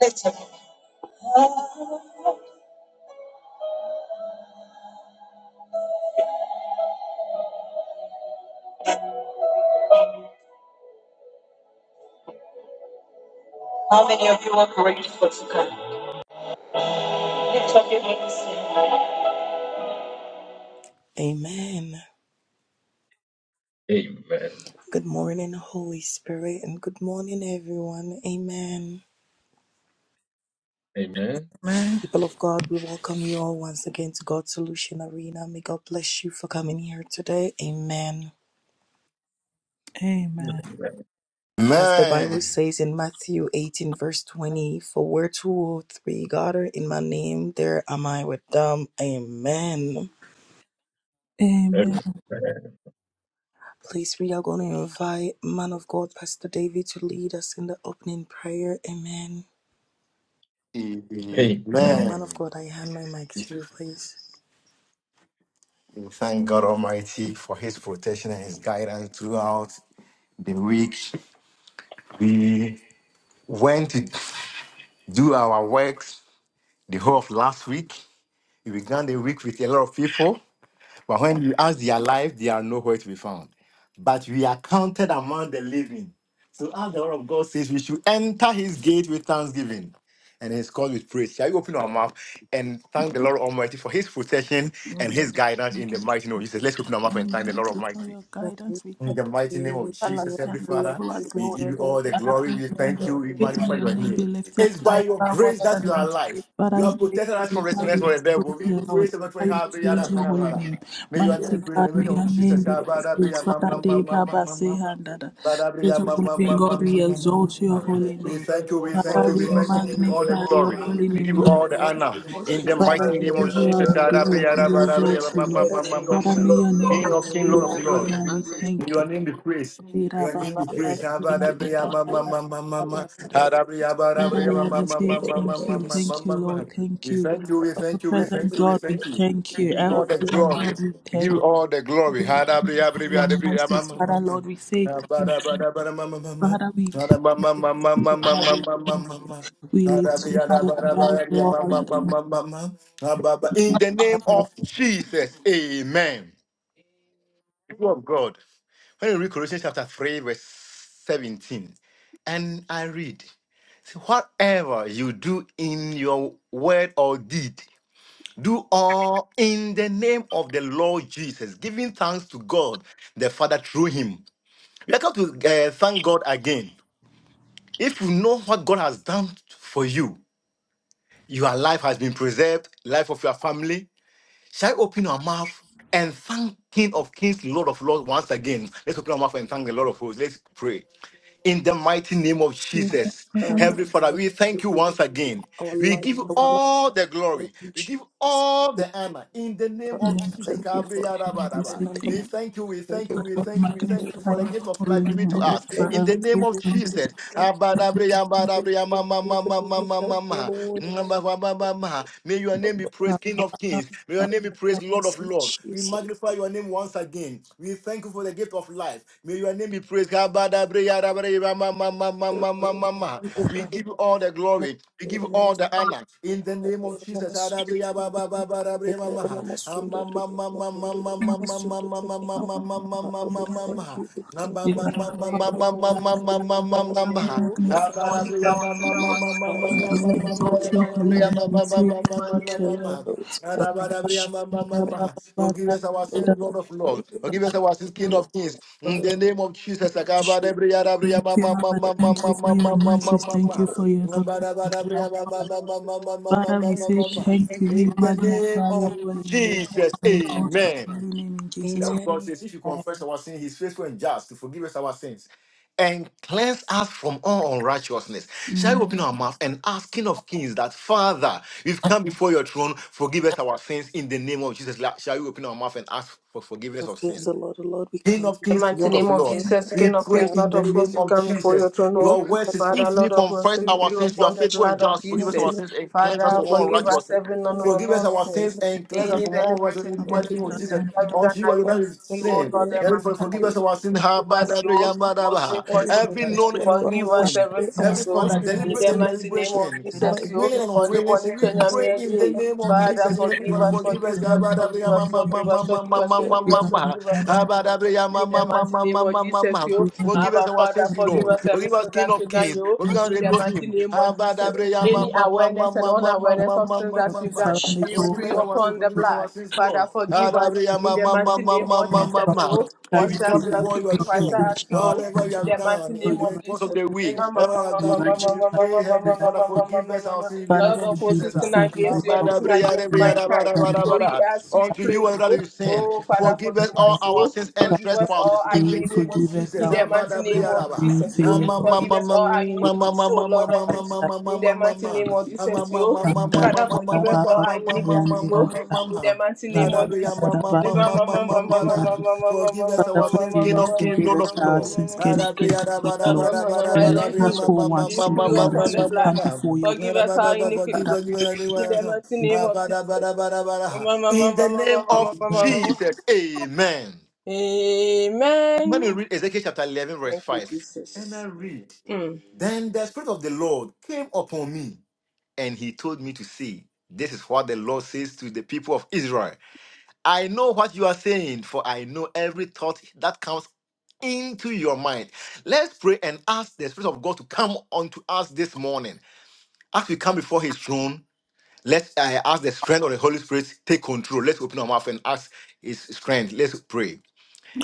Listen, how many of you are grateful? Amen. Amen. Good morning, Holy Spirit, and good morning, everyone. Amen. Amen. Amen. People of God, we welcome you all once again to God's Solution Arena. May God bless you for coming here today. Amen. Amen. As the Bible Amen. says in Matthew 18, verse 20, for where two or three gather in my name, there am I with them. Amen. Amen. Amen. Please, we are going to invite man of God, Pastor David, to lead us in the opening prayer. Amen. Lord, Amen. Man of Amen. God, I hand my mic We to you, please. thank God Almighty for His protection and His guidance throughout the week. We went to do our works the whole of last week. We began the week with a lot of people. But when you ask, they are alive, they are nowhere to be found. But we are counted among the living. So as the word of God says, we should enter his gate with thanksgiving and his cause with praise. Shall we open our mouth and thank the Lord Almighty for his protection and his guidance in the mighty name of Jesus? Let's open our mouth and we thank the Lord thank you for Almighty. your God, we guidance. We In thank thank the mighty you for name you. of We your give you Jesus, all the every everlasting love glory. Father, to We us, give you we Lord. give all you the all the adoration Father, glory. may We your name and thank be you. all We the praised. May magnify your your name be glory. name. lifted It's by high your above all grace other that we are names. alive. We Father, You is have the protected us from name that thank restlessness we for you, the devil. exalt We here, Lord. praise the Lord for Father, we your name. praise Father. your holy name. May We give your you name Mighty all be the praised God, glory. in the may name your name We be thank praised. Father, you, of Father. day, Baba, say, Jesus. hand, Spirit of the living God, we We exalt your thank But I holy you. We name. thank you, we was so God. thank Father, you, we We we thank you. exhausted Give in thank you you. all here. the magnify your We glory. give And you holy We name, give we did you not all the know you all the glory. We give you all the exalt honor. you. the In the praise. things of Father, mighty all we name your of give you power, all Jesus. the your glory, mountain, we shame, the amount exalt you, of And Lord. that judging, the things you Father, may your name we be King control of when King, must you Lord praised, of move. do it. Lord. Thank And Adonai, we so the thank you. Your name be praised. Your name be you. praised. We Abadabriya thank ma ma ma ma ma ma. Adabriya you. Father, badabriya We ma Lord, we ma must say ma you. it. And that we do ma you. ma ma thank ma We you, must ma do it. thank you, ma ma. Lord, thank We you. thank you, we Father, Ever thank you, we Thank thank present you. you, we We God, we thank you. thank We you. give you Ever all Thank the you. present glory. God, we We give thank you you. all the glory. Hadabriya For briya your adabriya ma mercies, ma ma Father, ma. Lord, we say In the thank you. Father, we thank you. We lift you high above all other name matter. of Jesus, amen. People of God, when you read Colossians chapter 3, verse 17, and I read, "So Whatever you do in your word or deed, do all in the name of the Lord Jesus, giving thanks to God the Father through him. We are going to uh, thank God again. If you know what God has done for you, your life has been preserved, life of your family. Shall I open our mouth and thank King of Kings, Lord of Lords once again? Let's open our mouth and thank the Lord of Hosts. Let's pray in the mighty name of And Jesus. Father, we Heavenly Father, Thank we thank you you. once again. Our We life, give you our all the life, glory. in We give Jesus. all the honor in the name Father, we of Jesus, Jesus. thank you for Kabriya raba Lord, we raba. every say thank number We you. thank you, we and thank you, all Lord, we we my thank you, we all thank you of magnify for them. the your gift of holy life given name to Father, Lord, we us. for thank In the you. name everything. of Thank We Jesus. you. thank you Thank Abadabriya, for what abadabriya, ma, ma, you ma, would ma, ma, do ma, now, ma, O ma. Lord. Ma, ma, ma, ma, ma, ma. May your For name be praised, King of Kings. May your name be praised, protect Lord of us in Lords. We Jesus' magnify your name once again name. We thank you for the gift of life. May your name be praised. name. We give you all the glory. We give you all the honor in the name of Mama Sundori, Mama Sundori, Mama Sundori, Emma. Hitler, Mama Sundori, Emma Kondori, Mama Sundori, Emma. Father, we thank you, we thank you. you. power, your Lord, power, what you say, you Father, we We magnify your thank holy name, you. control Lord. when Father, we Father, we thank you. exalt your holy name. Multiple, We say you thank you, Jesus. it's all. Adabadabriyamamamama. Forgive us our sins, Lord of Lord. Forgive us our sins, King of Kings. In Lord. the name of Jesus. Thank you, Lord. Thank you for your mercies. Thank you Akabadabriyadabriyamamamamamamamamamamama. for your everlasting love. Father, we say Abadabadabriyamamamamamamamamamama. thank you. We In the name magnify your of holy name. Jesus. We thank you Amen. for your name in That Jesus' of God Amen. says, if you name. confess our sin, he's faithful and just to forgive us our sins and cleanse us from all unrighteousness. Shall we Amen. open our mouth and ask King of Kings that, Father, we've come before your throne, forgive us our sins in the name of Jesus. La- Shall we open our mouth and ask for King forgiveness of of kings, sin? the Lord, the Lord, we King come. of In The kings, mighty Lord of name of before lords. you, Father, Jesus, We King of pray Kings, Father, in Lord the of we hosts, name pray we of that come before the your Lord Jesus. throne, will O Your word forgive us says, our Father, if we Lord sins. of in hosts, confess the we name our plead of sins, you are upon the faithful Jesus. and blood of just. Forgive us Mighty our Jesus. name, sins and cleanse us Father, Lord, from all we forgive must us righteousness. be every good no, and no, not no, Forgive us no our be sins sins. good. and cleanse us Any from all Mighty deliberate, righteousness. name, In any Our the mighty Lord, name deliberate we of Father, must sins Jesus, and let that us we done unto be you are that against you, O good sin. Lord, and and Every mankind forgive us not our sin. be Ha, forgive ba, us, good. da, bri, Lord. ya, ba, da, O At say, ba. bless every forgive you Every with us. the purpose, known and Lord God, Forgive unknown Father, us wash sin. every away and sin, our Every so. sins father, of and In the deliberate the and Son, iniquity. mighty deliberate name of in sin. Jesus' and of the Jesus, mighty you. Willing name. and Holy For Spirit. the unwilling body sin. We change, Jesus. I'm pray We in do the the Jay. most name of in Amen. Father, the Jesus. name Every forgive father, Amen. us, forgive of us. forgive Ga, us, ba, Amen. da, bri, forgive ya, ma, Amen. us, ma, ma, forgive Jesus. ma, us, ma, forgive us, Jesus. that ma, you are ma, forgive We ma, us, thank ma. you, forgive us, Father, and forgive Lord, us. Abadabriya, ma, In the ma, ma, mighty ma, name ma, of ma, ma, Jesus, ma. you we thank you for Forgive us Abba, our Father, sins, forgive Lord. us Forgive us, everything King that of we the done Father, Kings. you Forgive us, in the mighty Elohim. name of the Jesus. Abadabriya, ma, Any ma, ma, ma, awareness and ma, ma, ma, and unawareness ma, of ma, sins ma, Lord. that ma, we've the done, ma. Son, we Jesus' Forgive pray us mighty our sins, upon the forgive us our blood. sins, Father, Lord. forgive us Adabriya, in ma, the ma, name. ma, mighty ma, name ma, of ma, Our ma, Jesus. Lord ma. Father, God, You that And have we we wash mercy. come us forgive up us before to be your not whiter throne. forgive us as our snow Whatever we sins, in not have the mighty done in name forgive of the us course of Jesus. the God week, whatever we have our done, we unrighteousness, pray, but pray, Heavenly forgive us. Father, forgive us our sins in the Father, name of of hosts forgive is Jesus. us, sin forgive us against you our and sin sins, Abadabriya, against rebriya, Lord, da, ba, mankind. da, ba, and da, then So ba, we ask you, we Unto pray you, to another you. you that sin. Oh, I have Father, Forgive us forgive a all us. our sins and Father, Forgive Lord, us all trespasses our in we the pray, name of forgive iniquities. us Jesus. In our the sins, mighty name of not Abadabriyaraba. in Jesus, the you name of Jesus. forgive us all our iniquities. So, Lord of hosts, in the mighty Amamamamamamamamamamamamamamamamamamamam. name of Jesus, you And that Father, forgive us all Baba, our and iniquities. You in the Amamamamamamamamamamamamamamamamam. mighty name of Jesus. that Baba, and that Adabriyamamamamamamamamamada. Baba, Forgive us Father, our sins, forgive King us, of Kings, forgive Lord us of our Lords. sins, King of kings, Lord of lords, My and Lord, make us whole once more, decree Lord, upon as the we blood. come Adabriyarabarabarabarabarabarabriyamamamamamamamamamam. before your Forgive us our iniquities. Forgive Father, In the us, mighty we name pray, of Jesus. Abadabadabadabaha. In the name of Father, Jesus. Amen. When we Amen. read Ezekiel chapter 11, verse Thank you, 5, and I Jesus. read, Mm. Then the Spirit of the Lord came upon me, and he told me to say, This is what the Lord says to the people of Israel. I know what you are saying, for I know every thought that comes into your mind. Let's pray and ask the Spirit of God to come unto us this morning as we come before his throne. Let's uh, ask the strength of the Holy Spirit take control. Let's open our mouth and ask His strength. Let's pray.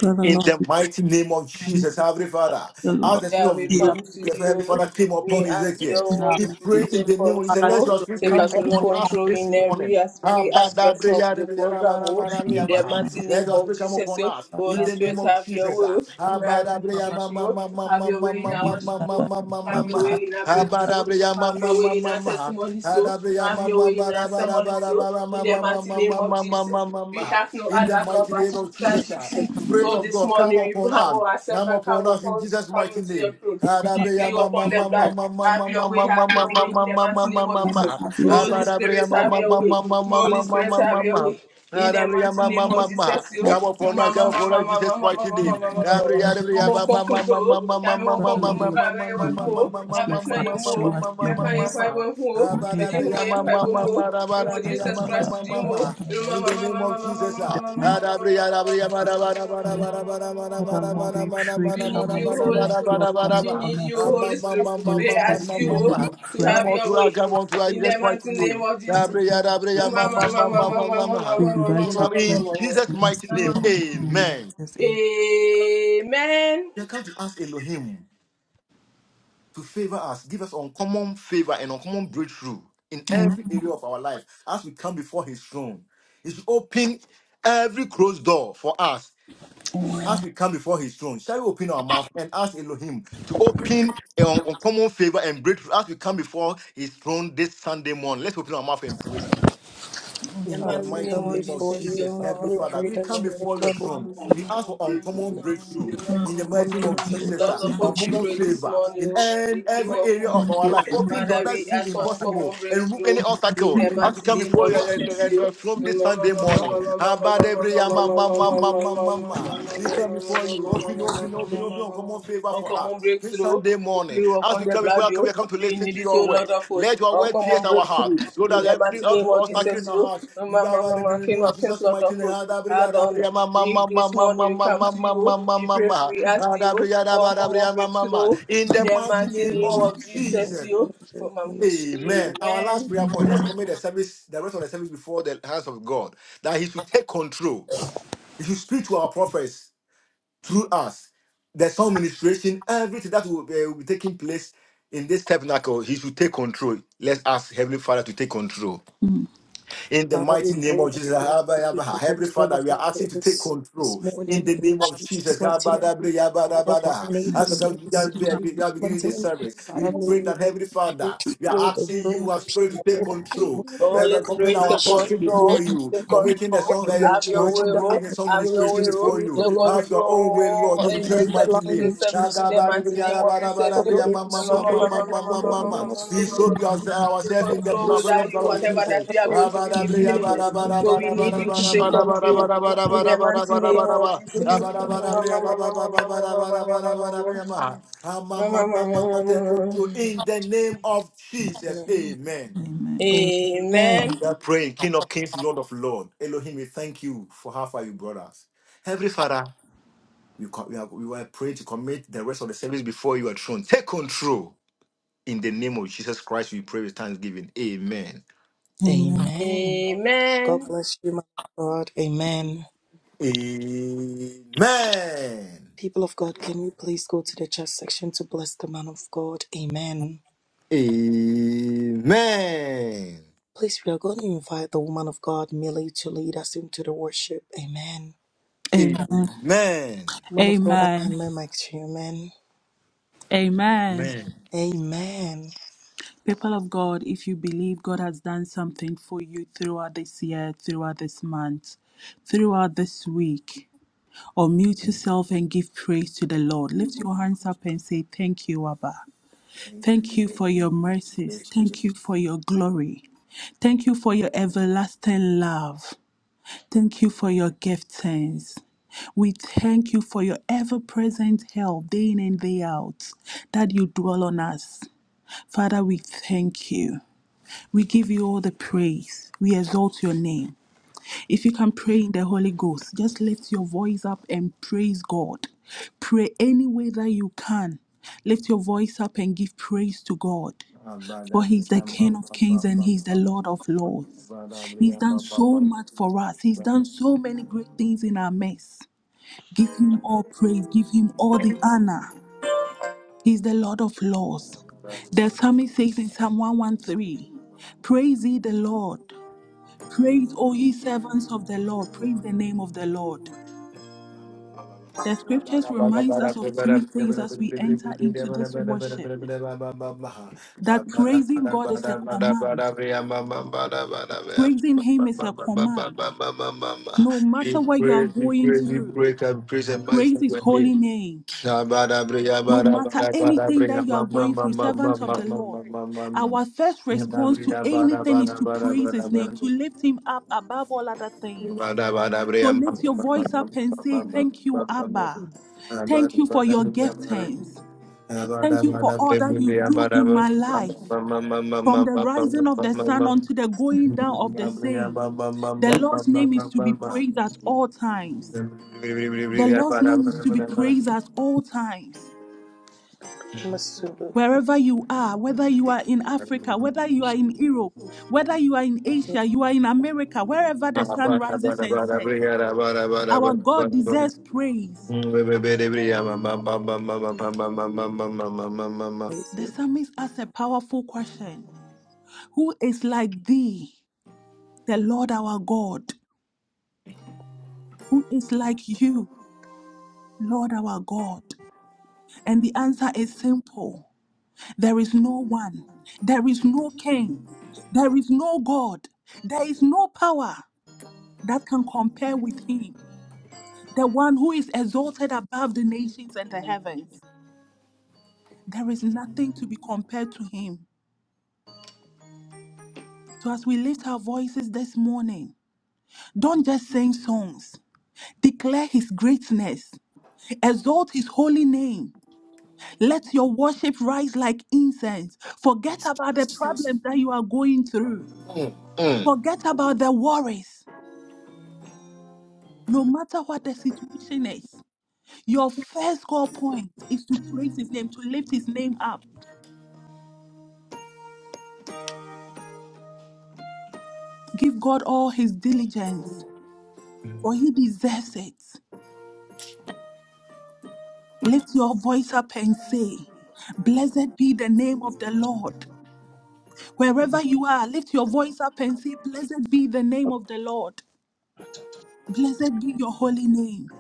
Father, In Lord, the we mighty name of pray, Jesus, Heavenly Father, the as Lord, the Yeah, Spirit we of we glory, are come to praying Heavenly Father you. came upon We ask Ezekiel, your now, Holy he Lord, Spirit to Lord. prayed in take the name of Jesus, Father, let control, let your your Spirit take spirit come absolute come upon us control this in every morning. as- every aspect of the program. Oh, in the Abadabreyarabarabarabarabaha. mighty Let name your of Spirit come Jesus, upon oh, us on, in Holy Father, the name Spirit, of have your Jesus. way. oh. We are in this Father, church, oh. Have your way in our Jesus, worship. Father, oh. Have Father, your Father, Father, Abadabreyamamamamamamamamamamamamamaha. way in our Father, praise, so. Have your way in our Abadabreyamamamamamaha. testimony, so. Have your way in our ceremony, so. In the mighty name of Jesus. We Adabreyamamamamamamamamamamamamamaha. have no In the other God mighty but name through of Father, Christ Jesus. Jesus. Father, So this morning we humble ourselves and come upon come into your throne. We plead upon the blood. Have your way, have your way in the mighty name of Jesus. have your Holy way, Spirit, have your way. Holy Spirit, have your way. In the mighty name of Jesus, yo. Father, Yo, Mama, mama, mama, mama, mama, mama, Father, mama. No Father one can control. Yami won konkuru Hallelujah. bra we wa Thank you, dumo. Jesus. Ya Lord betina Father, ye show mo. us your Ya kan ye mercy. pa bo hu O o. Lord, Be da- di hu da- ye pa da- bo da- mo. E da- wo da- da- da- Jesus da- da- Christ to di da- mo. da- da- Yo, da- In Mama, the name mama, of mama, mama, Jesus, In mama, ah. the mama, mama, mama, mama, mighty mama, Adabriya, mama, mama, mama, adabriya, bara, bara, bara, name. bara, mama, mama, bara, Father, mama, bara, mama, Lord, bara, bara, we mama. pray, We need come bara, bara, bara, and you, bara, sing Holy us, bara, Lord, bara, Spirit. come bara, We bara. upon need us, you, Ah, Lord. ma, Holy ma, Spirit. ma, ma, Holy We ma, ma, Spirit, ask ma, we ma, need you ma. your to Come have on presence. your to our, way. come on to our, In the just mighty mighty name name. of as Jesus. we Adabriya, need your adabriya, ma, ma, presence. ma, ma, ma, ma, ma. We In invite your in presence Jesus' in us mighty in name, the Amen. mighty name of amen. Jesus. We are come to ask Elohim to favor us, give us uncommon favor and uncommon breakthrough in Amen. every area of our life as we come before his throne. He should open every closed door for us as we come before his throne, shall we open our mouth and ask Elohim to open eh, on uncommon favor and breakthrough as we come before his throne this Sunday morning? Let's open our mouth and pray. The In the Father, we mighty mighty name come of name of before Jesus. you. Jesus, Father, Heavenly we Father, pray we come that you, Lord before your God, will throne. We ask for uncommon breakthrough in the come mighty and name break of through Amen. Jesus, Lord ah, those of hosts, we uncommon pray opportunities. this favor morning. in oh. en- We pray Lord every of area of our humbly. life. God, Open doors Father, that we seem ask for uncommon impossible and remove any breakthrough. In obstacle the as we mighty come name before of your, your, Jesus, your- you. your throne this Sunday in morning. Abadebreya ma- ma- ma- ma- ma- ma- ma. We come before you. Jesus' Open, open, open, open, name. uncommon favor for Uncommon us this breakthrough. Sunday We morning. pray As upon we the come before blood, you, you. we come to We listen need to it, your oh Lord words. of hosts. Let your Lord God, word pierce Uncommon our heart breakthrough. so in In that Jesus' the every mighty name mighty of obstacle name. in Jesus, our you. heart you got right to be King removed of kings, Jesus' Lord mighty of name. hosts. Adabria, Adonai. Adabria, ma, ma, We ma, ma, this ma, ma, morning we ma, come ma, to ma, ma, you. ma, We ma, pray for ma. we ask you Adabria, for adaba, uncommon adabriya, ma, ma, ma. breakthrough In in the the mighty mighty name name of Jesus' of mighty Jesus. Jesus. You, name, Lord, have mercy. Amen. Our last Amen. prayer point. Let's commit the service, the rest of the service before the hands of God. That He should take control. He should speak to our prophets through us. There's some ministration, everything that will, eh, will be taking place in this tabernacle. He should take control. Let's ask Heavenly Father to take control. Mm. In the Father, mighty we name pray of that Jesus, you will Abba, Abba, be to Heavenly control Father, of we the are asking to take service this control. In morning the in name of Jesus' Jesus, mighty Abba, name. Abba, Abba, Father, Abba. dominate the as we service in Jesus' are beginning mighty this name. service, we Father, may pray you, that Heavenly Father, you we are fill the asking room, you, the our Spirit, to take people, the control The atmosphere Holy Reverend Popping, Spirit, in our take Jesus' apostle before control, you, take name. for making the Father, control. song, we uh, are Have you your know, way, charging the bringing oh, the song have atmosphere with your way, ministration your oh. before spirit, O you. Take Lord. Have your own Father, way, control Lord, oh, in in the Jesus' dominate the service mighty to line the name. in We service Jesus' in the mighty mighty name. name of Jesus, yo. Lord, we give you the glory, the honor, the praise, the glory, the honor, soak the glory. ourselves Take in the In control Jesus' blood of without the you, Lord mighty whatever that we Jesus. are going to do is meaningless. So we need you to take control in the mighty name of Jesus. Take control in the name of Jesus. name. Amen. Amen. Amen. Amen. We are praying, King of Kings, Lord of Lords, Elohim, we thank you for how far you brought us. Heavenly Father, we, co- we, are, we are praying to commit the rest of the service before your throne. Take control. In the name of Jesus Christ, we pray with thanksgiving. Amen. Amen. Amen. God Amen. bless you, man of God. Amen. Amen. People of God, can we please go to the chat section to bless the man of God? Amen. Amen. Please, we are going to invite the woman of God, Millie, to lead us into the worship. Amen. Amen. Amen. Man of God, I Amen. hand my mic to you, man. Amen. Amen. People of God, if you believe God has done something for you throughout this year, throughout this month, throughout this week, or mute yourself and give praise to the Lord. Lift your hands up and say, Thank you, Abba. Thank you for your mercies. Thank you for your glory. Thank you for your everlasting love. Thank you for your giftings. We thank you for your ever present help day in and day out, that you dwell on us. Father, we thank you. We give you all the praise. We exalt your name. If you can pray in the Holy Ghost, just lift your voice up and praise God. Pray any way that you can. Lift your voice up and give praise to God. For He's the King of kings and He's the Lord of lords. He's Amen. done so much for us, He's Amen. done so many great things in our midst. Give Him all praise, give Him all the honor. He's the Lord of laws. The psalmist says in Psalm 113, Praise ye the Lord. Praise, O ye servants of the Lord. Praise the name of the Lord. The We pray, scriptures we pray, reminds us of three things as we enter into this worship. That praising God is a command. Praising Him is a command. No matter what you are going we through, pray, and praise and praise magnify His your holy name. name. Shabadabriya, No matter badabriya, anything badabriya, that you are ma, ma, going ma, through, ma, ma, servant ma, of the ma, Lord, ma, ma, ma, ma. our first response to Badabriya, bada, anything is bada, to bada, praise bada, His name, bada. to lift Him up above all other things. Bada, So badabriya, ma, ma, lift your ma, ma, voice ma, ma, up and say, Thank you, Abba. ma, ma, Thank you ma, for your ma, ma. giftings. Mm. Thank you for all that you do in my life. From the rising of the sun unto the going down of the same, the Lord's name is to be praised at all times. The Lord's name is to be praised at all times. Masudu, Wherever you are, whether you are in Africa, whether you are in Europe, whether you are in we Asia, you are in America, wherever the sun rises and sets, our God deserves praise. praise The you. psalmist asks a powerful question Who is like thee, the Lord our God? Who is like you, Lord our God? And the answer is simple there is no one, there is no king, there is no God, there is no power that can compare with him. the one who is exalted above the nations and the heavens. There is nothing to be compared to him. So, as we lift our voices this morning, don't just sing songs, declare his greatness, exalt his holy name. Let your worship rise like incense. Forget about the problems that you are going through, forget about the worries. No matter what the situation is, your first call point is to praise his name, to lift his name up. Give God all his diligence. for he deserves it. Lift your voice up and say, Blessed be the name of the Lord. Wherever you are, lift your voice up and say, Blessed be the name of the Lord. Blessed be your holy name.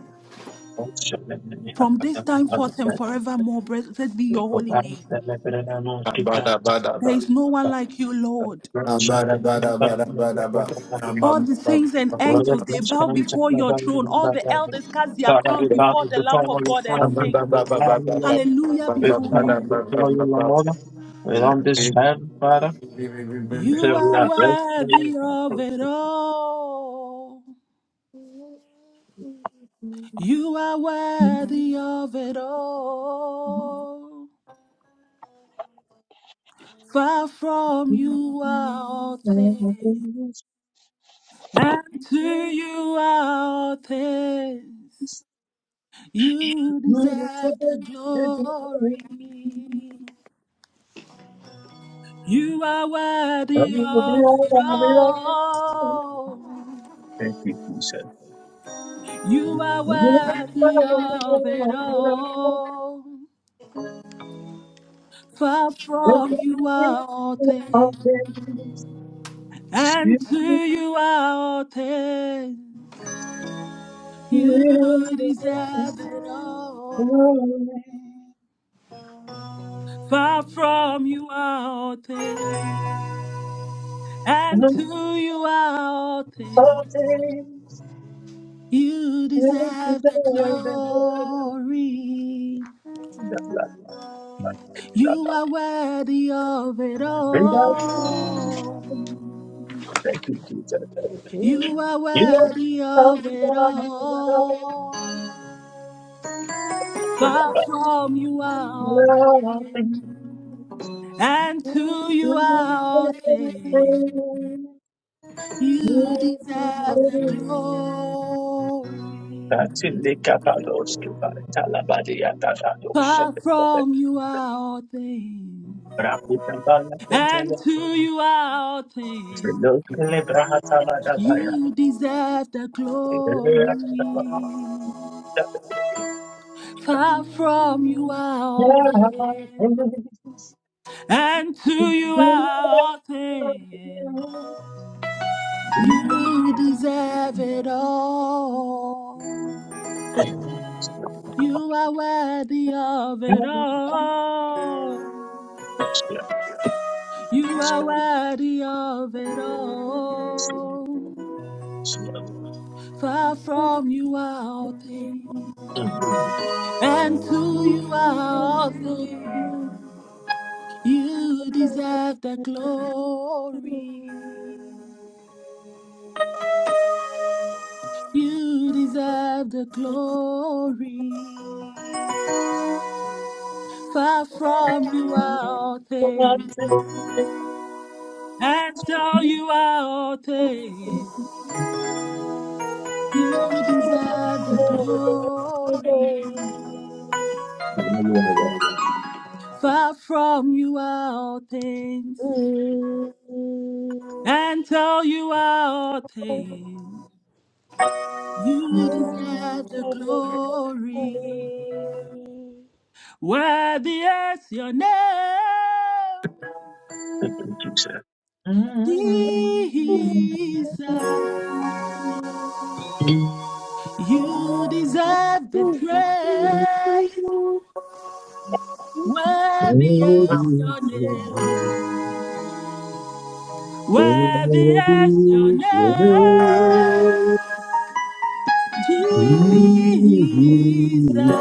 From this time forth and forevermore, blessed be your holy name. There is no one like you, Lord. All the saints and Father, angels, they we bow before your throne. All the elders cast their crowns bow before the before lamp of your God and Mm, throne, before mm, your sing. Lord. Hallelujah We before come you. before you, Lord. We on this hand, Father. We say we You are are blessed. in worthy of it all. You are worthy of it all. Far from you are all things, and to you are all things. You deserve the glory. You are worthy of your it all. You are worthy of it all. Far from you are all things, presence. Thank and to you are all things. You you, deserve it all. Far from you are all things, and to you are all things. Jesus. You Thank you, deserve the glory. You are worthy of it all. Jesus. You are You know, worthy thank of it all. for that. Far God. from you are all things, and to you are all things. You deserve the glory. That's in the Kapalos, Kipari, Talabadi, Atada, Yoshe, Far Bebe, from you are all things, Braku, Brabala, and Fendele, to you are all things. Filo, Kele, You deserve the glory. Far from you are Yeah, all things, and to you are all things. You deserve it all. You are worthy of it Yeah. all. Yes, You are worthy of it yes, all. yes, yes. Far from you are all things, Mm. and to you are all things. You deserve the glory. You deserve the glory. Far from you are all things, and so you are all things. You deserve the glory. Hallelujah. Far from you are all things, and so you are all things. You deserve the glory. Worthy is your name, Thank you, Jesus. Jesus. You deserve the Worthy praise. Thank Worthy is your is your name. name. Worthy Worthy is your is your name. name. Jesus, Jesus. you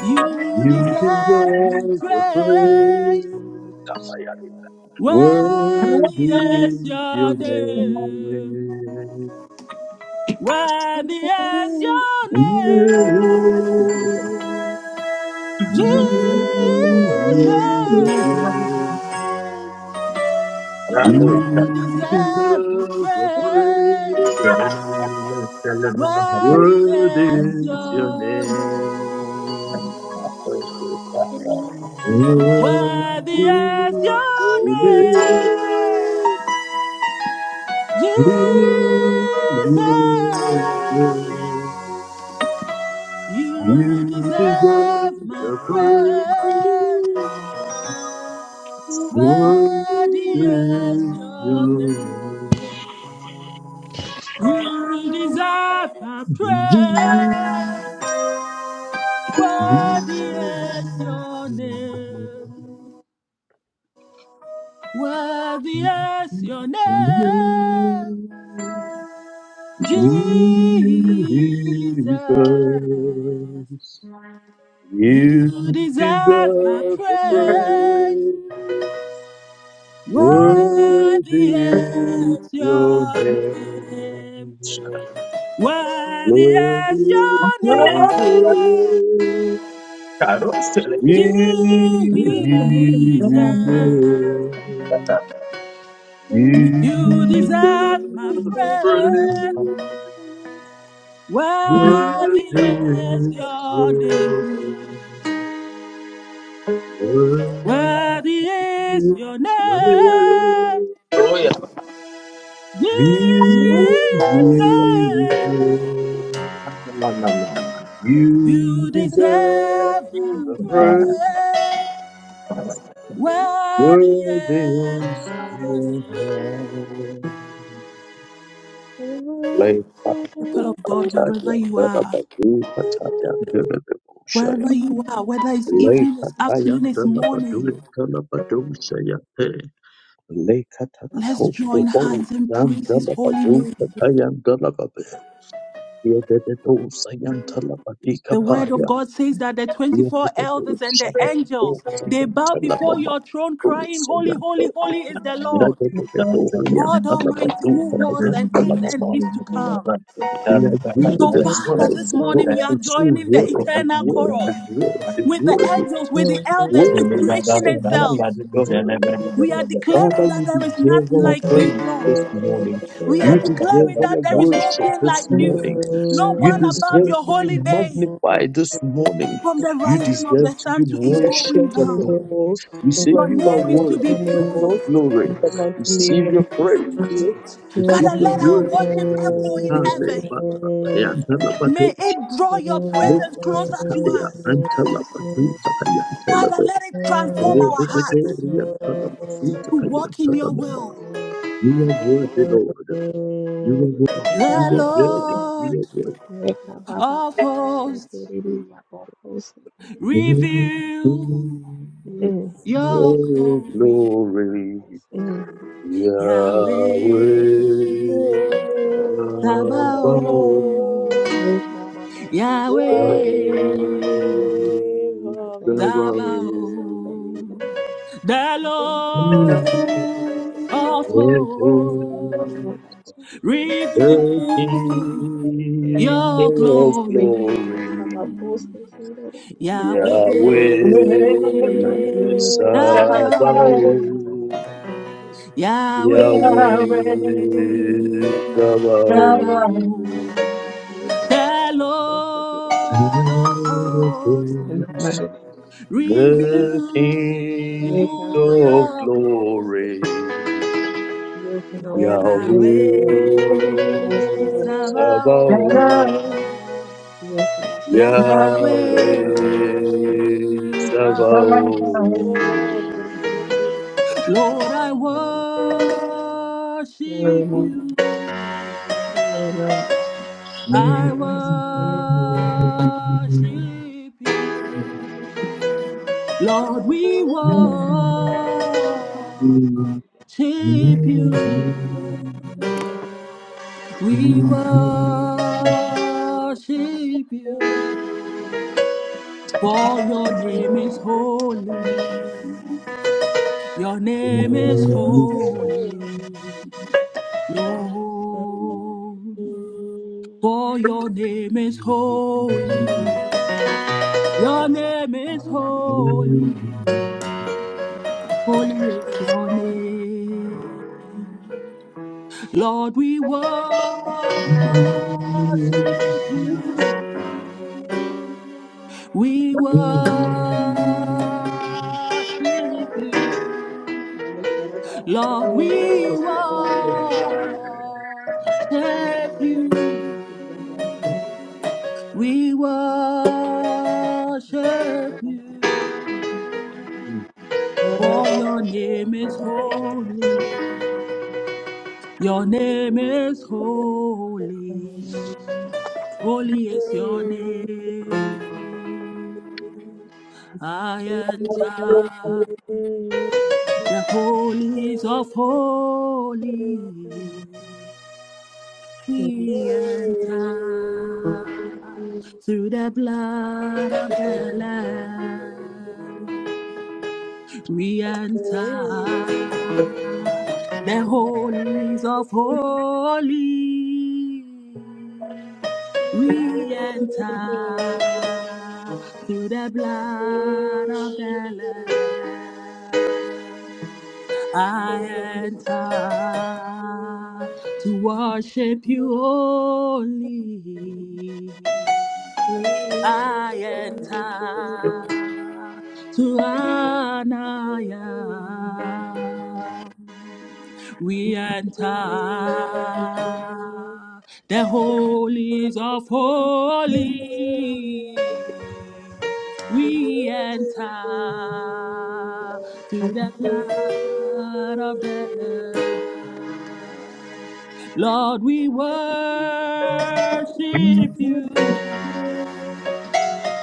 You deserve the deserve the praise. praise. Worthy Worthy is is your your name. name. Worthy is your name. Jesus, Jesus, you you deserve a deserve the praise. praise. Worthy Good is is your your name. name. Good Worthy is is your your name. you. Jesus, name. you You deserve deserve my the praise. praise. What Worthy is is your your name. You deserve a praise. Worthy is your name. Worthy is name? your name, Jesus, Jesus. you You deserve a deserve the praise. praise. Worthy Worthy is is your your name. name. Worthy Worthy is is your your name. name. Mm. Jesus, Oh Jesus, you you deserve my deserve the prayer. praise. Worthy Worthy is is your your name. name. Worthy Worthy is your is your name. name. yeah. Jesus, Jesus, you you deserve deserve my the praise. praise. Worthy is Worthy is your your name. name. Lay back, The oh, people of God, wherever you Dada, are. Badu, Ataya, Dada, Dada, Wherever you are, whether it's evening, Leka it's taya afternoon, it's dala badu morning, dala badu seyate. Leka let's takato join obo hands and yan praise his dala holy badu name. taya dala babe. Yedede do sayan dala badi The word of kapaya. God says that the 24 yedede do elders and the sada badu angels, they sayan bow dala before mama. your throne Do crying, holy, sayan te. holy, holy is the Lord. Yedede do do yan God dala Almighty badu who was takayan and is dala and mama. is to come. We agree with So the Father, this psalmist of God morning we are and say, joining the Word, eternal word, chorus word, with the word, angels, with the elders, word with is creation your itself. name, God. We are declaring Father, that you there is deserve nothing our like praise you, Lord. this morning. We are You deserve declaring our that there is no worship king this like you, morning. no You one above deserve your to be holy name. magnified this morning. From the You rising of deserve the to be sun to its going Your worshipped, O holy down, God. name, O We we say your you are glorify name is your to holy be worthy, name, King of O praised. glory. in the mighty name Receive of your Jesus. praise. Father, Receive Christ. your let our worship, worship O God. echo in heaven. Hallelujah. Amen. May it Antalabadosha. draw your presence closer to Lekatakaya. us. Antalabazutakaya. Father, let Antalabadosha. it transform our hearts Rebededeya. to walk in your Antalabazutakaya. will. You are worthy, Lord. You Mm, Thank you, are worthy. You The Jesus. Lord are worthy. Thank of hosts, You reveal are your worthy. glory. Glory, Yahweh, Yahweh you, Yahweh, Lord. Thank you, Yahweh, Jesus. I thank Sabaoth. Yahweh you, Yahweh. Jesus. I thank you, Lord. Sabaoth. The I thank you, in the Lord mighty name of Jesus, oh God. of I thank hosts, you, Lord. I thank you for my reveal children. It Lord. I thank you for everything, is God. The King your of Forgive us as glory. our Glory. post they created and lead us Yahweh to thee. Yahweh Yes, In the mighty name of Jesus, O mm. God, forgive Sabaoth. us as our Sabaoth, post they Ye Yahweh katata Yahweh bakos kekiriri yabakas kekiriri Sabaoth, yaba. Sabaoth. Ye katata The bakos kekiriri Lord yabas of keke. hosts, In the miracles, mighty name of Jesus, O the God. reveal King Ye katata of your bakos Glory, kekiriri glory. yaba. Yes, Lord. Yes, Yahweh Yahweh Lord. Yes, Lord. In the name of Jesus, Sabaoth, Sabaoth. Lord. Yes, Lord. Your conscience Yahweh Yahweh about poetry. Thank you, Jesus. Sabaoth. Thank you, Sabaoth. Jesus. Lord, I worship Glory, Lord. you. Glory, Lord. I Yes. worship Glory is in your name, O God. Glory, Lord. you. Lord, we worship Hallelujah, God. So that I will be well safe in you, God. you. We worship you. For your name is holy. Your name is holy, Lord. For your name is holy. Your name is holy. Holy is your name. Lord, we worship Yes, you. We worship you. God. So that I Lord, will be well we safe you, God. Well worship safe in the mighty name of Jesus, O you. God. Hallelujah. We Thank you, God. I will worship be well you. safe. For Hallelujah, your name Jesus. is holy. Your name is holy. Holy is your name. I enter the holies of holies. Thank We enter through the blood of the Lamb. we enter the holies of holies. We enter through the blood of the Lamb. I enter to worship you only. I enter to Anaya. We enter the holies of holy. We enter through the blood of the Lamb. Lord, we worship you. you.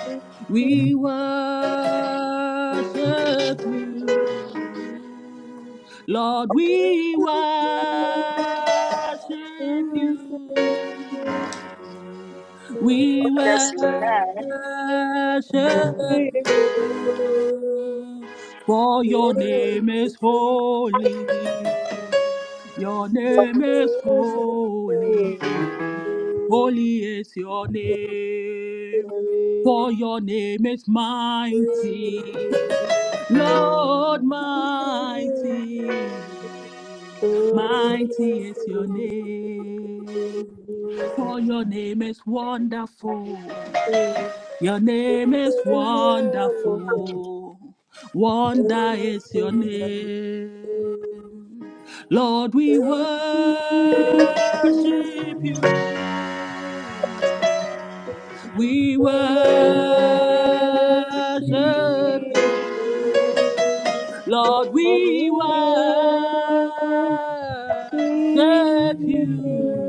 Thank We worship you, Lord. We worship you. We worship you, for your name is holy. Your name is holy. Holy is your name, for your name is mighty. Lord, mighty, mighty is your name, for your name is wonderful. Your name is wonderful. Wonder is your name. you. Lord, we Thank worship you. you. We On you, worship you. seek you. Lord, Lord, we worship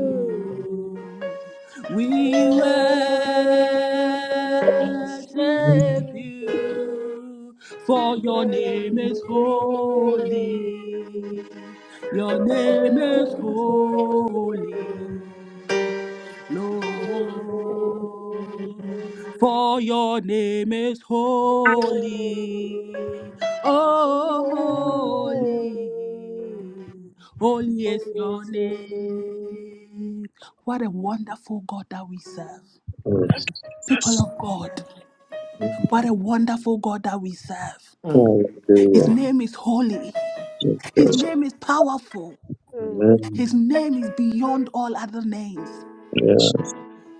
seek We worship you. you, for your On name is holy. Your name is holy, Lord, for your name is you, holy. Oh, holy. Holy is your name. What a wonderful God that we serve. yes. People of God, what a wonderful God that we serve. mm. His Hallelujah. name is holy, His name is powerful, His name is beyond all other names. Yeah.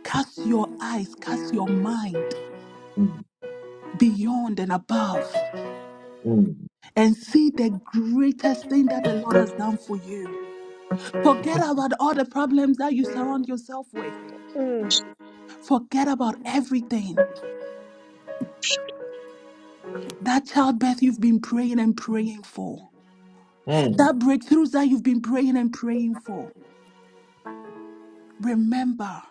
Cast your eyes, cast your mind beyond and above Mm, mm, and see the greatest thing that the Lord has done for you. Forget about all the problems that you surround yourself with. Forget about everything. That childbirth you've been praying and praying for. mm. That breakthroughs that you've been praying and praying for. Remember,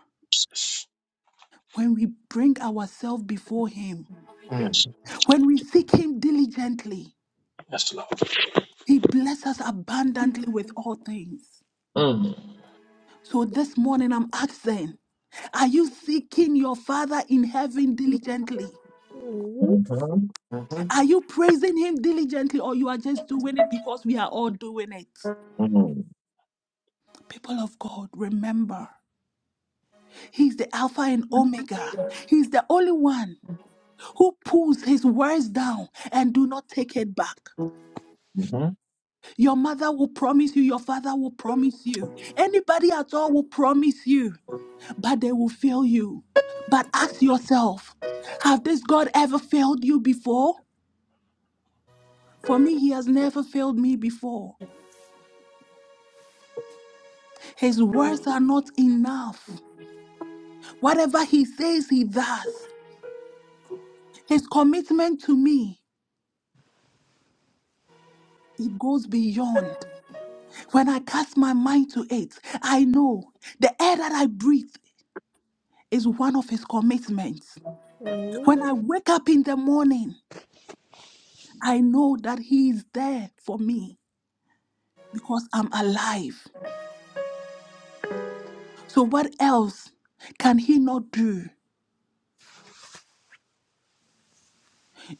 when we bring ourselves before Him, Yes, when we seek Him diligently, yes, Lord. He blesses us abundantly with all things. Mm, So this morning I'm asking, are you seeking your Father in heaven diligently? mhm, Amen. Are you praising Him diligently or you are just doing it because we are all doing it? mm, People of God, remember. He's the Alpha and Omega. He's the only one who pulls his words down and do not take it back. mhm. Your mother will promise you, your father will promise you, anybody at all will promise you, but they will fail you. But ask yourself, have this God ever failed you before? For me, he has never failed me before. His words are not enough. Whatever he says, he does. His commitment to me, it goes beyond. When I cast my mind to it, I know the air that I breathe is one of His commitments. When I wake up in the morning, I know that He is there for me because I'm alive. So, what else can He not do?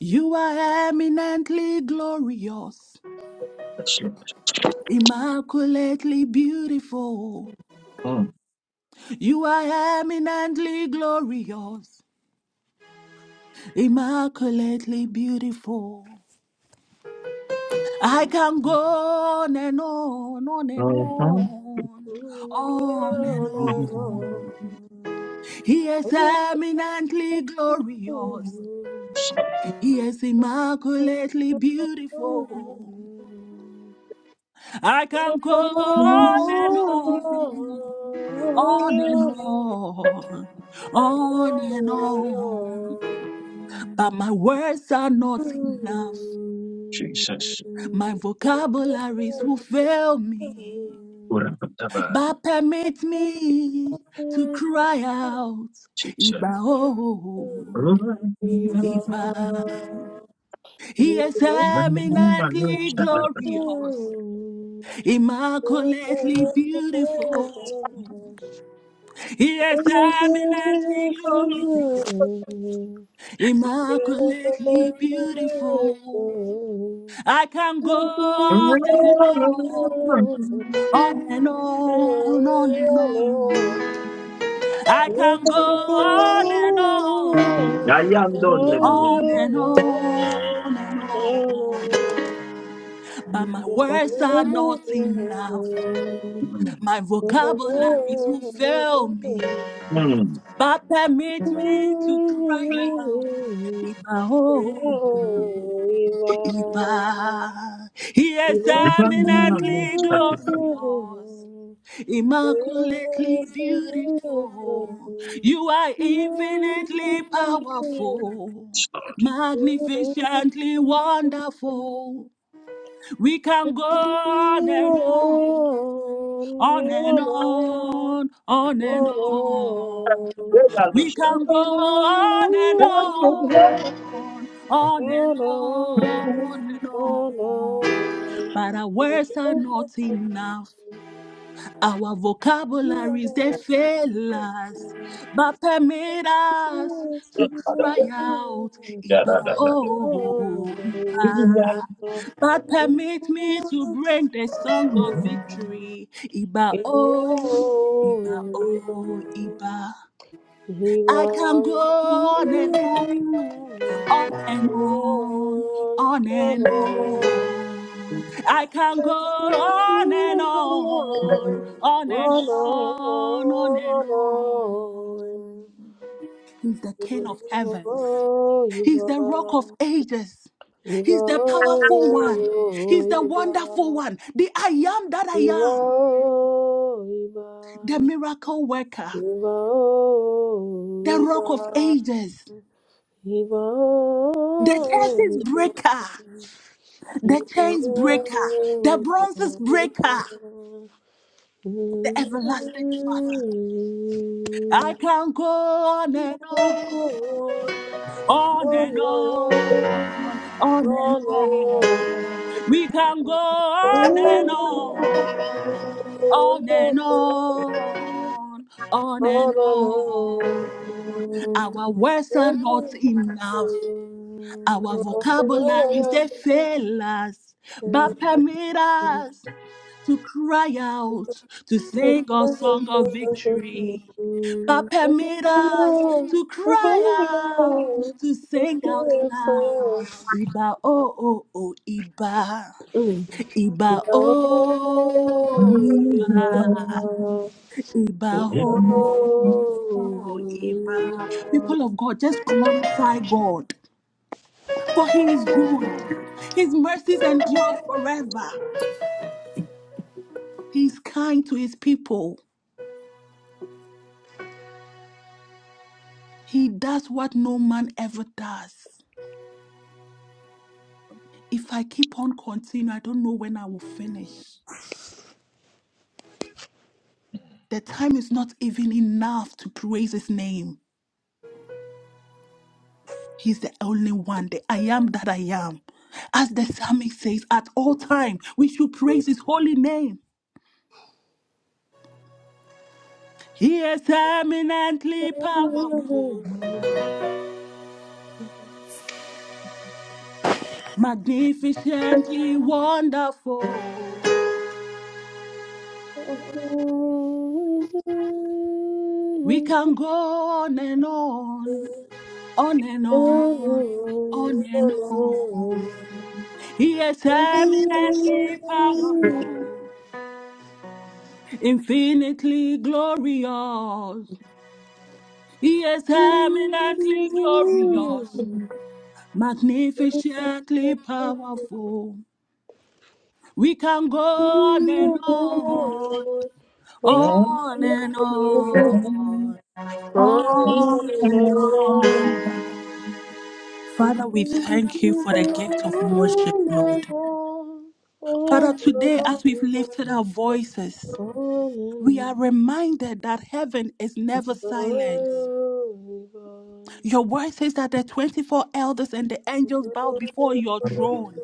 You are eminently glorious, Yes, Lord. immaculately beautiful. Mm, You are eminently glorious, immaculately beautiful. I can go on and on, on and mhm. on, on and on. He is eminently glorious. Yes, Lord. He is immaculately beautiful. I can go on and on, on and on, on and on. But my words are not enough. Jesus. My vocabularies will fail me. Ura pataba. But permit me to cry out, Jesus. Iba, Thank oh, Iba. He is Amen. eminently you. glorious, immaculately beautiful. He is eminently glorious, immaculately beautiful. I can go on and on, on and on, on and on. I can go on and on, on and on, on and Thank on. But my you. words are not enough. My vocabularies will fail me. But permit me to cry out. Iba oh, Iba. He is eminently glorious, immaculately beautiful. You are infinitely powerful, magnificently wonderful. We can go on and on, on and on, on and Hero, on. We can go on and on, on and on, on and on. But our words are not enough. Our vocabularies, they fail us, but permit us to cry out, Iba, oh, Iba. But permit me to bring the song of victory, Iba, oh, Iba, oh, Iba. I can go on and on on and Iba, on, on and on. I can go on and on, on and on, on and on. He's the King of heavens. He's the rock of ages. iba, He's the powerful one. He's the wonderful one. The I am that I iba, am. The miracle worker. The rock of ages. The curses breaker. The chains breaker. The iba, bronzes breaker. iba, oh, the everlasting Father. I can go on and on, on and on, on and on. We can go on and on, on and on, on and on. Our words are not enough. Our vocabularies they fail us, but you. permit us to cry out, to sing a song of victory. But permit us to cry out, to sing out loud. Iba oh oh oh Iba, Iba oh Iba, Iba oh Iba. People of God, just glorify God, for He is good. His mercies endure forever. He is kind to His people. He does what no man ever does. If I keep on continuing, I don't know when I will finish. The time is not even enough to praise his name. He's the only one, the I am that I am. As the psalmist says, at all time we should praise his holy name. He is eminently powerful, magnificently wonderful. We can go on and on. on and on, on and on. He is eminently powerful, infinitely glorious. He is eminently glorious, magnificently powerful. We can go on and on, on and Oh, on, on and on. Father, we thank you for the gift of worship, Lord. Father, today as we've lifted our voices, we are reminded that heaven is never silent. Your word says that the 24 elders and the angels bow before your throne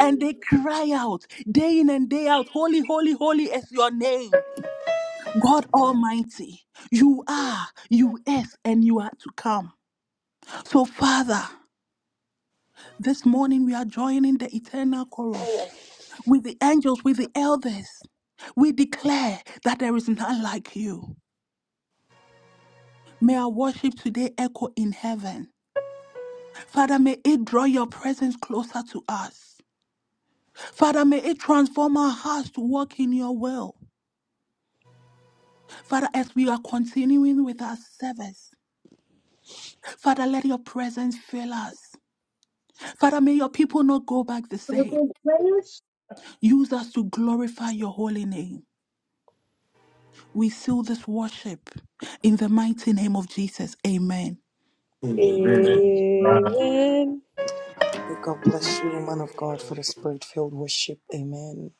and they cry out day in and day out, Holy, holy, holy is your name. God Almighty, you are, you is, and you are to come. So, Father, this morning we are joining the eternal chorus with the angels, with the elders. We declare that there is none like you. May our worship today echo in heaven. Father, may it draw your presence closer to us. Father, may it transform our hearts to walk in your will. Father, as we are continuing with our service, Father, let your presence fill us. Father, may your people not go back the same. Use us to glorify your holy name. We seal this worship in the mighty name of Jesus. Amen. Amen. Amen. God bless you, man of God, for the spirit filled worship. Amen.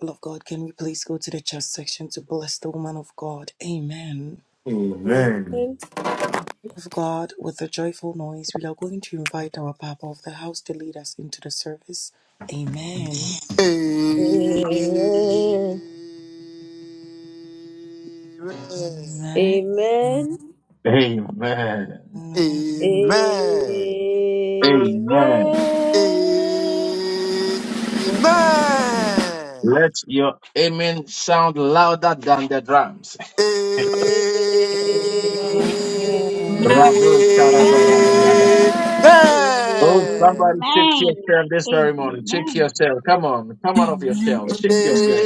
Love God, can we please go to the chat section to bless the woman of God? Amen. Amen. Love God, with a joyful noise, we are going to invite our Papa of the house to lead us into the service. Amen. Amen. Amen. Amen. Amen. Amen. Amen. Amen. Let your amen sound louder than the drums. Amen. Amen. Amen. Rabo Sharabarabarabar. Oh, Amen. Amen. somebody shake yourself this very morning. Shake Amen. yourself. Come on. Come out of your Amen. shell. Shake yourself.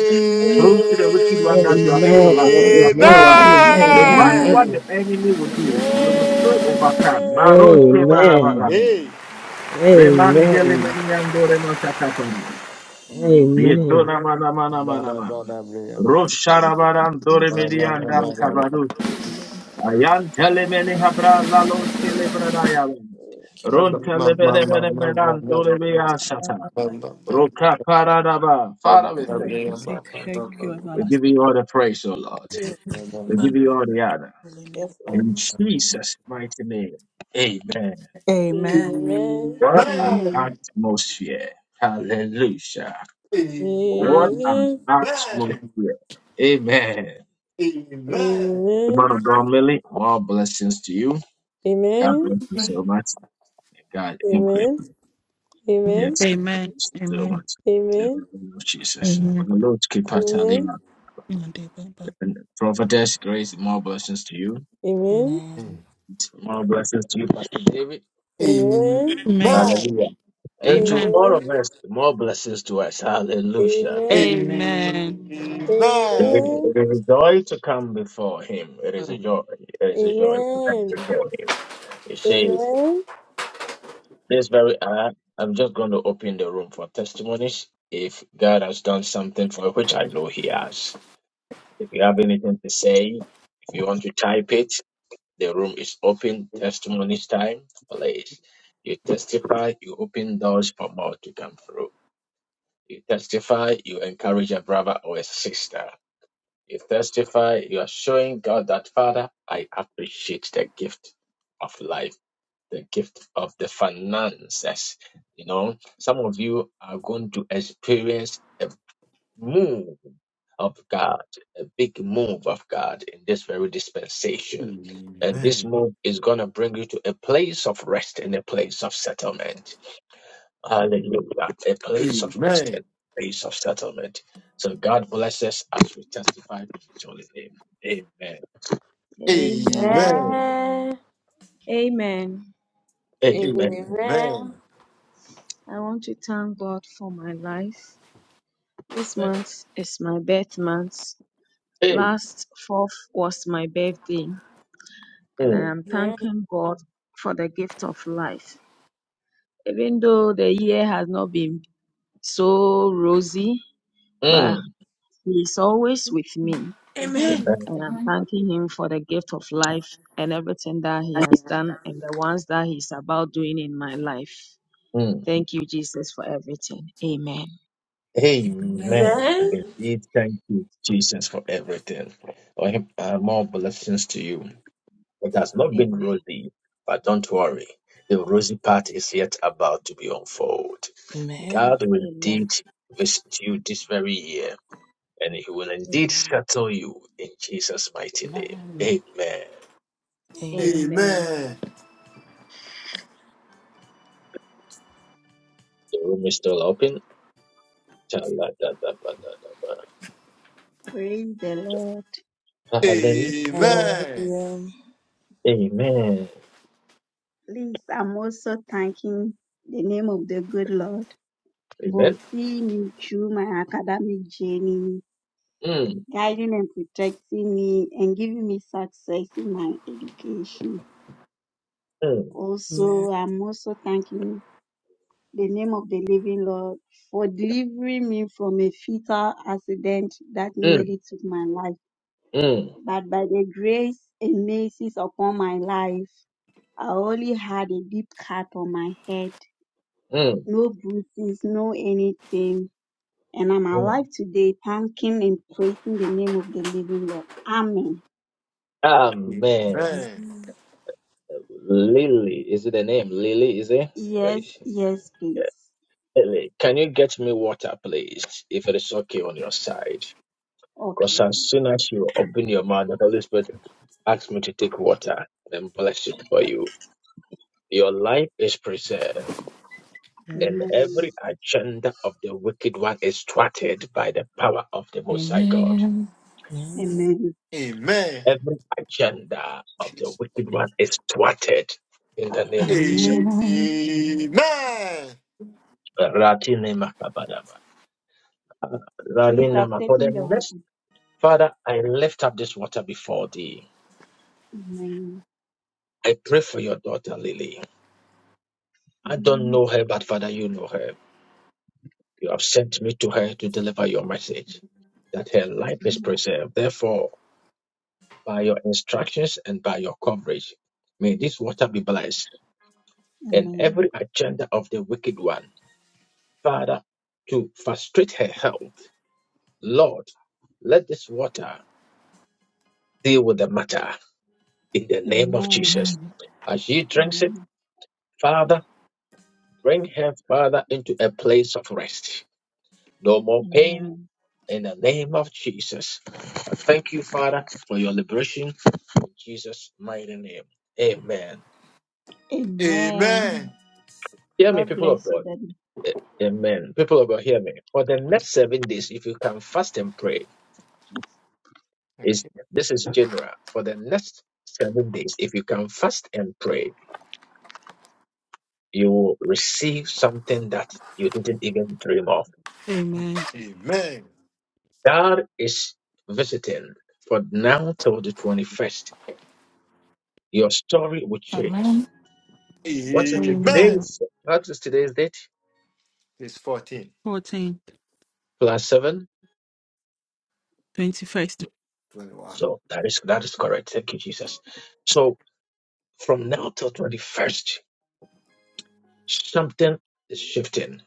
Prove to the wicked one that you are Amen. still alive. You are still Amen. alive. No matter what Amen. the Amen. Amen. enemy will do, you will still Amen. Amen. overcome. Amen. Maros ke Hey. Amen. Reman dele Amen. meni ando remo Amen. Blah, blah, blah, blah, blah, blah. Rosharabaran Blah, Doremili blah, blah, blah, blah, and blah. Dan Blah, Thank Kavadusi. Ayan telemene habra lalos celebranayavan. you, Lord, Ron blah, blah, telemene mene blah, blah, blah, menan doremia satan. that you died Roka for us. paradaba. Father, we Father, thank you. Lord, we say thank blah, you, blah. We everlasting give you all the praise, O Lord. Blah, We blah, give you all the honor. holy name. In blah. Jesus' mighty name, amen. Amen. Amen. Amen. Amen. Amen. What an Amen. atmosphere. Hallelujah. Amen. What an atmosphere. Amen. Amen. Amen. The Amen. man of God, Millie, more blessings to you. God Amen. bless you so much. God increase Amen. you. Amen. Yes, God Amen. bless you so Amen. much. In Amen. the name of Jesus. Amen. the Lord keep Pastor Lima. Mande Baba. And prophetess grace, more blessings to you. Amen. Amen. More blessings to you, Pastor David. Amen. Amen. Amen. Amen. Amen. Hallelujah. And to Amen. all Amen. of us, more blessings to us. Hallelujah. Amen. Amen. It is it is a joy to come before him. It is a joy. It is a joy to come before him. You see, this very hour, I'm just going to open the room for testimonies. If God has done something for which I know he has. If you have anything to say, if you want to type it, the room is open. Testimonies time, please. You testify, you open doors for more to come through. You testify, you encourage a brother or a sister. You testify, you are showing God that, Father, I appreciate the gift of life, the gift of the finances. You know, some of you are going to experience move of God, a big move of God in this very dispensation. And this move is going to bring you to a place of rest and a place of settlement. Hallelujah. A Amen. place Amen. of rest and a place of settlement. So God bless us as we testify to His holy name. Amen. Amen. Amen. Amen. Amen. Amen. I want to thank God for my life. This Amen. month is my birth month. Amen. Last fourth was my birthday, and I Mm. am thanking God for the gift of life. Even though the year has not been so rosy, but He is always with me. Mhm. Amen. And I'm Mhm. thanking him for the gift of life and everything that he has done and the ones that he's about doing in my life. Mm. Thank you, Jesus, for everything. Amen. Amen. Amen. Indeed, thank you, Jesus, for everything. Uh, More blessings to you. It has not Amen. been rosy, but don't worry. The rosy part is yet about to be unfolded. Amen. God will Amen. indeed visit you this very year, and He will indeed Amen. settle you in Jesus' mighty Amen. name. Amen. Amen. Amen. Mm, The room is still open. Cha-la-da-da-ba-da-da-ba. Praise the Lord. Hallelujah. Hallelujah. Amen. Please, I'm also thanking the name of the good Lord for Amen. seeing me through my academic journey, Mm, guiding and protecting me, and giving me success in my education. mm, Also, Amen. I'm also thanking the name of the living Lord for delivering me from a fatal accident that mm, nearly took my life. mm, But by the grace and mercies upon my life, I only had a deep cut on my head, mm, no bruises, no anything. And I'm mm. alive today, thanking and praising the name of the living God. Amen. Amen. Amen. Lily, is it the name? Lily, is it? Right. Yes, yes, please. Ellie, Can you get me water, please, if it is okay on your side? Because Okay. as soon as you open your mouth, the Holy Spirit asks me to take water and bless it for you. Your life is preserved, and Amen. every agenda of the wicked one is thwarted by the power of the Most High God. Amen. Amen. Amen. Every agenda of the wicked one is thwarted in the name of Jesus. Amen. Amen. Ratinema kabadaba. Please, I've Raninema. For the taken the water. next Father, I lift up this water before thee. Amen. I pray for your daughter, Lily. I don't Amen. know her, but Father, you know her. You have sent me to her to deliver your message that her life is Amen. preserved. Therefore, by your instructions and by your coverage, may this water be blessed and Amen. every agenda of the wicked one, Father, to frustrate her health. Lord, let this water deal with the matter in the name of Amen. Jesus. As she drinks it, Amen. Father, bring her, Father, into a place of rest. No more pain, in the name of Jesus. I thank you, Father, for your liberation in Jesus' mighty name. Amen. Amen. Hear me, God people of bless you, God. Daddy A- Amen. People of God, hear me. For the next seven days, if you can fast and pray, is this is general. For the next seven days, if you can fast and pray, you will receive something that you didn't even dream of. Amen. Amen. Amen. Amen. God is visiting for now till the 21st. Your story will change Amen. What is Amen. it? Today Amen. Amen. is what is today's date? It's fourteen, 14. Plus seven. 21st. twenty-one. So that is that is correct. Thank you, Jesus. So from now till twenty first, something is shifting.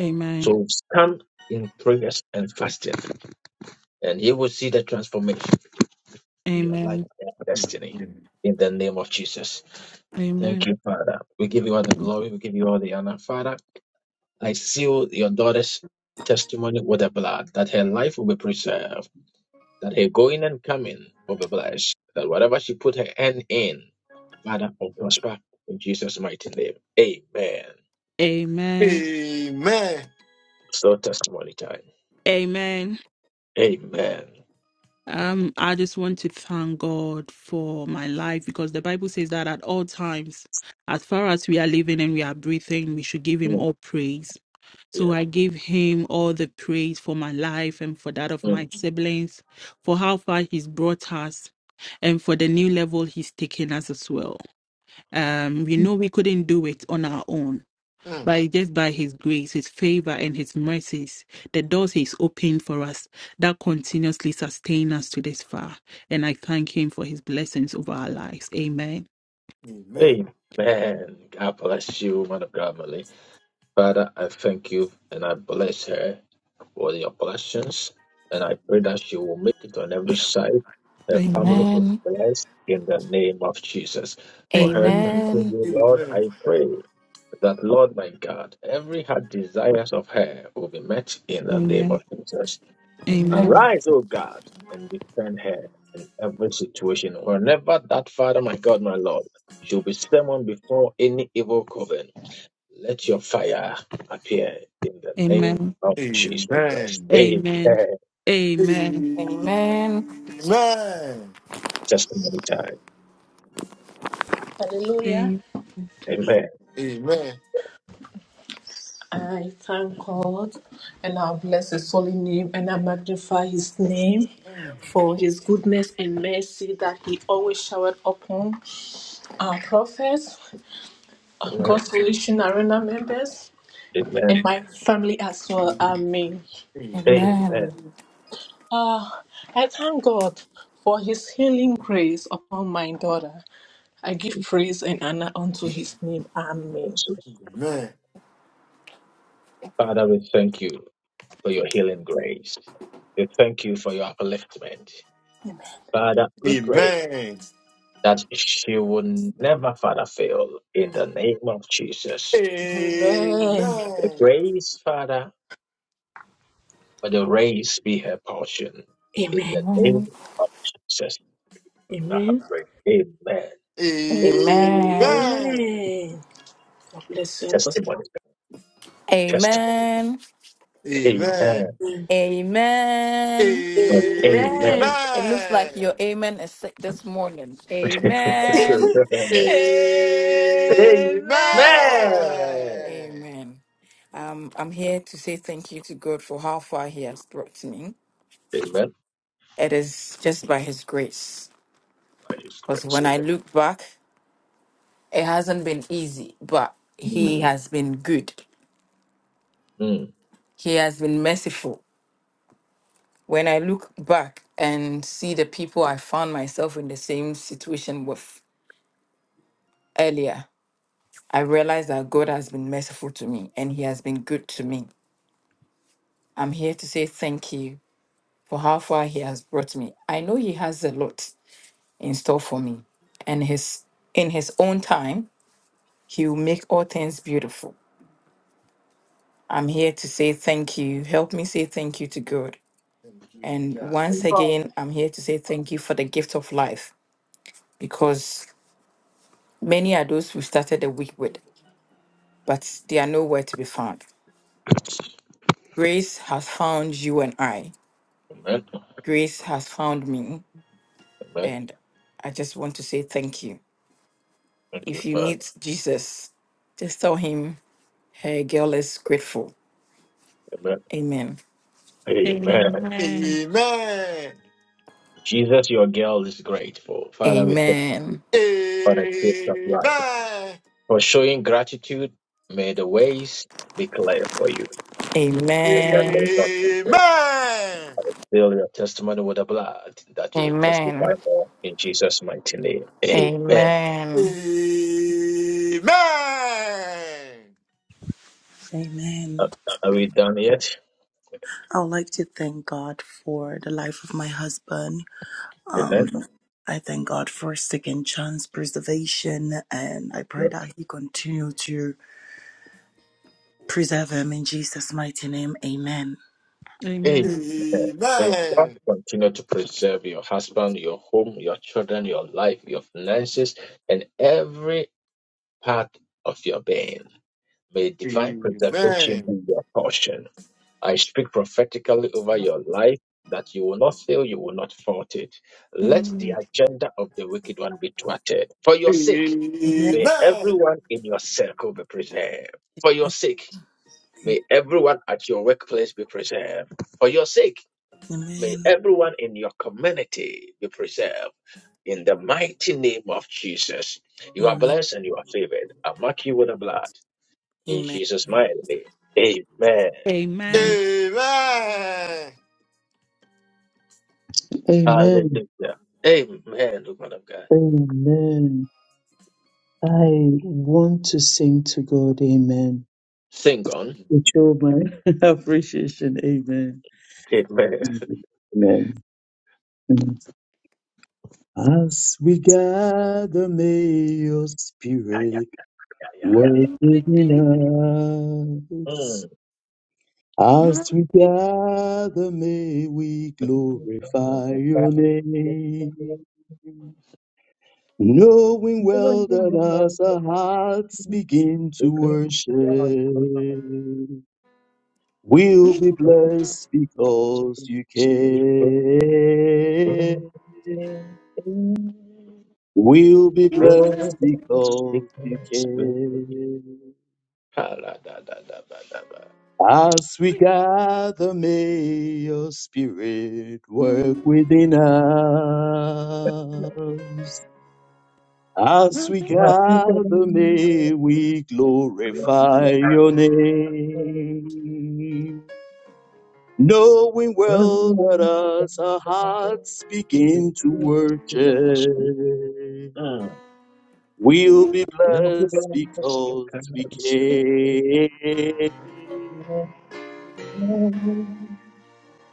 Amen. So stand in prayers and fasting, and you will see the transformation in your life Amen. and destiny. Amen. In the name of Jesus. Thank Amen. you, Father. We give you all the glory. We give you all the honor, Father. I seal your daughter's testimony with the blood that her life will be preserved that her going and coming will be blessed, that whatever she put her hand in, Father, will prosper in Jesus' mighty name. Amen. Amen. Amen. So testimony time. Amen. Amen. Um, I just want to thank God for my life because the Bible says that at all times, as far as we are living and we are breathing, we should give Him Mm, all praise. So Yeah. I give Him all the praise for my life and for that of Mm. my siblings, for how far He's brought us, and for the new level He's taken us as well. Um, we know we couldn't do it on our own Mm. by just by his grace, his favor, and his mercies, the doors he's opened for us that continuously sustain us to this far. And I thank him for his blessings over our lives. Amen. Amen. Amen. God bless you, man of God, Malik. Father, I thank you and I bless her for your blessings. And I pray that she will make it on every side. Her family Amen. is blessed in the name of Jesus. Amen. For her, Amen. thanking Amen. Amen. you, Lord, Amen. I pray that, Lord, my God, every heart desires of her will be met in the name Amen. of Jesus. Amen. Amen. Arise, O God, and defend her in every situation. Whenever that, Father, my God, my Lord, she'll be summoned before any evil coven. Let your fire appear in the name of Jesus Christ. Amen. Amen. Amen. Amen. Amen. Testimony time. Hallelujah. Amen. Amen. Amen. Amen. Amen. I thank God and I bless his holy name and I magnify his name for his goodness and mercy that he always showered upon our prophets, Amen. God's Solution Arena members, and Amen. my family as well. Amen. Amen. Amen. Amen. Amen. Uh, I thank God for his healing grace upon my daughter. I give praise and honor unto his name. And Amen. so, Father, we thank you for your healing grace. We thank you for your upliftment. Father, Amen. we pray Amen. that she will never, Father, fail in the name of Jesus. Amen. The Amen. grace, Father, for the race be her portion in the name of Jesus. I have prayed. Amen. Amen. God bless you, Apostle. Testimony. Amen. Testimony. Amen. Amen. Amen. Amen. Amen. It looks like your amen is sick this morning. Amen. Amen. Amen. Um, I'm here to say thank you to God for how far He has brought me. Amen. It is just by His grace. By His Because grace. when I look back, it hasn't been easy, but He Amen. has been good. Mm, mm. He has been merciful. When I look back and see the people I found myself in the same situation with earlier, I realize that God has been merciful to me and He has been good to me. I'm here to say thank you for how far He has brought me. I know He has a lot in store for me, and His in His own time, He will make all things beautiful. I'm here to say thank you. Help me say thank you to God. Thank you, And God. once again, I'm here to say thank you for the gift of life because many are those we started the week with, but they are nowhere to be found. Grace has found you and I. Amen. Grace has found me. Amen. And I just want to say thank you. Thank you, If you Father. meet Jesus, just tell him, hey, girl is grateful. Amen. Amen. Amen. Amen. Amen. Jesus, your girl is grateful. Father, we thank you Amen. for the gift of life. Amen. For showing gratitude, may the ways be clear for you. Amen. In the Amen. name Amen. of Jesus. Fill your testimony with the blood that you would testify Amen. more in Jesus' mighty name. Amen. Amen. Amen. Are are we done yet? I would like to thank God for the life of my husband. Amen. Um, I thank God for second chance preservation, and I pray that He continue to preserve him in Jesus' mighty name. Amen. Amen. Amen. May God continue to preserve your husband, your home, your children, your life, your finances, and every part of your being. May divine preservation be your portion. I speak prophetically over your life that you will not fail, you will not falter. Amen. Let the Amen. agenda of the wicked one be thwarted. For your sake, Amen. may everyone in your circle be preserved. For your sake, may everyone at your workplace be preserved. For your sake, may Amen. everyone in your community be preserved. In the mighty name of Jesus, you are Amen. blessed and you are favored. I mark you with the blood. In Jesus' mighty name, amen. Amen. Amen. Amen. Hallelujah. Amen, woman of God. Amen. I want to sing to God, Amen. Sing on. To show my appreciation, Amen. Amen. Amen. As we gather, may your Yeah, yeah, spirit yeah, yeah. work We within us. Mm. As we gather, may we glorify your name. Knowing well that as our hearts begin to worship, we'll be blessed because you care. We'll be blessed because you care. Ah, la, da, da, da, ba, da, As we gather, may your spirit work within us. As we gather, may we glorify your name. Knowing well that as our ba. hearts Oh, begin to worship, we'll be blessed because we came.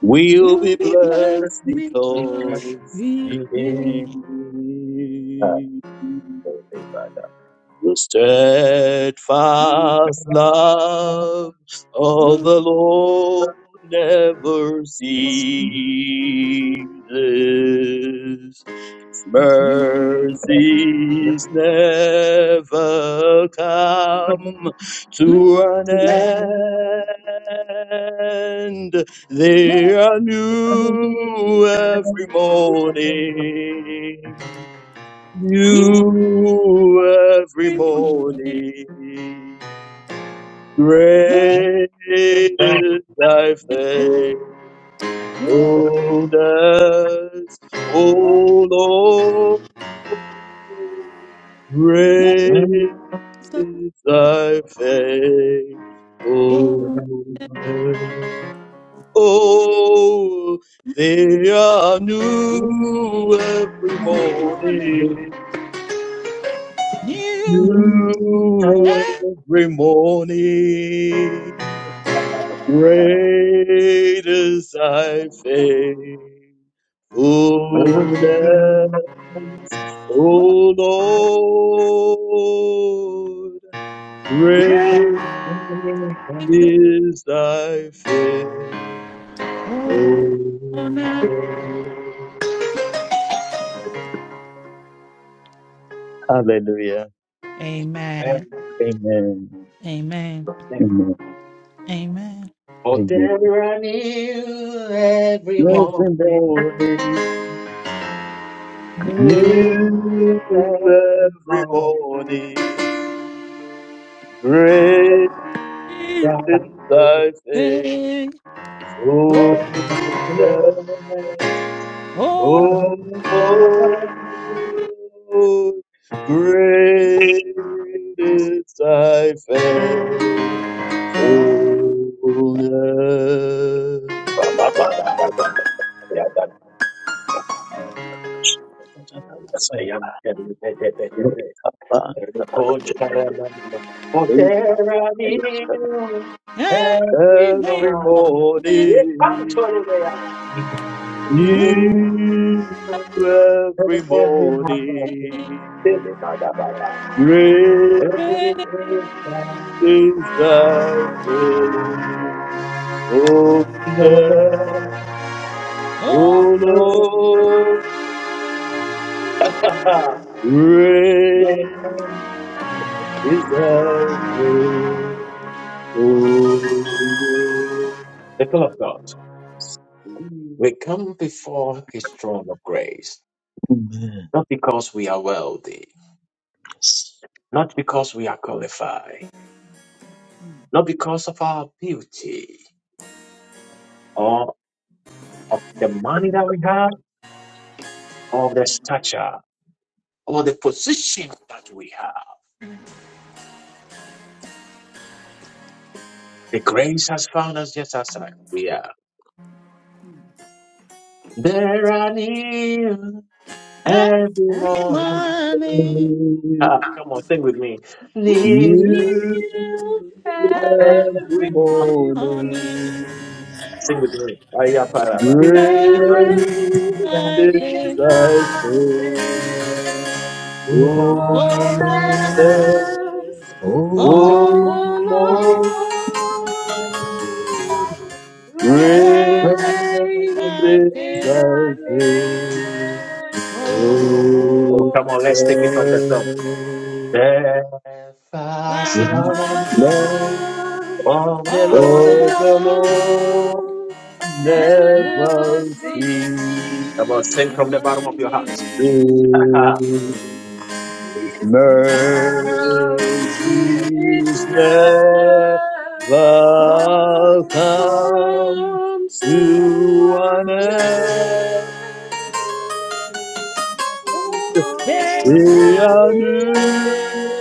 We'll You'll be be black blessed because because we we came came. The through steadfast love of the the Lord never ceases. His it's me. mercies never come to Blue an never end. They are new every morning. be New every removed. morning. Let Great is thy go faithfulness, of O Lord. the Great is thy faithfulness. world Oh, they are new every every morning. morning. You New dancing every morning, great is thy faithfulness, O already Lord. Great is thy faithfulness. before now. Hallelujah. Amen. Amen. Amen. Amen. Amen. there Amen. I knew every Every morning. morning. New every morning, great is thy faithfulness, Hey, oh, The oh. O People Lord. Great is thy faithfulness. oh. Lord, come on. Lord, come on. Oh, every morning, new every morning, great is thy faithfulness, O Lord. Great is thy faithfulness. of God, we come before His throne of grace Not because we are wealthy, not because we are qualified, not because of our beauty or of the money that we have or the stature or the position that we have. The grace has found us just as we are. mm. There are new every And Every morning. morning, Ah, come on, sing with me. Kneel New New music every every every every morning. morning, morning, morning. Sing with me. Ayaparaba. red Great light is Great is day, thy thy Oh. oh no, faithfulness, faithfulness, O oh O Lord. Lord. Praise Great red Great light is is day, thy thy faith, faithfulness. oh Oh, come on, let's take it from the top. The first last love Thy of night, Love love, the all all the the Lord. of the Lord light, Lord never never see, ceases. Come on, sing from the never bottom of your heart. see, it's my loves each Mercies level never come come to to an an end. the end. you. All day They and are evening, new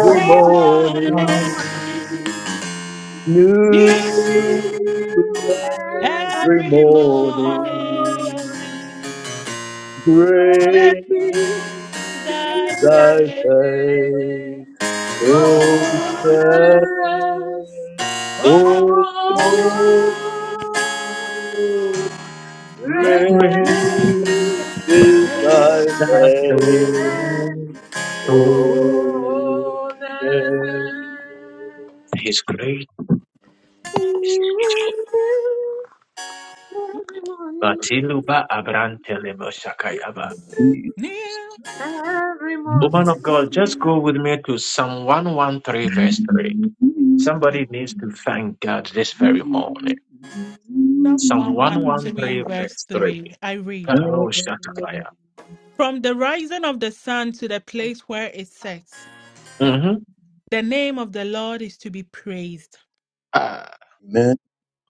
every morning, morning, morning, new new new every every every morning. morning, morning, with every Great day, is thy thy faith, faithfulness, all oh, night, oh, O all Lord. with Great thy is faith, thy faithfulness. day. His grace is beautiful. Batiluba Abrantelemo Shakayaba. Jesus. new Woman of God, just morning. go with me to Psalm 113, verse 3. Okay. Somebody needs to thank God this very morning. Psalm Psalm 113, 113, verse verse 3. 3. I read Karo Amen. Shakabaya. From the rising of the sun to the place where it sets, hmm the name of the Lord is to be praised. Uh,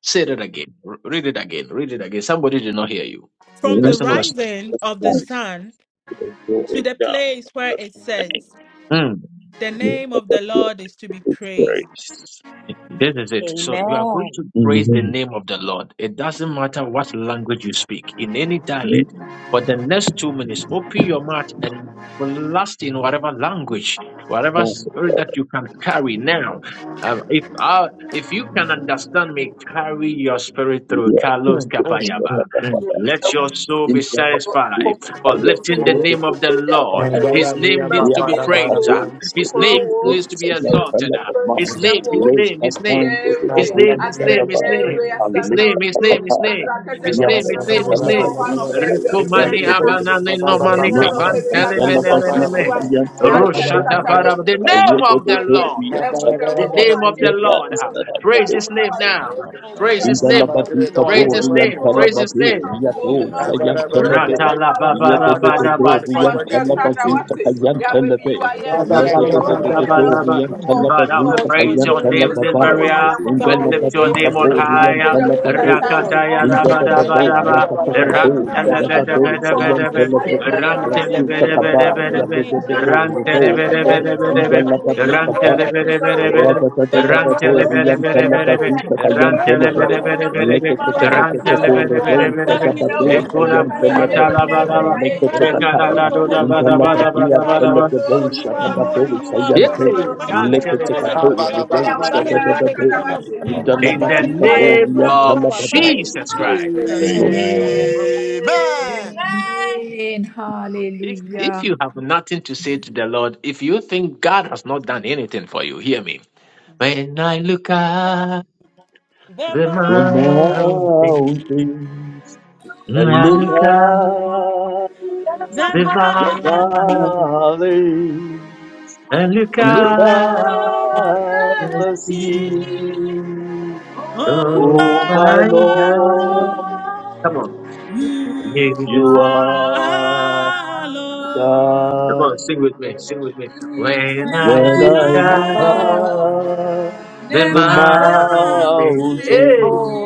say that again. R- read it again. Read it again. Somebody did not hear you. The From the person was. rising of the sun to going the down. place where Let's it sets, thank Mm. The you name for of the the Lord beautiful is to be praised. grace. This is it. So you are Amen. going to praise the Amen. name of the Lord. It doesn't matter what language you speak, in any Thank dialect. For the next two minutes, open your mouth and blast in whatever language, whatever you, spirit Lord. that you can carry now. Um, if I, if you can understand me, carry your spirit through We are Carlos grateful Kapayaba. for the I'm not Lord. Let your afraid soul is our be In the name of satisfied Jesus, I for am lifting the name grateful of the for Lord. Amen. that. His name needs are to be grateful for praised. Uh, those Amen. who His did it, name who did needs it, to so be we are exalted. grateful for more. His name, his Lay name, our his name. hand in the His Lord's name, Amen. his hand. name, his Amen. name. And His lay name, his our name, his hand. name. His We are name, his praying. name, Thank his you, name. Jesus. I am Rekumani grateful. abanane no mani Aleka kaban kandala telemene mene bazuka men. kayantele Rushata bebonke. bara. The name Ayede of de the Lord. dori yantala The baba. name of the Leka Lord. izdara Praise his name now. of Praise his the dark. name. Indalabadika Praise his Borian name. Praise his Talababe, name. Yato Sayan Telebe, Rata la baba Yedededorian Talabazuta Kayan Telebe, Father, we Ledededorian Talabazuta Because your praise Kayan your name name is this very Talababae, healing. hour. I'm We Father, your not lift your name sure. Indalabadika name is on deliverance. Borian high. Your name is Ijamuigata, Talabadote, joy. Rakataya raba Father, the Ahimugbe, raba Indadadade, mention raba. of your name, Yakatakato, Father, Kasafia Lord, your Sadabado people are Sayan Kunyankopɔnroro, Rantelebedebedebedebe. here, Lord. Telebe, Ayedema Father, Nyame, the Rasuta Kaba, mention of Ntobosu, your name, Rantelebedebedebedebe. Lord. Yabedebedo, Enyanɔpe, Father, Rebo your Kape, name is Pepejadio, Rantelebedebedebedebe. everlasting. Your Indalabadika Okutukutuwo, name never Baya, fails, Nsɔliwo, Rantelebedebedebedebe. Lord. Father, Lord, Nekuranwo, your name Radadadadadorian never Rantelebedebedebedebe. fails. Pejawudinɛ, Talabazuta Your Kayan name is Telebe, Ikotikukoromonyam, everlasting. Rantelebedebedebedebe. You are an Emamisasuwo, everlasting God. Leketeketeketekorobousa Rantelebedebedebedebe. Father, we Emamisɛbinyɛwo, praise dabadousa you. Ekuna We Mamikasa praise your yantelebe. holy mashatalaba name, Ayeyinyewe, raba. Lord. Father, we Ayeyikawiyo, praise Aleketokataya. your holy name. We Hey, magnify Rekadadadodabadabadabadabadaba. you. For you are holy, you are Yay! holy, your mercy Can't that tell you it are right better. forever. Father, you are the King of Kings. In Father, the you are the name strong of tower. Father, we Thank you, Jesus give you all Christ. praise, Jesus. Lord. Slow. Amen. Amen. Amen. Amen. If Hallelujah. if you have nothing to say to the Lord, if you think God has not done anything for you, hear me. When I look at The the The mind, mountain, mountains and I look look at up the the the vine, valley, valley I look I and look look at at up the the sea him, sea oh Oh Oh, my my my Lord, Amen. Lord, God. Come Oh, on. You you are God. you are are Lord. Come God. on, sing with me, sing with me. And When When I I I When look I look Oh, up, look look at at The the the never mountains, ending. mountain, hey, mountains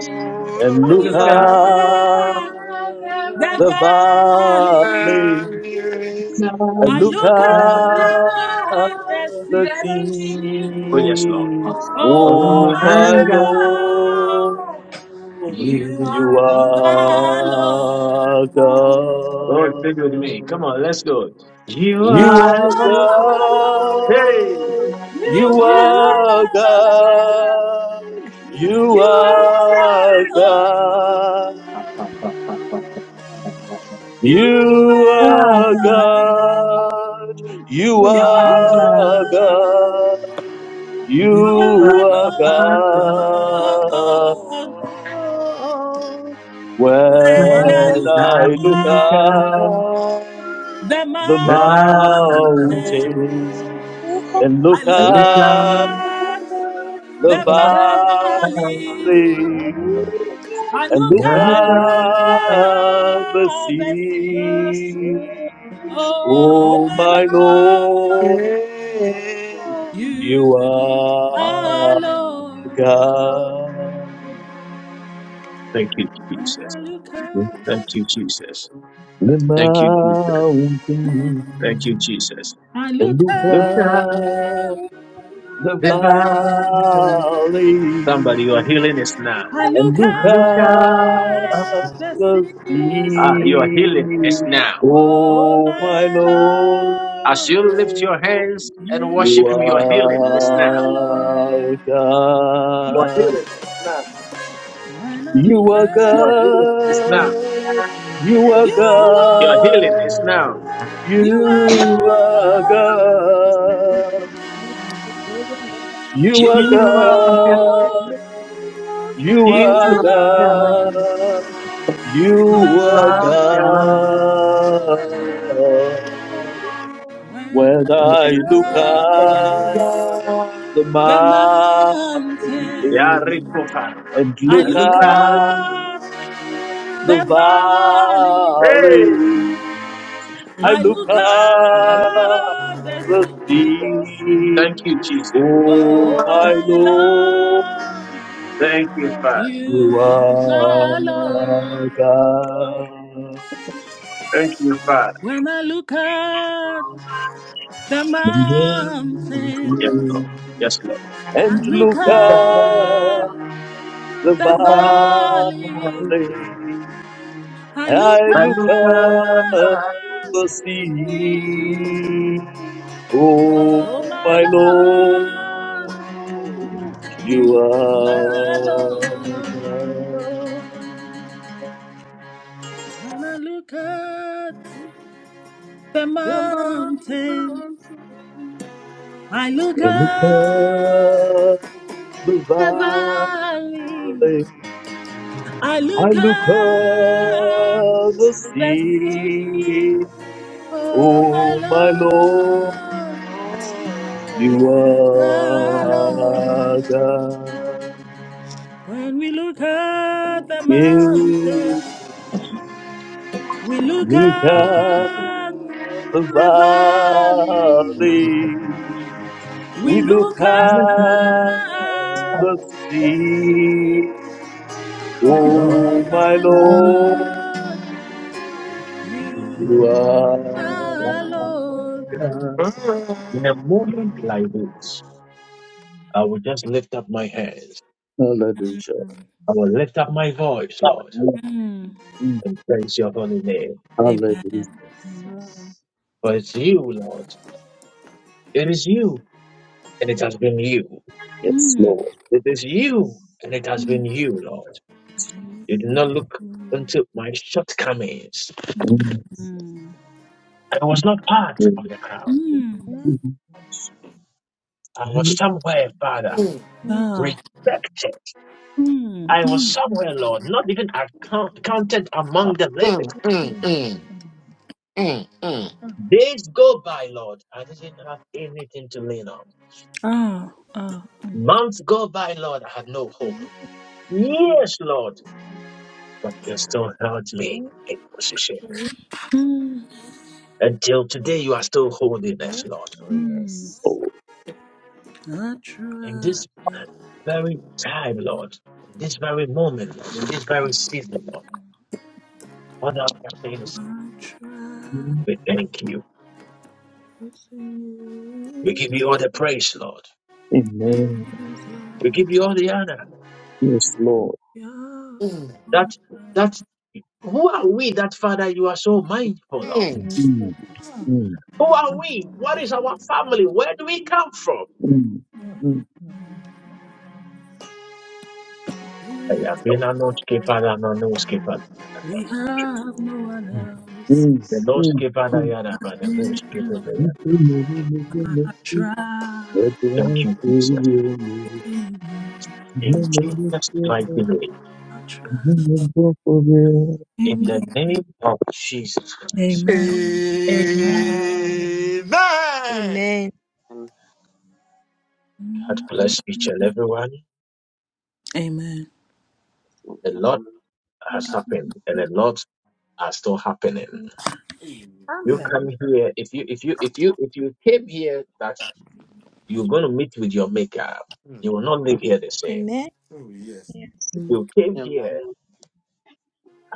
and I look look look at You at at are the the God the valley, Amen. valley, I Look look who up. at at allows the the the sea. sea. Oh, yes, Lord. sea, Oh, Oh, Oh oh my my my my God. Lord, God, Lord, you You. you are. you You are are the Lord, are rock. my Lord. Oh, God. sing with me. Come on, let's go. You you You Oh, are You are are are Lord. my Lord. Lord, Hey. Lord. God. To You are you, You You, are Lord. God. You You are you, you, are God. You are Lord. Lord. You you, You are are God. You Lord. You You are are are Lord. God. I you You are Lord. You are alone. God. Lord. And I One When look I look look at at up the the the the mountain. mountains. mountain, Lord and look I Thank look I look up around, at the the the world. valleys. valley I and look look up I look around, the at the the sea. sea. sea. Oh, Oh, Oh, my my love, Lord, you you are Lord, alone. Lord, God. you, When Jesus. I look Thank up, you, Jesus. The Thank you, Jesus. mountain. Thank you, Jesus. I and look look you Divine. up up are the the the world. valley. valley Somebody, your healing is now. I and look look I look for up up the the the sea. Ah, your sea. healing is sea. now. Oh, Oh, Oh, my my Lord, As love, you lift your hands and you you worship Him, your healing is now. alone. are Your God. healing is now. When I You look are Your up, healing is now. God. You are you Your alone, healing is God. now. you You are alone, God. You you are You are God. God. alone. You You You are are are God. Lord. God. You You are are God. Lord. you. When When I I Thank look up the the Yeah, mountain, mountain, Rico Carla. and I look look Luca. up up the the valley. Hey! valley. I I look look up up the the sea. sea. Thank you, Jesus. Oh, Oh my my Lord, Lord, Thank you, Father. you you are are Lord. God. Thank you, Father. When I look up the Yes, mountain, Lord. Yes, Lord. you. I And look look Luca. up up the the valley. valley. I I look at look at Luca. the The thee, sea sea. Oh, oh my my Lord, Lord, overflowed you you you. my are Lord. God. When I look at the The mountain, mountains I look I look at at the the valley. valley. I I look look at at the the sea, sea. oh my Oh, my Lord. Lord. Is You the are Lord. God. When we look at the Yeah. mountain, we look Look up at the the valley, valley. we We look look up at the the sea, sea. oh Oh, my my Lord. Lord, you You are are Lord. God. In a moment like this, I will just lift up my hands. Hallelujah. I will lift up my voice, Lord, Mm, Mm. mm. and praise your holy name. Amen. Hallelujah. Amen. Jesus. For it's you, Lord. It is you, and it has been you. Yes, Mm. Lord. It is you, and it has been Mm. you, Lord. You did not look Mm. into my shortcomings. Yes, yes. Mm. I was not part of Mhm. the crowd. Mm. I was And, somewhere, Father, Mm. rejected. 음, I was 음, somewhere, Lord, not even account- counted among the living. Days go by, Lord. I didn't have anything to lean on. 아, 아, 음, Months go by, Lord. I had no hope. Years, Lord, but you still held me in position. 음, Until today, you are still holding us, Lord. Oh, 음. yes. oh, I In try, this very time, Lord, in this very moment, Lord, in this very season, Lord, all that we are saying is I try mm, we thank you. We give singing. you all the praise, Lord. Amen. We give you all the honor. Yes, Lord. Yeah, That that who are we that Father you are so mindful of? Mm, mm, Who are we? What is our family? Where do we come from? mm, Mm. mm, Aya, bina no skipa da no no skipa da. we have no one mm, else. mm, The no mm, skipa da mm. ya da ba, the no Yeah, skipa da ya. You can never make a I mistake, try but Thank I you, told Jesus. you, in you. you In never Jesus' mighty fail, name, I you try never forget. in in you. the name of Jesus Christ, Amen. Amen. Amen. Amen. God bless each and everyone. Amen. A Amen. lot has happened, and a lot are still happening. Mm-hmm. You come Amen. here if you if you if you if you came here that you're going to meet with your maker, Mm. you will not leave here the same. Amen. Oh, yes. Yes. If Mm. you came Amen. Amen. Amen. here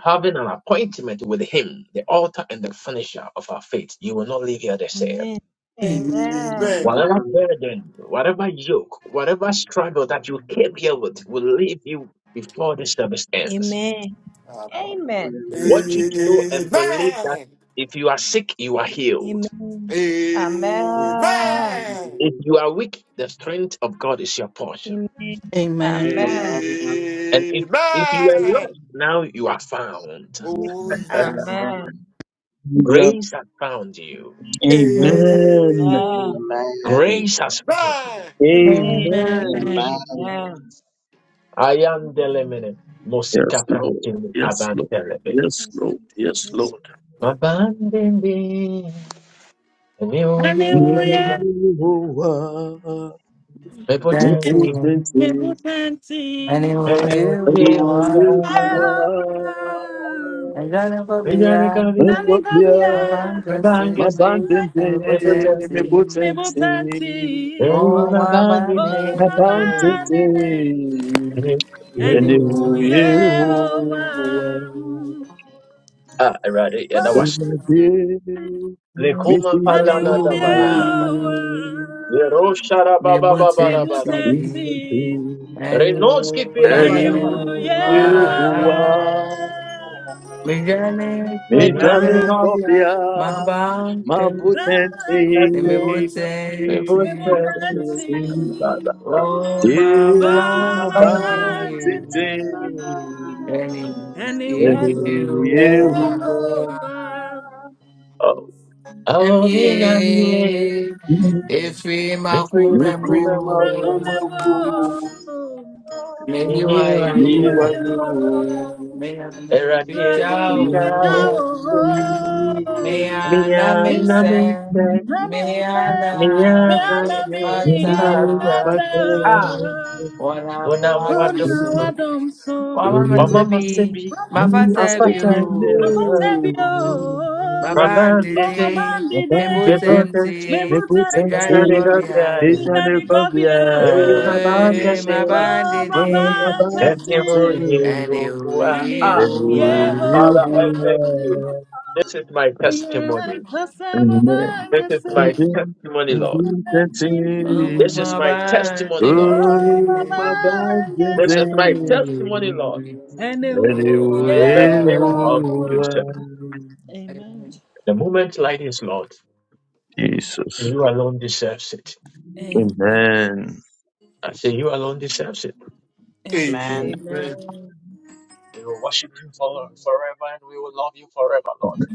having an appointment with Him, the author and the finisher of our faith, you will not leave here the same. Amen. Amen. Amen. Whatever burden, whatever yoke, whatever struggle that you came here with will leave you before the service ends. Amen. Abba. Amen. Amen. Amen. Amen. Want you to know and believe that Amen. if you are sick, you are healed. Amen. Amen. Amen. Amen. If you are weak, the strength of God is your portion. Amen. Amen. Amen. Amen. And if, Amen. if you were lost, now you are found. Oh, Amen. yes. Amen. Amen. Yeah. Grace has found you. Amen. Amen. Grace has found you. Amen. Amen. Amen. Amen. I am the lemon. Yes, Mosika Lord. prantini Yes, Lord. abantelebe. Yes, Lord. Yes, Yes. Lord. Mabandembe. Hallelujah. Yehovah. Thank Prepotenti, you. Mebutan team. Anywhere you enimudiwa, wanna, All right. I'm gonna go beyond vidarikaria, my Hallelujah. bankruptcy. rebangesi, Let me put prepotenti, empty. Bible tanti, Oh, my enimabandini, oh bandy. my You vanity, and it enimabie. will wanna, yeah, Ah, I read it. Yeah, that was it. Lekuma and you it palana will da bayana. yeah, wanna, Yerosha raba Me ba ba put ba ra Bible ba ra ba. empty. tanti, Renoski pila ba and it ra Anywhere Hallelujah. you will yeah, want, ba. me gonna go Mijane beyond. Vidarikaria, Kobia, Ma Mabanke potente, prepotenti, Bible nimebutenti prepotenti, potente, ba tanti, ba ba. Oh, e oh ma my mabandidi patente, vanity, eni and it will And you, eu, eu, iwa Yehovah, Oh, oh, yeah. minha emie mãe, efi Make me me my makumemu Cuba firma world. como Kumemo, amor, in you I meyiwayo me know. guaiou, Divayo, meya Era de mi Rademi me mebijao cuchao. Fetao, mandou, meya Mi Villa, naminse anamunte, meya na Namifa, mi Vianami, mefata. Jehovah, anamutata. Tata, Ah, unamu watu. Una me Walamuwadumsu. Wadomso, faz Mama Wamamazebi. masebi, Ramana Este Sidi, Mafatebi afata viene, o. yo. Abatabio, Baba Oma dende, Mabandede. Bandide, me abandonné, bote tim, mes Bebotemti. me Mejani Mebutante, gane potentiels, gobi mes hai. gobiae. Nidani anéphobies, Kobia, Hey, Baba Eh, gase, Oma mabandede. m'abandonné, everyone you Bankasi, Ẹni go. òwe Ah, et ó wà. où Father, I Yehovah, thank you. il This is my testimony. yemkhosama This is my bangase, testimony, Lord. anti. Oh, This is my testimony, Lord. Oh, Oh, mabandede. mama, This is my ngase, Ẹni testimony, Lord. ene òwe u- ó Amen. In the name wà. of Yehovah. Jesus. my The moment light is Lord, and Jesus. you alone deserves it. Amen. Amen. I say you alone deserves it. Mm, Amen. We will worship you for, forever and we will love you forever, Lord. Amen.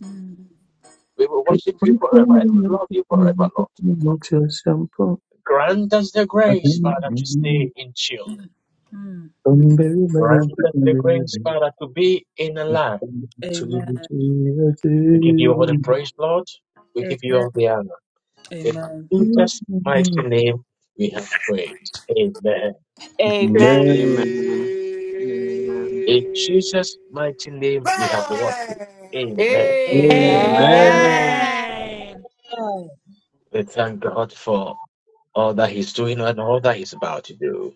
mm, We will worship you forever and we will love you forever, Lord. Grant us the grace, Father, to stay in tune. mm. Grant us the grace, Father, to be in a line. Amen. We give you all the praise, Lord. We A- give you all the honor. In Amen. Jesus' mighty name, we have prayed. Amen. Amen. In Amen. Jesus' mighty name, we have worshiped. Amen. Amen. Amen. Amen. Amen. Amen. Amen. We thank God for all that He's doing and all that He's about to do.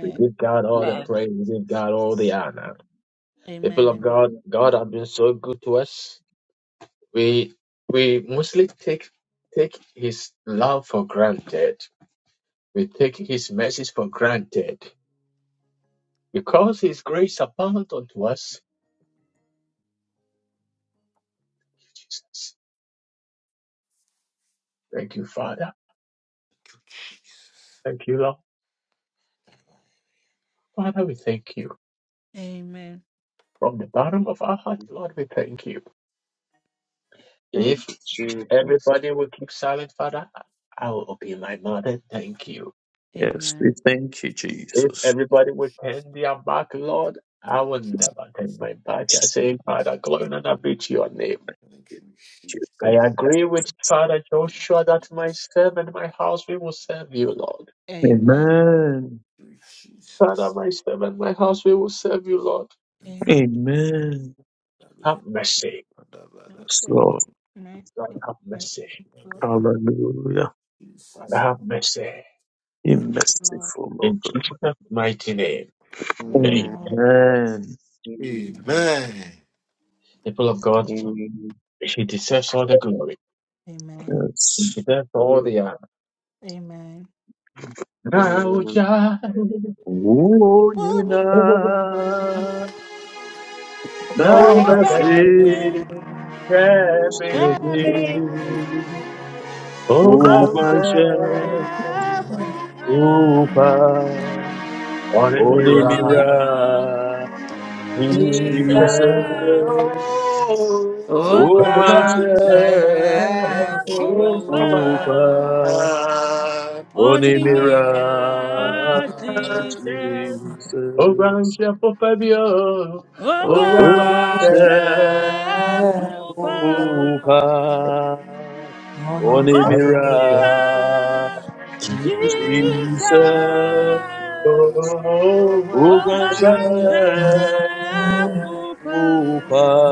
We give God all the Amen. Thank you, praise. We give God all Jesus. the honor. People of Amen. God, God has been so good to us. We we mostly take take His love for granted. We take His message for granted because His grace abounds unto us. Thank you, Father. Thank you, Lord. Father, we thank you. Amen. From the bottom of our heart, Lord, we thank you. Thank If you, Jesus. everybody will keep silent, Father, I will open my mouth and thank you. Yes, Amen. we thank you, If Jesus. everybody will turn their back, Lord, I will never turn my back. I say, Father, glory and honor be to your name. Thank you, Jesus. Thank you, Jesus. I Thank agree you. with Father Joshua that myself and my house we will serve you, Lord. Amen. Amen. Thank you, Jesus. Father, myself and my house we will serve you, Lord. Thank Amen. you, Amen. Have Hallelujah. Ba- ba- mercy. ba- ba- My Yes, soul Lord, and I Lord, thank have my mercy. people of hallelujah. Father, Jesus. have mercy. Be the Lord. merciful, Lord. In Jesus' mighty name, Amen. hey, Amen. Amen. Amen. Amen. people of God, Amen. she deserves all the glory. Amen. Yes. She deserves all the honor. Amen. Amen. Amen. O you Only know, now Now the that nobody same. everything dreaming, than me. oh, God, Ubashe, dreaming, Upa, what is it Only right? mirror, Onimira, Jesus, Jesus, Jesus, the Oganza, Ubashe, ground Ogwan Upa, Sharafufa Only Onimira, Animira mirror, Jesus, Jesus. Ọgọ́ Ogwan ṣe Ubasefuba fúnpa Sharafufa Amen. onimira òmìnira Jesus. Animira Jesus. Ọgọ́ Ogwan ṣe fúnpa Ubasefuba Sharafufa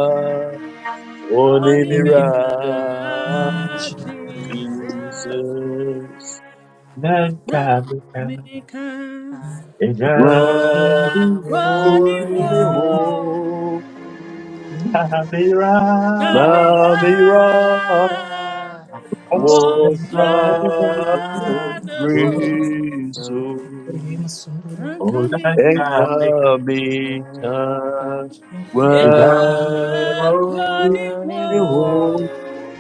onimira òmìnira Animira Jesus. Jesus. man can be can, Námíkà Kai it bá just can be Ram kọ́ wrong, Furnimu Gwakuniho níwọ̀n. not be right. Námíkà. namira Nanya What's the was What's Osana right now, so matter? Ram risu man Now can the be and clean heavy man kamita wa is in your cloning Furnimu woe.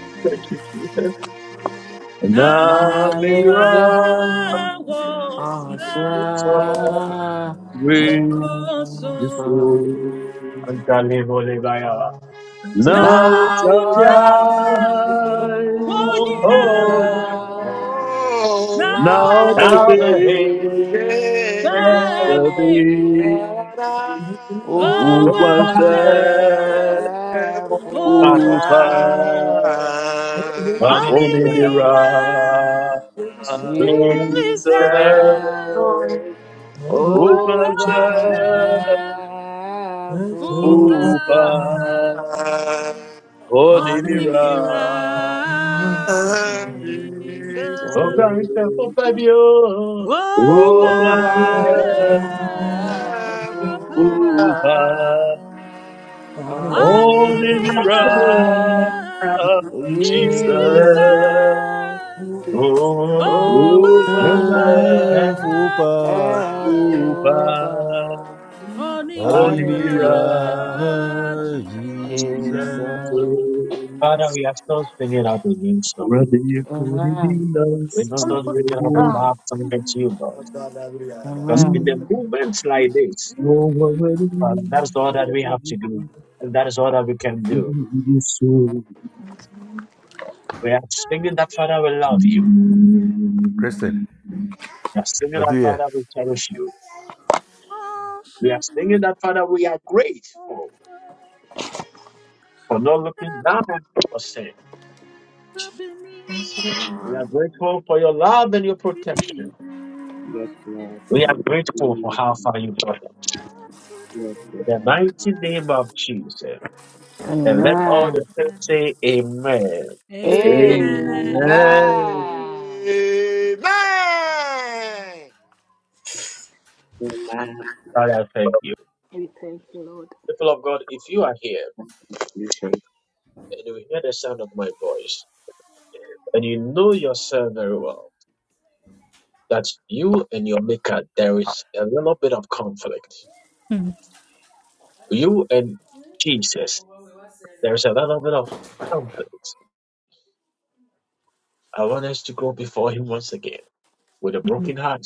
Nali namira Nanya was Osana right, so risu now now Na would I ujai die warn you unina now na Now bashi that obehi is the Bami kene be who the was ugwan there, Obashe fire. Bopa, who shefupa was Money be only Onimiwa, animira mirror, Jesus, Jesus, Jesus who was ugwan Ogosha, there, Bopa, who shefupa was only Only mirror, Onimiwa, miracles. Amen. Jesus, Oh, Jesus, God, Oh, Oh, now who the was God, Ogosha, there, Amen. help Bopa, who was us. Prophet, Oh, the Only Onimiwa, mirror miracles. of you Jesus. Jesus. Jesus. Ogosefuba Oh, Oh, mountain, God, Fupa help oh, valley, us. oh, the Only onimira Onimira mirror miracles. of Jesus. Jesus. Jesus. Father, Jesus. we are still singing out the new song. Ready for the Amen. dinner, We are son Oh, of still God. a singing out the Ah, woman. love song that you, Lord. Thank you. Because in Mm, the Amen. moments like this, Oh, what a Father. That is all day, that we have to do. And that is all that we can do. in your soul. We are singing that, Father, will love you. Kristen, Mm. We are singing let's that, do it. Father, will cherish you. We are singing that, Father, we are grateful for not looking down on our sin. We Lord. are grateful for your love and your protection. Yes, Lord. We are Thank you, grateful for how Jesus. far you brought us. Yes, In the Lord. mighty name of Jesus. And let Amen. all the saints say amen. Amen. Amen. Amen. Amen. Amen. Father, I thank you. People of God, if you are here You say and you hear the sound of my voice and you know yourself very well, that you and your maker there is a little bit of conflict Mm, you and jesus there's a little bit of conflict i want us to go before him once again with a mm, broken heart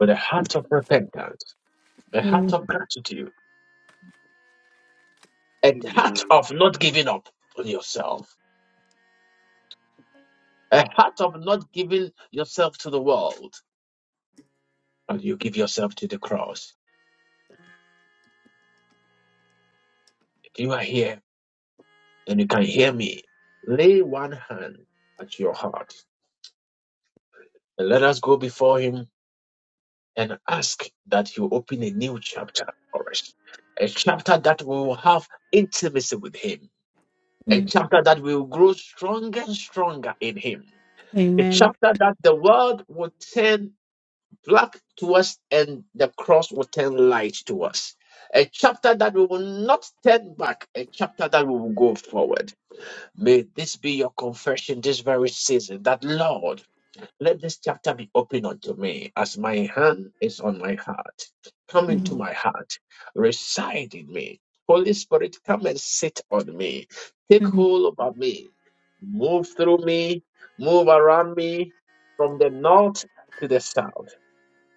with a heart of repentance a heart mm, of gratitude a heart you of not giving up on yourself a heart of not giving yourself to the world and you give yourself to the cross if you are here and you can hear me lay one hand at your heart and let us go before him and ask that you open a new chapter for us. A chapter that we will have intimacy with Him. A mm. chapter that we will grow stronger and stronger in Him. A Amen. chapter that the world will turn black to us and the cross will turn light to us. A chapter that we will not turn back, a chapter that we will go forward. May this be your confession this very season that, Lord, let this chapter be open unto me as my hand is on my heart. Come into Mm, my heart, reside in me. Holy Spirit, come and sit on me. Take hold over me. Move through me, move around me from the north to the south,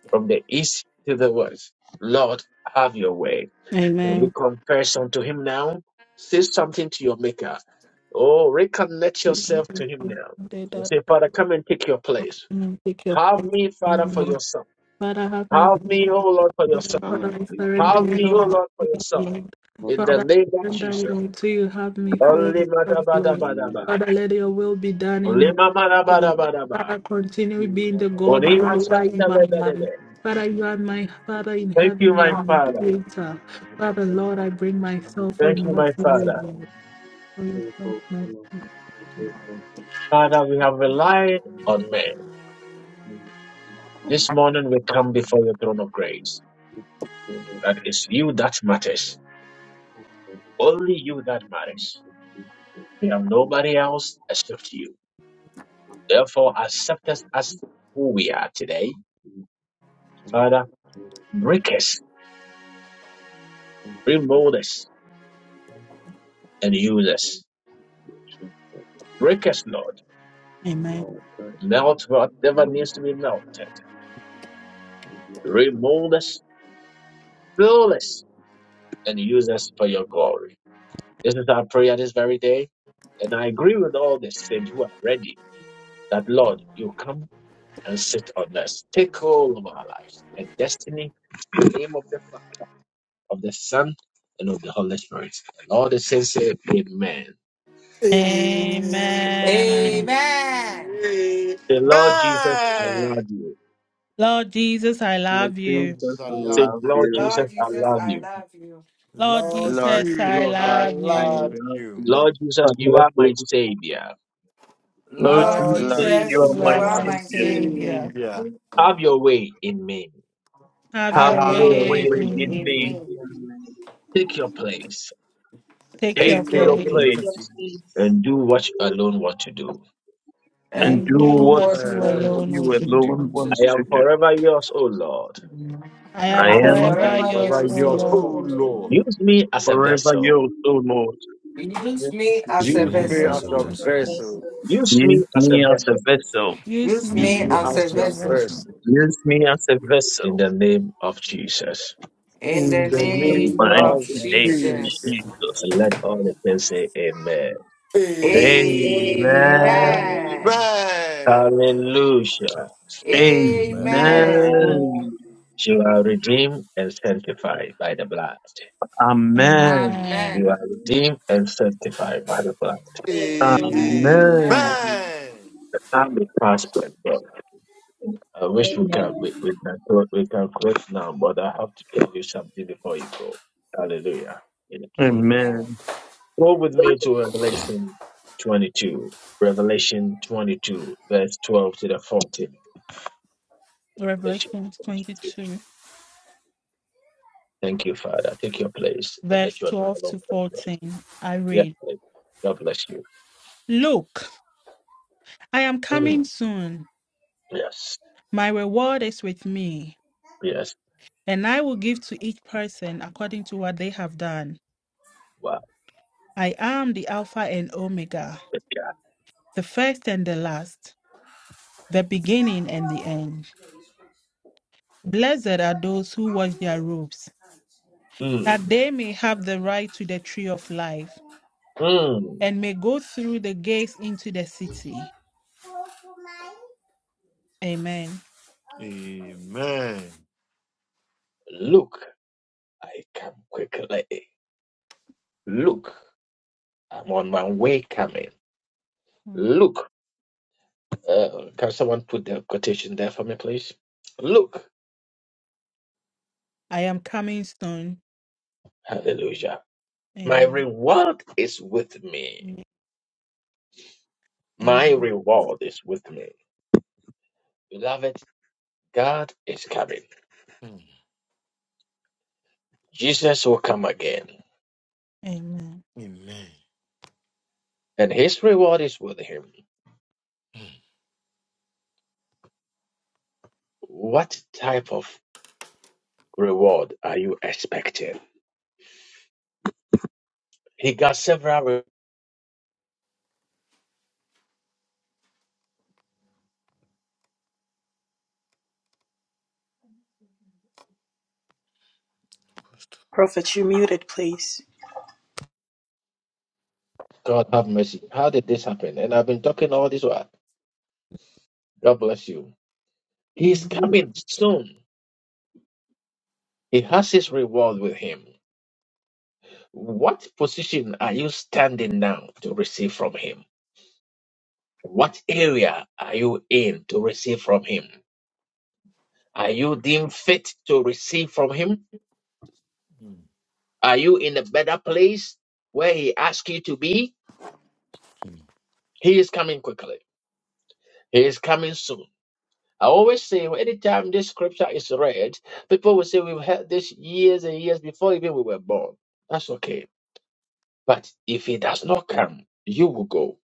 from the east to the west. Lord, have your way. Can we mm. confess unto him now? Say something to your maker. Oh, reconnect yourself to him now. Say, Father, Amen. come and take your place. and take your Have place me, in Father, me, for Lord. yourself. Father, have me. Have me, through. O Lord, for yourself. love Father, I me, surrender Have it me, O all Lord, to for you, yourself. Lord. but In the Father, you name I of surrender it Jesus. all to you. Have me for Only yourself, Lord. madabadabadaba. Father, let your will be done in Only me, Lord. mamadabadabadaba. Father, continue being the God Only that you are in my life. masantalebedebe. Father, you are my Father in Thank you, heaven. You my are my Father. creator. Father, Lord, I bring myself Thank you, in my to you, Father. Lord. For yourself, mercy. Father, we have relied on men. This morning we come before your throne of grace. That is you that matters. Only you that matters. We have don't. nobody else except you. Therefore, accept us as who we are today. Father, Break us, remove us, and use us. Break us, Lord. Amen. Melt whatever needs to be melted. Remove us, fill us, and use us for your glory. This is our prayer this very day. And I agree with all the saints who are ready that, Lord, you come and sit on us. Take hold of our lives and destiny in the name of the Father, of the Son, and of the Holy Spirit. And all the saints say, Amen. Amen. And Amen. Amen. The Lord Jesus, I love you. Lord Jesus, I Lord love Lord you. Jesus, Jesus, I I Say, love love you. Lord you. Jesus, Lord I Jesus, love I you. love you. Lord Lord Lord Jesus, Jesus, I Jesus, I love I love you. love you. you. Lord I Jesus, you love are my you. Savior. Lord Lord Lord Lord Jesus, Lord Jesus, you Jesus, Jesus, are you you my are are you Jesus, are my my my Savior. you are my Savior. savior. Savior. Have friend. your way in me. Have Have your Have Have Have your your your way way your way reign way in in in in me. in me. me. Take your place Take Take your Take Take your your Jacob. place your Keep place your place place. peace and do what you alone want to do. and and and do do do And and what do what what you your what alone alone you will you you do. alone want to faith. want wants I do. to am to do. do. forever yours, O Lord. I I am I I'm am Oh, am forever forever yours, Whatever forever thank O yours, yours, O yours, Lord, oh Lord. Lord. you. Lord. Use me as a forever vessel. yours, O Lord. Use me as Use a Use Yes, your me me vessel. Give as as a us your Amen. your vessel. vessel. blessing. Use me Use as a me as a vessel vessel. Use Use Use Use me me me me as as as a as a your your vessel. voice vessel. vessel. Use me as a in vessel. the name of Jesus. In In the In the the In the name name name of Amen. of of mighty name of Jesus. Jesus. Jesus. Jesus. And let all Amen. the people say amen. Amen. Amen. Amen. Amen. Amen. Hallelujah. Amen. Amen. Amen. Amen. Amen. You are redeemed and sanctified by the blood. Amen. Amen. Amen. Amen. Amen. Amen. Amen. Amen. Amen. Amen. Revelation 22, Thank you, Father. Take your place and verse let your name 12 alone to be praised. 14. I Yes, read, God bless you. Look, I am Mm, coming soon. yes, My reward is with me, yes, and I will give to each person according to what they have done. wow. I am the Alpha and Omega, the first and the last, the beginning and the end. Blessed are those who wash their robes, Mm, that they may have the right to the tree of life mm. and may go through the gates into the city. Amen. Amen. Look, I come quickly. Look, I'm on my way coming. Mm. Look, uh, can someone put the quotation there for me, please? Look, I am coming soon. hallelujah. My Amen. reward is with me. Yeah. My And reward is with me. Beloved, God is coming. Mm. Jesus will come again, amen. Amen. and his reward is with him. What type of reward are you expecting? He got several. re- Pastor. muted, please. God have mercy. How did this happen? And I've been talking all this while. God bless you. He's Amen. coming soon. He has his reward with him. What position are you standing now to receive from him? What area are you in to receive from him? Are you deemed fit to receive from him? Mm. Are you in a better place where he asks you to be? He is coming quickly. He is coming soon. I always say, anytime this scripture is read, people will say, We've heard this years and years before even we were born. That's okay But if he does not come, you will go.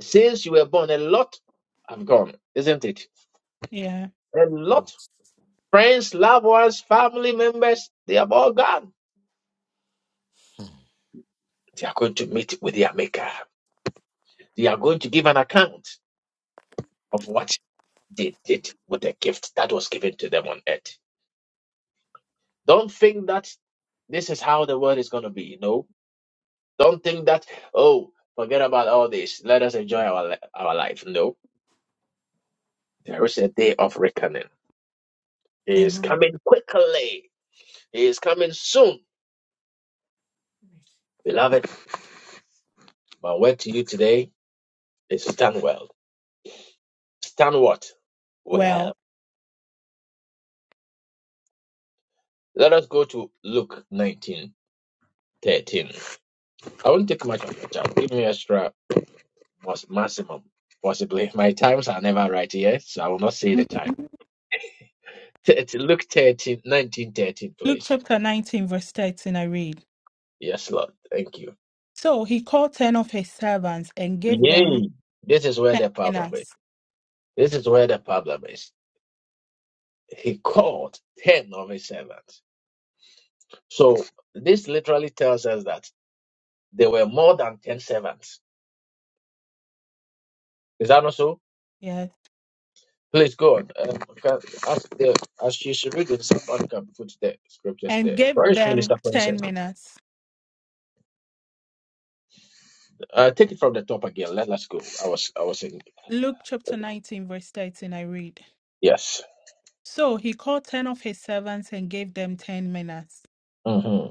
Since you were born, a lot have gone, isn't it? Yeah. A lot. Friends, loved ones, family members, they have all gone. They are going to meet with their maker. They are going to give an account of what they did with the gift that was given to them on earth. Don't think that this is how the world is going to be. You know, don't think that oh, forget about all this. Let us enjoy our li- our life. No, there is a day of reckoning. It is Amen. coming quickly. He is coming soon. Beloved, my word to you today is stand well. Stand what? Well, Well. Let us go to Luke nineteen thirteen. I won't take much of your time. Give me extra mas- maximum, possibly. My times are never right here, so I will not say the time. Luke It's Luke 13 19 13, please. chapter 19, verse 13, I read. Yes, Lord. Thank you. So he called 10 of his servants and gave them Yay. This is where 10 the problem is. minas. This is where the problem is. He called 10 of his servants. So this literally tells us that There were more than 10 servants. Is that not so? Please go on. Uh, can- as, the, as you should read it, somebody can put the scriptures and there. gave them 10 minutes. Uh, take it from the top again. Let us go. I was, I was in. Luke chapter 19, verse 13, I read. Yes. So he called 10 of his servants and gave them 10 minutes. hmm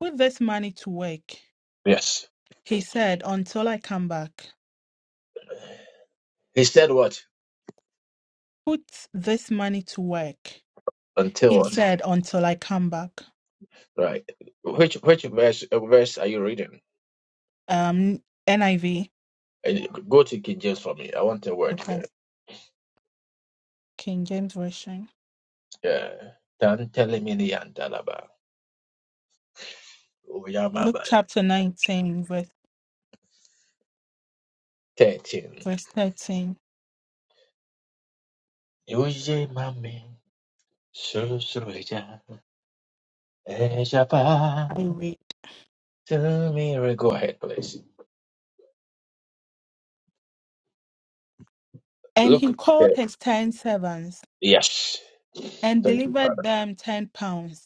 Put this money to work. Yes. He said, until I come back. He said what? Put this money to work. Until He what? said, until I come back. Right. Which, which verse, uh, verse are you reading? Um, NIV. Uh, Go to King James for me. I want a word Okay. there. King James Version. Yeah. Tan telemini andalaba. Luke Uyamaba. chapter 19, verse, 13. verse 13, Uje mami. Suru El Shabbat I read. to me. re- Go ahead, please. And Look. he called there. his 10 servants Yes. and Thank you, delivered Father. them 10 pounds.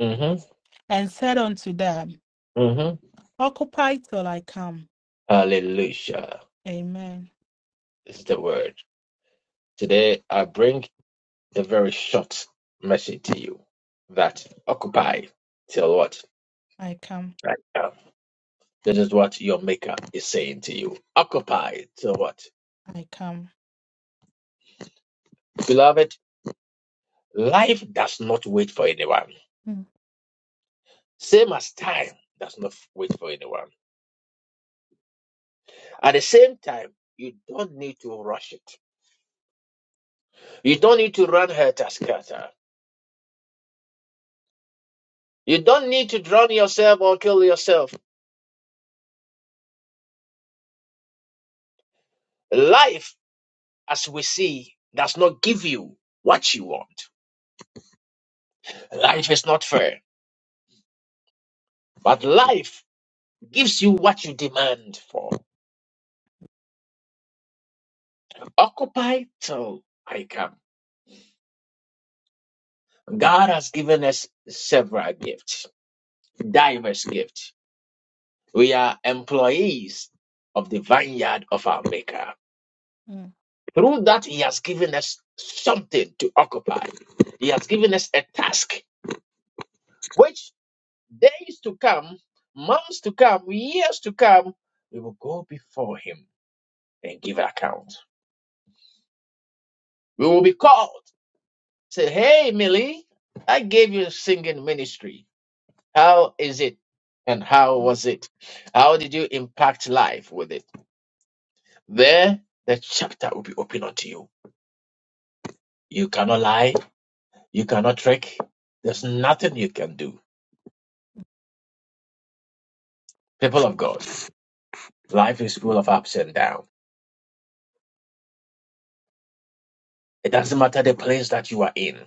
Mm-hmm. and said unto them, Mm-hmm. Occupy till I come. Hallelujah Amen. is the word. Today, I bring a very short message to you that occupy till what? I come. Right now. This is what your maker is saying to you. Occupy till what? I come. Beloved, life does not wait for anyone. Mm, Same as time does not wait for anyone. At the same time, you don't need to rush it. You don't need to run hertaskata. You don't need to drown yourself or kill yourself. Life, as we see, does not give you what you want. Life is not fair, but life gives you what you demand for. Occupy till I come. God has given us several gifts, diverse gifts. We are employees of the vineyard of our Maker. mm, Through that, He has given us something to occupy. He has given us a task, which days to come, months to come, years to come, we will go before Him and give account. We will be called. Say, hey, Millie, I gave you singing ministry. How is it? And how mm. was it? How did you impact life with it? There, the chapter will be open unto you. You cannot lie. You cannot trick. There's nothing you can do People of God, life is full of ups and downs. It doesn't matter the place that you are in.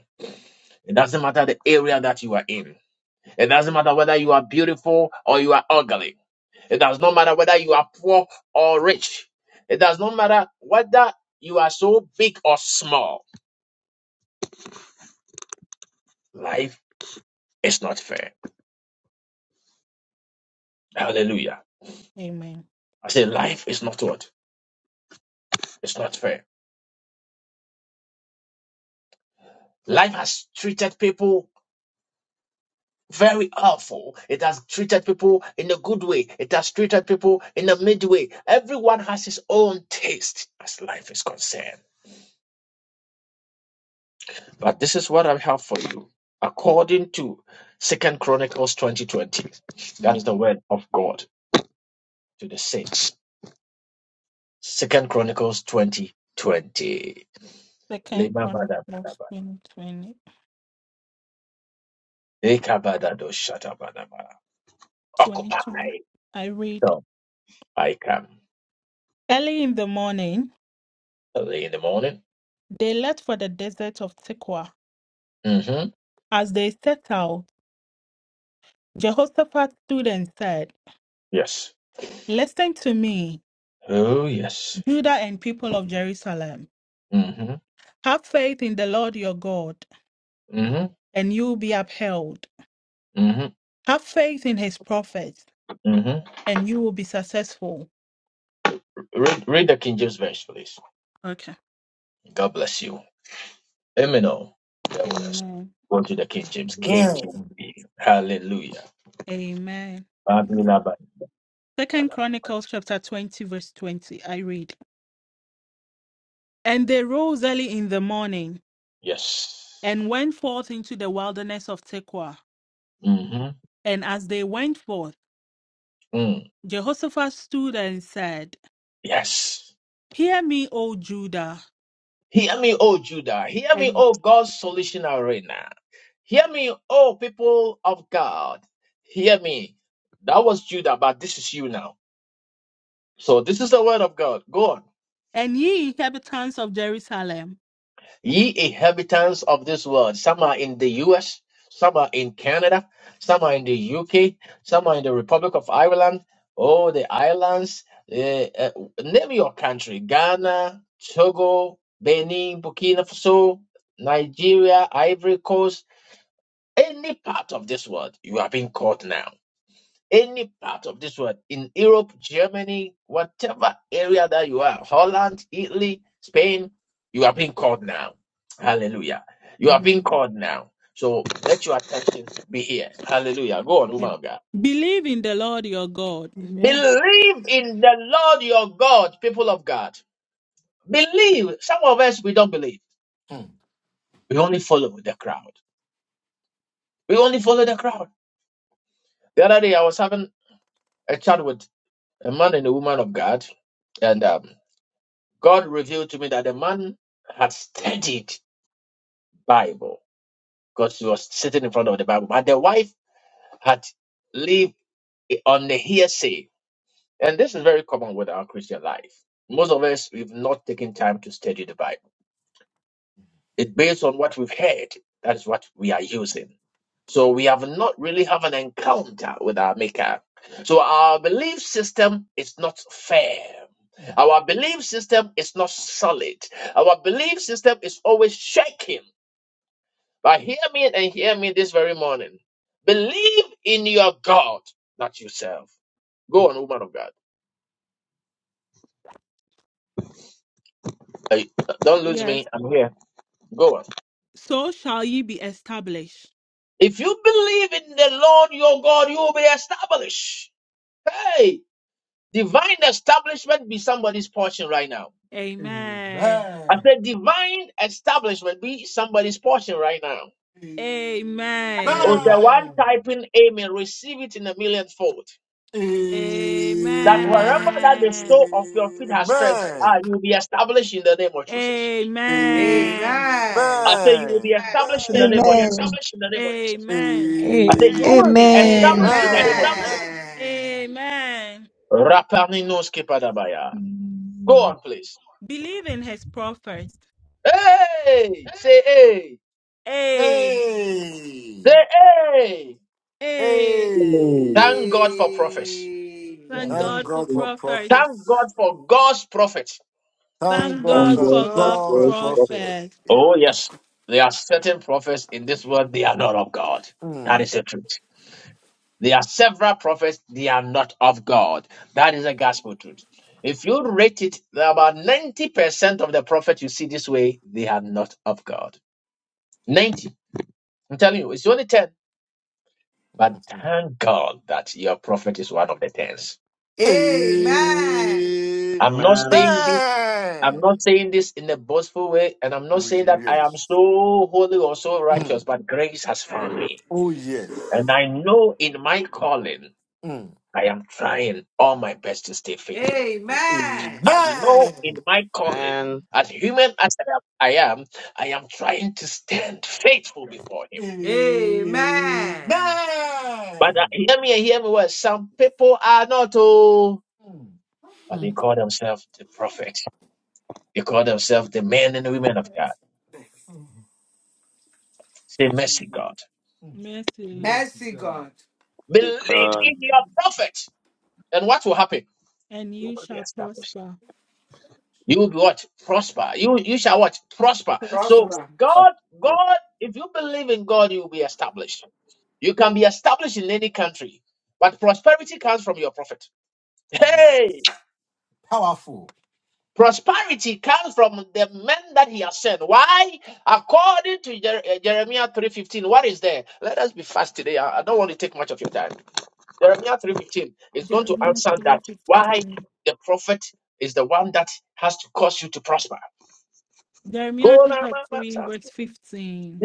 It doesn't matter the area that you are in. It doesn't matter whether you are beautiful or you are ugly. It does not matter whether you are poor or rich. It does not matter whether you are so big or small. Life is not fair. Hallelujah. Amen. I say life is not what? It's not fair. Life has treated people very helpful. It has treated people in a good way. It has treated people in a midway. Everyone has his own taste as life is concerned. But this is what I have for you. According to Second Chronicles 2020. That is Mm. the word of God to the saints. Second Chronicles 2020. Second Chronicles Twenty twenty twenty Occupy. two. I read, So I come Early in the morning, early in the morning. they left for the desert of Tekoa. hmm As they set out, Jehoshaphat stood and said, Yes. Listen to me, Oh yes. Judah and people of Jerusalem. Mm-hmm. Have faith in the Lord your God, Mm-hmm. and you will be upheld. Mm-hmm. Have faith in his prophets Mm-hmm. and you will be successful. Read, read the King James verse, please. Okay. God bless you. Emino. Bear with us. Amen. Go to the King James. Amen. KJV. Hallelujah. Amen. Babilaba- Second Bala- Chronicles chapter 20, verse 20. I read. And they rose early in the morning Yes. and went forth into the wilderness of Tekoa. Mm-hmm. And as they went forth, Mm. Jehoshaphat stood and said, Yes. Hear me, O Judah, Hear me, O Judah. Hear me, and, O God's solution arena. Hear me, O people of God. Hear me. That was Judah, but this is you now. So this is the word of God. Go on. and ye inhabitants of Jerusalem. Ye inhabitants of this world, some are in the US, some are in Canada, some are in the UK, some are in the Republic of Ireland, oh, the islands, eh, eh, name your country Ghana, Togo, Benin, Burkina Faso, Nigeria, Ivory Coast, any part of this world, you are being caught now any part of this world, in Europe, Germany, whatever area that you are, Holland, Italy, Spain, you are being called now. Hallelujah. You are being Amen. called now. So let your attention be here. Hallelujah. Go on, woman Amen. of God. Believe in the Lord your God. Believe in the Lord your God, people of God. Believe. Some of us, we don't believe. Mm. Mm. We only follow the crowd. We only follow the crowd. The other day, I was having a chat with a man and a woman of God and um. God revealed to me that the man had studied Bible because he was sitting in front of the Bible, but the wife had lived on the hearsay. And this is very common with our Christian life. Most of us, we've not taken time to study the Bible. It based on what we've heard. That is what we are using. So we have not really have an encounter with our maker. So our belief system is not fair. Our belief system is not solid. Our belief system is always shaking. But hear me and hear me this very morning. Believe in your God, not yourself. Go on, woman of God. Hey, Don't lose me. Yes. I'm here. Go on. So shall ye be established. If you believe in the Lord your God, you will be established. Hey, Divine establishment be somebody's portion right now. Mm. Amen. I Amen. said divine establishment be somebody's portion right now. Amen. Oh, the one typing amen, receive it in a millionth fold. That wherever that the Amen. sole of your feet has stretched, ah, Amen. you will be established in the name of Jesus. Amen. Amen. I say you will be Amen. established in the Amen. name of Jesus. established in the name of Jesus. Amen. I say you will Amen. be Amen. established Be in the name of Jesus. Amen. Amen. Rapaninos kepadabaya. Go on, please. Believe in his prophets. Hey, say hey, A. Hey. say hey. Hey. Amen. Thank God for prophets. Hey. Thank Thank God for God for Angels, prophets. Thank God prophets. for God's prophets. Thank Thank God God God for for for the God's God's God's great prophet. prophet. prophets. prophets. Yeah. Oh, yes. There are certain prophets in this world, they are not of God. That Mm. is the truth. There are several prophets, they are not of God. That is a gospel truth. If you rate it, there are about 90% of the prophets you see this way, they are not of God. 90. I'm telling you, it's only 10. But thank God that your prophet is one of the 10s. Amen. Amen. I'm not Amen. saying I'm not saying this in a boastful way, and I'm not Oh, saying that I am yes. so holy or so righteous, Mm. but grace has found me. Oh, yes. And I know in my calling, Mm. I am trying all my best to stay faithful. Amen. I know Amen. in my calling, as human as I am, I am, I am trying to stand faithful Yes. before Him. Amen. But uh, Amen. hear me and hear me well. Some people are not, oh, Mm. but they call themselves the prophets. They call themselves the men and women of God. Mm. Say, mercy, God. Mm. Mercy, Lord. Mercy Mercy, God. God. To Believe God. in your prophet. And what will happen? and You you will be shall established. prosper. You will be what? Prosper. You you shall what? Prosper. So Prosper. Prosper. God, God, if you believe in God, you will be established. You can be established in any country, but prosperity comes from your prophet. Oh, yes. Hey! Powerful. Prosperity comes from the men that he has sent. Why? According to Jer- uh, Jeremiah 3.15, what is there? Let us be fast today. I I don't want to take much of your time. Jeremiah 3:15 is going to Jeremiah answer that why 3.15. the prophet is the one that has to cause you to prosper. Jeremiah Go now, chapter my 3, master. verse 15.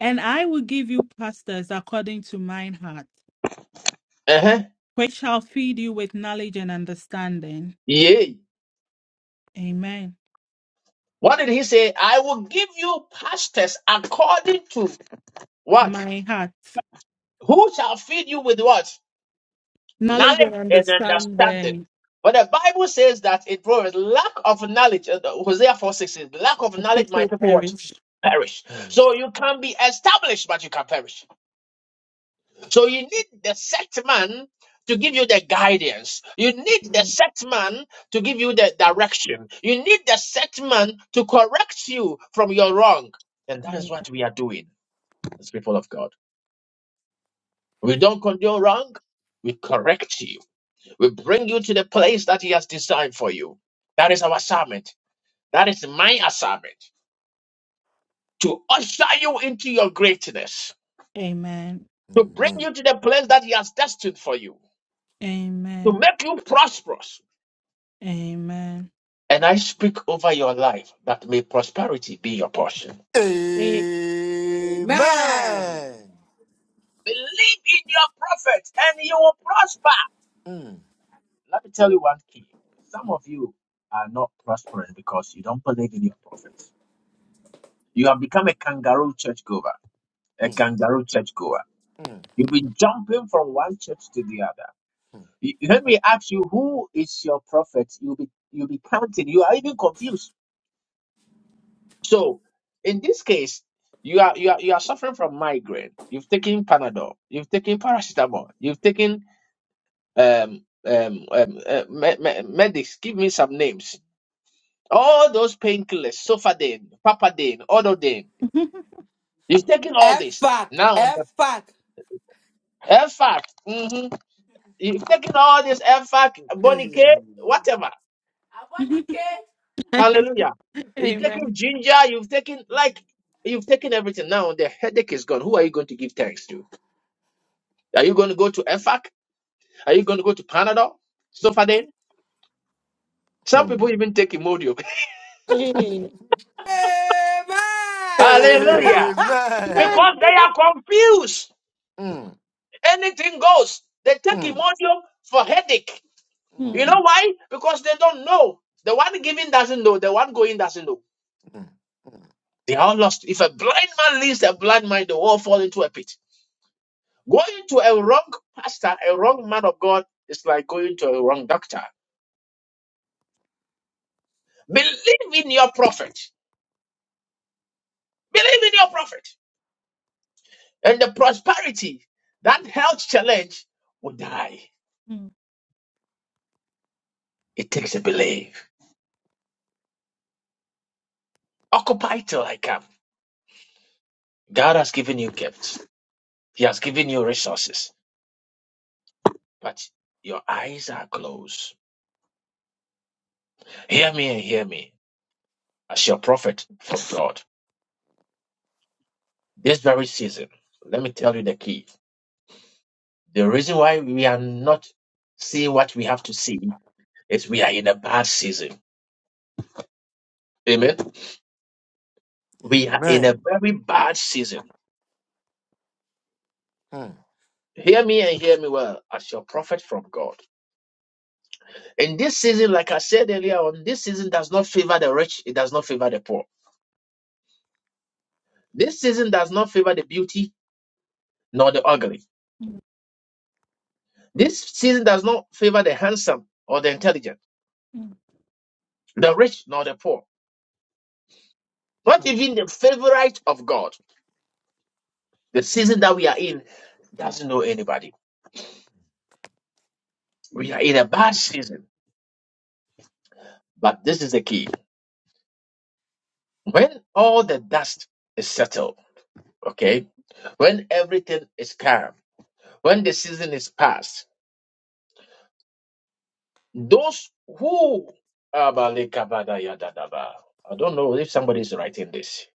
And I will give you pastors according to mine heart, Uh-huh. which shall feed you with knowledge and understanding. Yeah. Amen. What did he say? I will give you pastors according to what? My heart. Who shall feed you with what? Knowledge and Knowledge and understanding. understanding. But the Bible says that it proves lack of knowledge. uh, Hosea 4 6 says, lack of and knowledge, my People people what? perish. Perish. So Yes. you can be established, but you can perish. So you need the set man to give you the guidance. You need the Amen. set man to give you the direction. You need the set man to correct you from your wrong. And that is what we are doing as people of God. We don't condone wrong. We correct you. We bring you to the place that He has designed for you. That is our assignment. That is my assignment to usher you into your greatness, Amen. to bring Amen. you to the place that He has destined for you, to make you prosperous Amen. And I speak over your life that may prosperity be your portion. Eh, Amen. Amen. Believe in your prophet and you will prosper. Mm, Let me tell you one key. Some of you are not prospering because you don't believe in your prophet. You have become a kangaroo churchgoer, a mm, kangaroo churchgoer. mm, You've been jumping from one church to the other. mm. You- Let me ask you, who is your prophet? You'll be, you'll be counting. You are even confused. So in this case, you are you are you are suffering from migraine. You've taken Panadol. You've taken paracetamol. You've taken um um, um uh, me- me- medics. Give me some names. All those painkillers, Sofadine, Papadine, Ododine. You've taken all F this. back. Now the F back. Elfac. hmm You've taken all this Elfac, Bonicare, whatever. Hallelujah. You've taken Amen. ginger. You've taken like you've taken everything. Now the headache is gone. Who are you going to give thanks to? Are you going to go to EFAC? Are you going to go to Panadol? Sofadane? Some people Mm. even take Imodium. Hey, Amen. Hallelujah. Amen. Because Amen. they are confused. Mm, Anything goes. They take mm, mm, Imodium for headache. mm, You Hmm, know why? Because they don't know. The one giving doesn't know. The one going doesn't know. mm. They are all lost. If a blind man leads a blind man, they all fall into a pit. Going to a wrong pastor, a wrong man of God, is like going to a wrong doctor. Believe in your prophet. Believe in your prophet. and the prosperity, that health challenge will die. hmm, It takes a belief. Occupy till I come. God has given you gifts. He has given you resources, but your eyes are closed. Hear me and hear me. As your prophet from God, this very season, let me tell you the key. The reason why we are not seeing what we have to see is we are in a bad season. Amen. We are in a Amen. very bad season. Mm, Hear me and hear me well. As your prophet from God, In this season, like I said earlier on, this season does not favor the rich, it does not favor the poor. This season does not favor the beauty nor the ugly. hmm, This season does not favor the handsome or the intelligent, hmm. the rich nor the poor, not mm. even the favorite of God. The season that we are in doesn't know anybody. We are in a bad season, but this is the key. When all the dust is settled, okay, when everything is calm, when the season is past, Those who Abalekabadayadadaba. I don't know if somebody is writing this.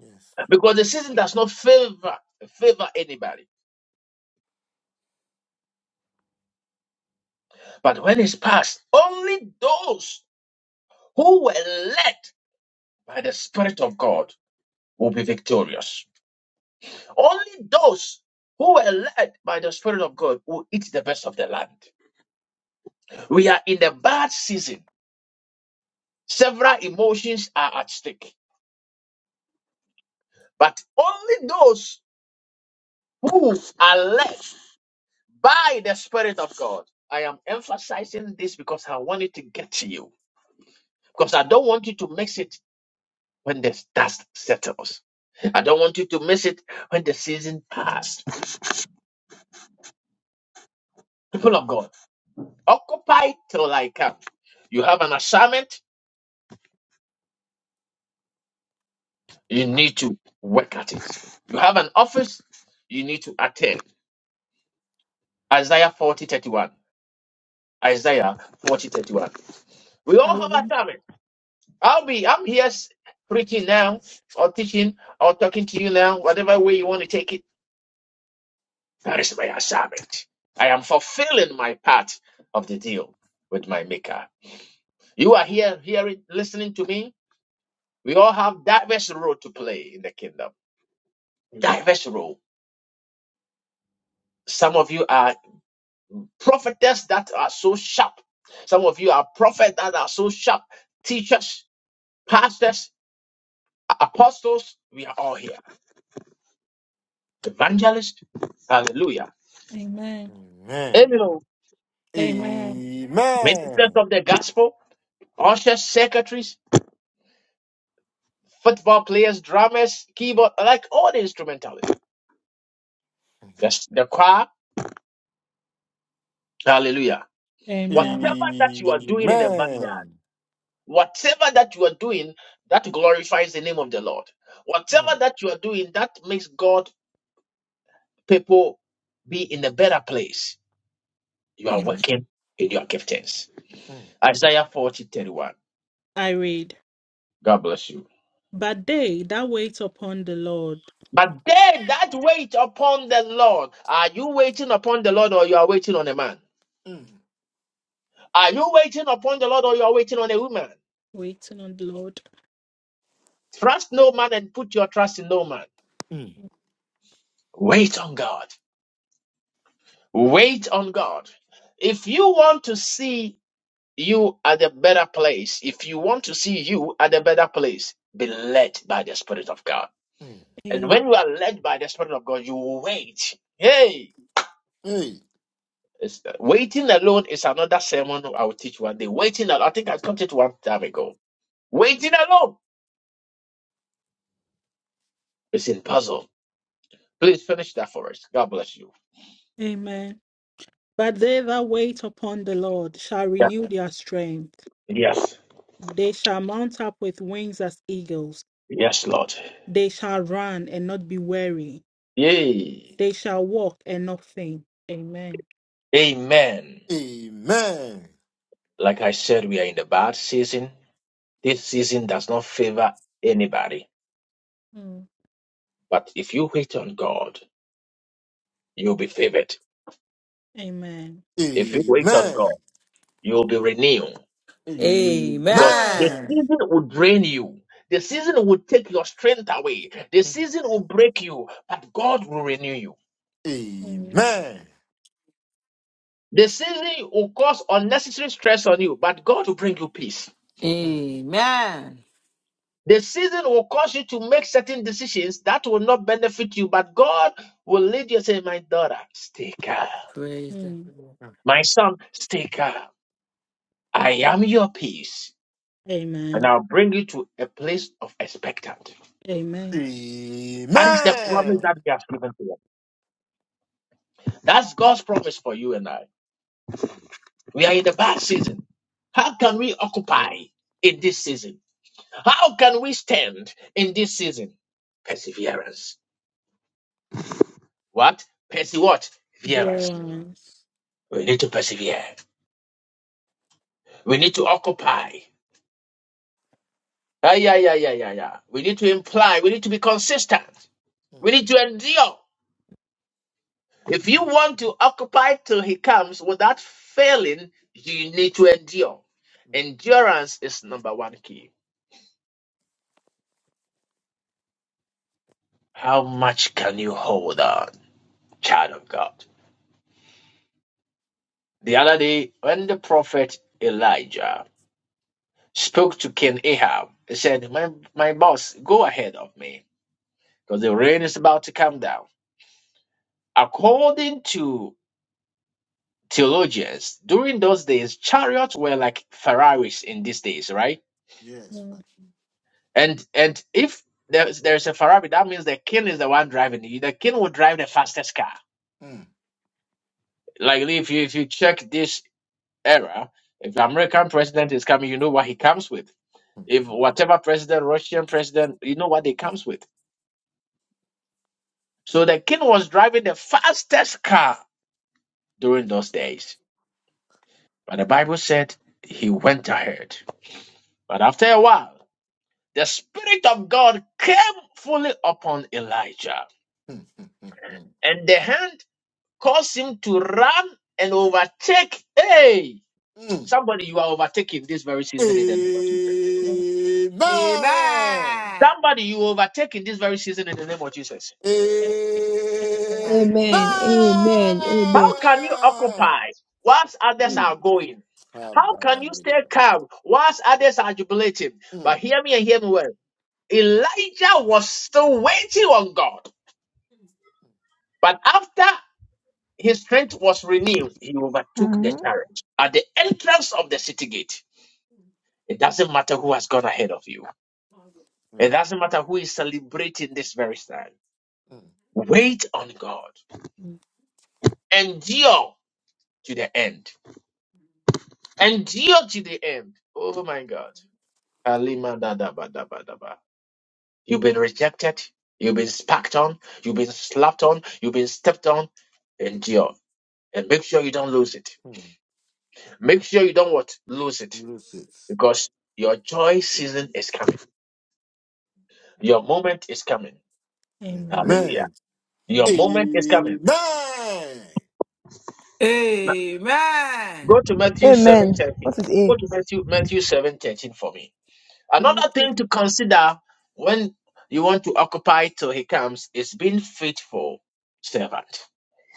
Yes. Because the season does not favor favor anybody. But when it's past, only those who were led by the Spirit of God will be victorious. Only those who were led by the Spirit of God will eat the best of the land. We are in a bad season. Several emotions are at stake. But only those who are led by the Spirit of God. I am emphasizing this because I want it to get to you. Because I don't want you to miss it when the dust settles. I don't want you to miss it when the season passed. People of God, occupy till I come. You have an assignment, you need to work at it. You have an office, you need to attend. Isaiah 40:31. Isaiah 40:31. We all have Hallelujah. assignments. I'll be I'm here s- preaching now or teaching or talking to you now, whatever way you want to take it. That is my assignment. I am fulfilling my part of the deal with my maker. You are here hearing listening to me. We all have diverse role to play in the kingdom. Diverse role. Some of you are prophetess that are so sharp. Some of you are prophets that are so sharp. Teachers, pastors, apostles, we are all here. Evangelists, hallelujah. Amen. Amen. Amen. ministers Amen. of the gospel, ushers, secretaries, football players, drummers, keyboard, like all the instrumentalists. Yes, the choir, hallelujah. Amen. Whatever that you are doing in the vineyard, Amen. whatever that you are doing that glorifies the name of the Lord, whatever that you are doing that makes God people be in a better place, you are Amen. working in your giftings. Mm, Isaiah forty thirty one. I read, God bless you. But they that wait upon the Lord, But they that wait upon the Lord, are you waiting upon the Lord or you are waiting on a man? mm, Are you waiting upon the Lord or you are waiting on a woman? waiting on the Lord. Trust no man and put your trust in no man. mm, Wait on God. Wait on God. If you want to see you at a better place, if you want to see you at a better place, be led by the Spirit of God. mm, And Amen. when you are led by the Spirit of God, you will wait. Hey! mm. It's, waiting alone is another sermon I will teach one day. Waiting alone, I think I taught it one time ago. Waiting alone is in puzzle. Please finish that for us. God bless you. Amen. But they that wait upon the Lord shall Yeah. renew their strength. Yes. They shall mount up with wings as eagles. Yes, Lord. They shall run and not be weary. Yay. They shall walk and not faint. Amen. Amen. Amen. Like I said, we are in the bad season. This season does not favor anybody. Mm. But if you wait on God, you'll be favored. Amen. If you wait on God, Amen. you'll be renewed. Amen. Because the Amen. season will drain you. The season will take your strength away. The season will break you, but God will renew you. Amen. Amen. The season will cause unnecessary stress on you, but God will bring you peace. Amen. The season will cause you to make certain decisions that will not benefit you, but God will lead you and say, My daughter, stay calm. Praise the Mm. Lord. My son, stay calm. I am your peace. And Amen. I'll bring you to a place of expectant. Amen. That is the promise Amen. that He has given to us. That's God's promise for you and I. We are in the bad season. How can we occupy in this season? How can we stand in this season? Perseverance. What? Perse what? Perseverance. Violence. We need to persevere. We need to occupy. Ah, yeah, yeah, yeah, yeah, yeah. We need to imply. We need to be consistent. We need to endure. If you want to occupy till he comes without failing, you need to endure. Endurance is number one key. How much can you hold on, child of God? The other day, when the prophet Elijah spoke to King Ahab, he said, My, my boss, go ahead of me, because the rain is about to come down. According to theologians, during those days, chariots were like Ferraris in these days, right? Yes. Mm. And and if there's there's a Ferrari, that means the king is the one driving it. The king will drive the fastest car. Mm, Like if you if you check this era, if the American president is coming, you know what he comes with If whatever president, Russian president, you know what they comes with. So the king was driving the fastest car during those days. But the Bible said he went ahead. But after a while, the Spirit of God came fully upon Elijah. mm, mm, mm, mm. And the hand caused him to run and overtake. Hey, mm. somebody you are overtaking this very season in the name of Jesus. Amen. Amen. Amen. Somebody you overtake in this very season in the name of Jesus. Amen. Amen. Amen. Amen. Amen. How can you occupy whilst others are Mm. going? Ah, How ba, can ba, you ba, ba, stay ba. calm whilst others are jubilating? Mm, But hear me and hear me well. Elijah was still waiting on God. But after his strength was renewed, he overtook the Mhm. chariot at the entrance of the city gate. It doesn't matter who has gone ahead of you, it mm, doesn't matter who is celebrating this very time. mm, Wait on God. Mm. Endure to the end. Endure to the end. Oh my God. Kalimadadabadabadaba. You've been rejected. You've been sparked on. You've been slapped on. You've been stepped on. Endure. And make sure you don't lose it. mm. Make sure you don't what? Lose it. Lose it. Because your joy season is coming. Your moment is coming. Amen. Hallelujah. Amen. Your Amen. moment is coming. Amen. Amen. Go to Matthew Amen. 7.13. What is A? Go to Matthew, Matthew 7.13 for me. Another Matthew, thing to consider when you want to occupy till he comes is being faithful servant.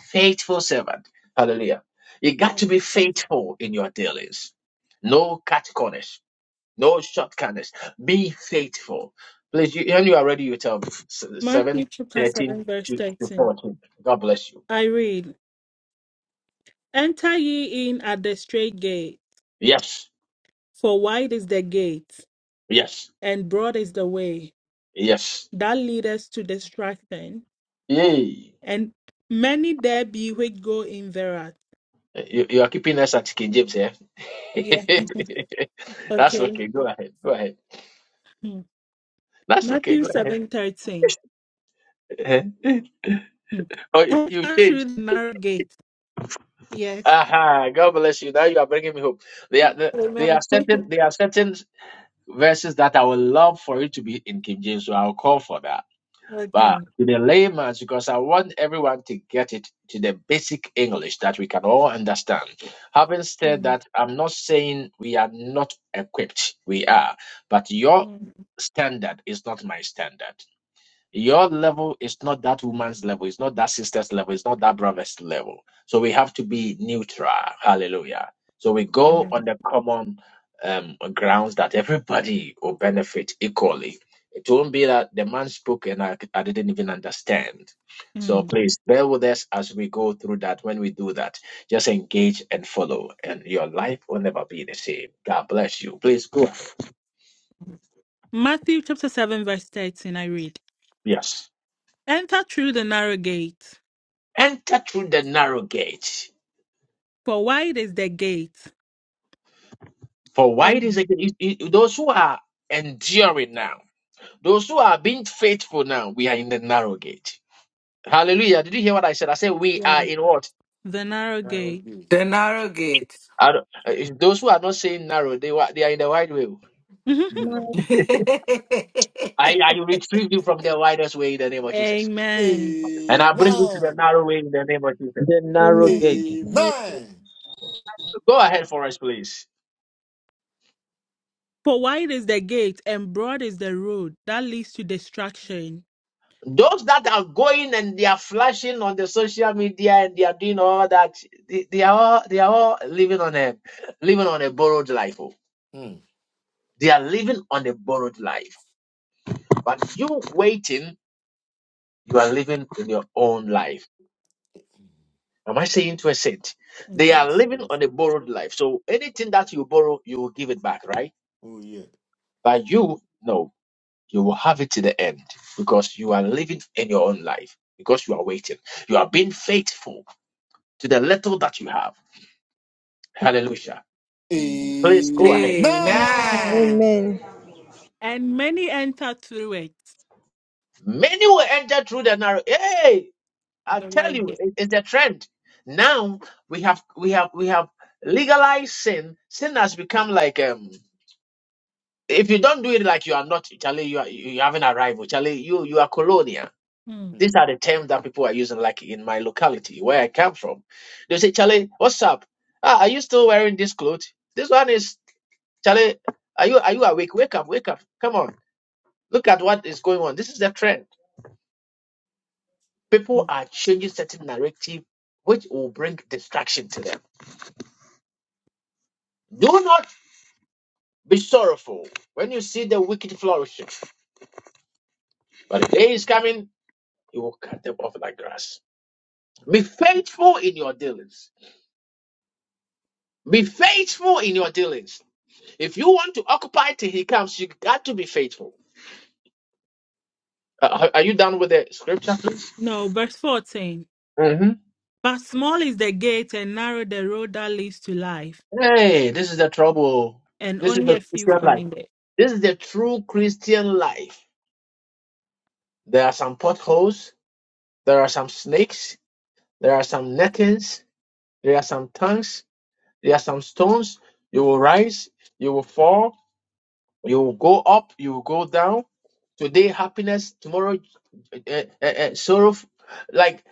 Faithful servant. Hallelujah. You got to be Amen. faithful in your dealings. No cut corners, no shortcuts. Be faithful. Please, you, when you are ready, you tell me. S- 7, Matthew chapter thirteen 7, verse to, to 13. 14. God bless you. I read, Enter ye in at the straight gate, Yes, for wide is the gate, yes, and broad is the way yes. that leadeth to destruction, Yay. and many there be which go in thereat. You, you are keeping us at King James, here. Yeah. That's okay. okay. Go ahead. Go ahead. Hmm. That's okay. Matthew Go ahead. seven thirteen. Hmm. oh, you you Enter changed. through the narrow gate. Yes. Aha, God bless you. Now you are bringing me hope. There are, the- there are Amen. certain there are certain verses that I would love for it to be in King James, so I'll call for that. But okay. to the layman's, because I want everyone to get it to the basic English that we can all understand. Having said Hmm. that, I'm not saying we are not equipped. We are, but your Hmm. standard is not my standard. Your level is not that woman's level, it's not that sister's level, it's not that brother's level. So we have to be neutral. Hallelujah. So we go Amen. on the common um, grounds that everybody will benefit equally. It won't be that the man spoke and I, I didn't even understand. So Hmm. please bear with us as we go through that. When we do that, just engage and follow, and your life will never be the same. God bless you. Please go. Matthew chapter 7, verse 13, I read, Enter through the narrow gate, Enter through the narrow gate. for wide is the gate, For why it is and again, it- it- those who are enduring now, those who are being faithful now, we are in the narrow gate. Hallelujah. Did you hear what I said? I said we are yes, in what? the narrow gate. Okay. The narrow gate. I don't- uh, it's Those who are not saying narrow, they, wa- they are in the wide way. Mhm. Amen. I, I retrieve you from the widest way in the name of Jesus. Amen. And I bring you to the Amen. narrow way in the name of Jesus. The narrow Amen. gate. Amen. Go ahead for us, please. For wide is the gate, and broad is the road that leads to destruction. Those that are going and they are flashing on the social media and they are doing all that, they, they are all they are all living on a living on a borrowed life. oh. Mm. They are living on a borrowed life. But you waiting, you are living in your own life. Am I saying to a saint? They Yeah. are Yes. yes. living on a borrowed life. So anything that you borrow, you will give it back, right? Oh yeah. But you, no, you will have it to the end because you are living in your own life because you are waiting. You are being faithful to the little that you have. Hallelujah. Amen. Please go ahead. Amen. Amen. Amen. And many enter through it. Many will enter through the narrow. Hey! I the tell wide you, gate. it- it's a trend. Now we have we have we have legalized sin. Sin has become like um if you don't do it like you are not Charlie, you are you you haven't arrived. Charlie, you you are colonial. Hmm. Mm. These are the terms that people are using, like in my locality where I come from. They say, Charlie, what's up? Ah, are you still wearing this clothes? This one is Charlie, are you are you awake? Wake up, wake up. Come on. Look at what is going on. This is the trend. People are changing certain narrative which will bring distraction to them. Do not be sorrowful when you see the wicked flourishing, but the day is coming, you will cut them off like grass. Be faithful in your dealings. Be faithful in your dealings. If you want to occupy till he comes, you got to be faithful. Uh, are you done with the scripture, please? No, verse 14. hmm But small is the gate and narrow the road that leads to life, Hey, this is the trouble. and This is only the a few find it. this is the true Christian life. There are some potholes. There are some snakes. There are some nettings. There are some tongues There are some stones. You will rise, you will fall, you will go up, you will go down. Today, happiness, tomorrow, uh, uh, uh, sorrow. Like,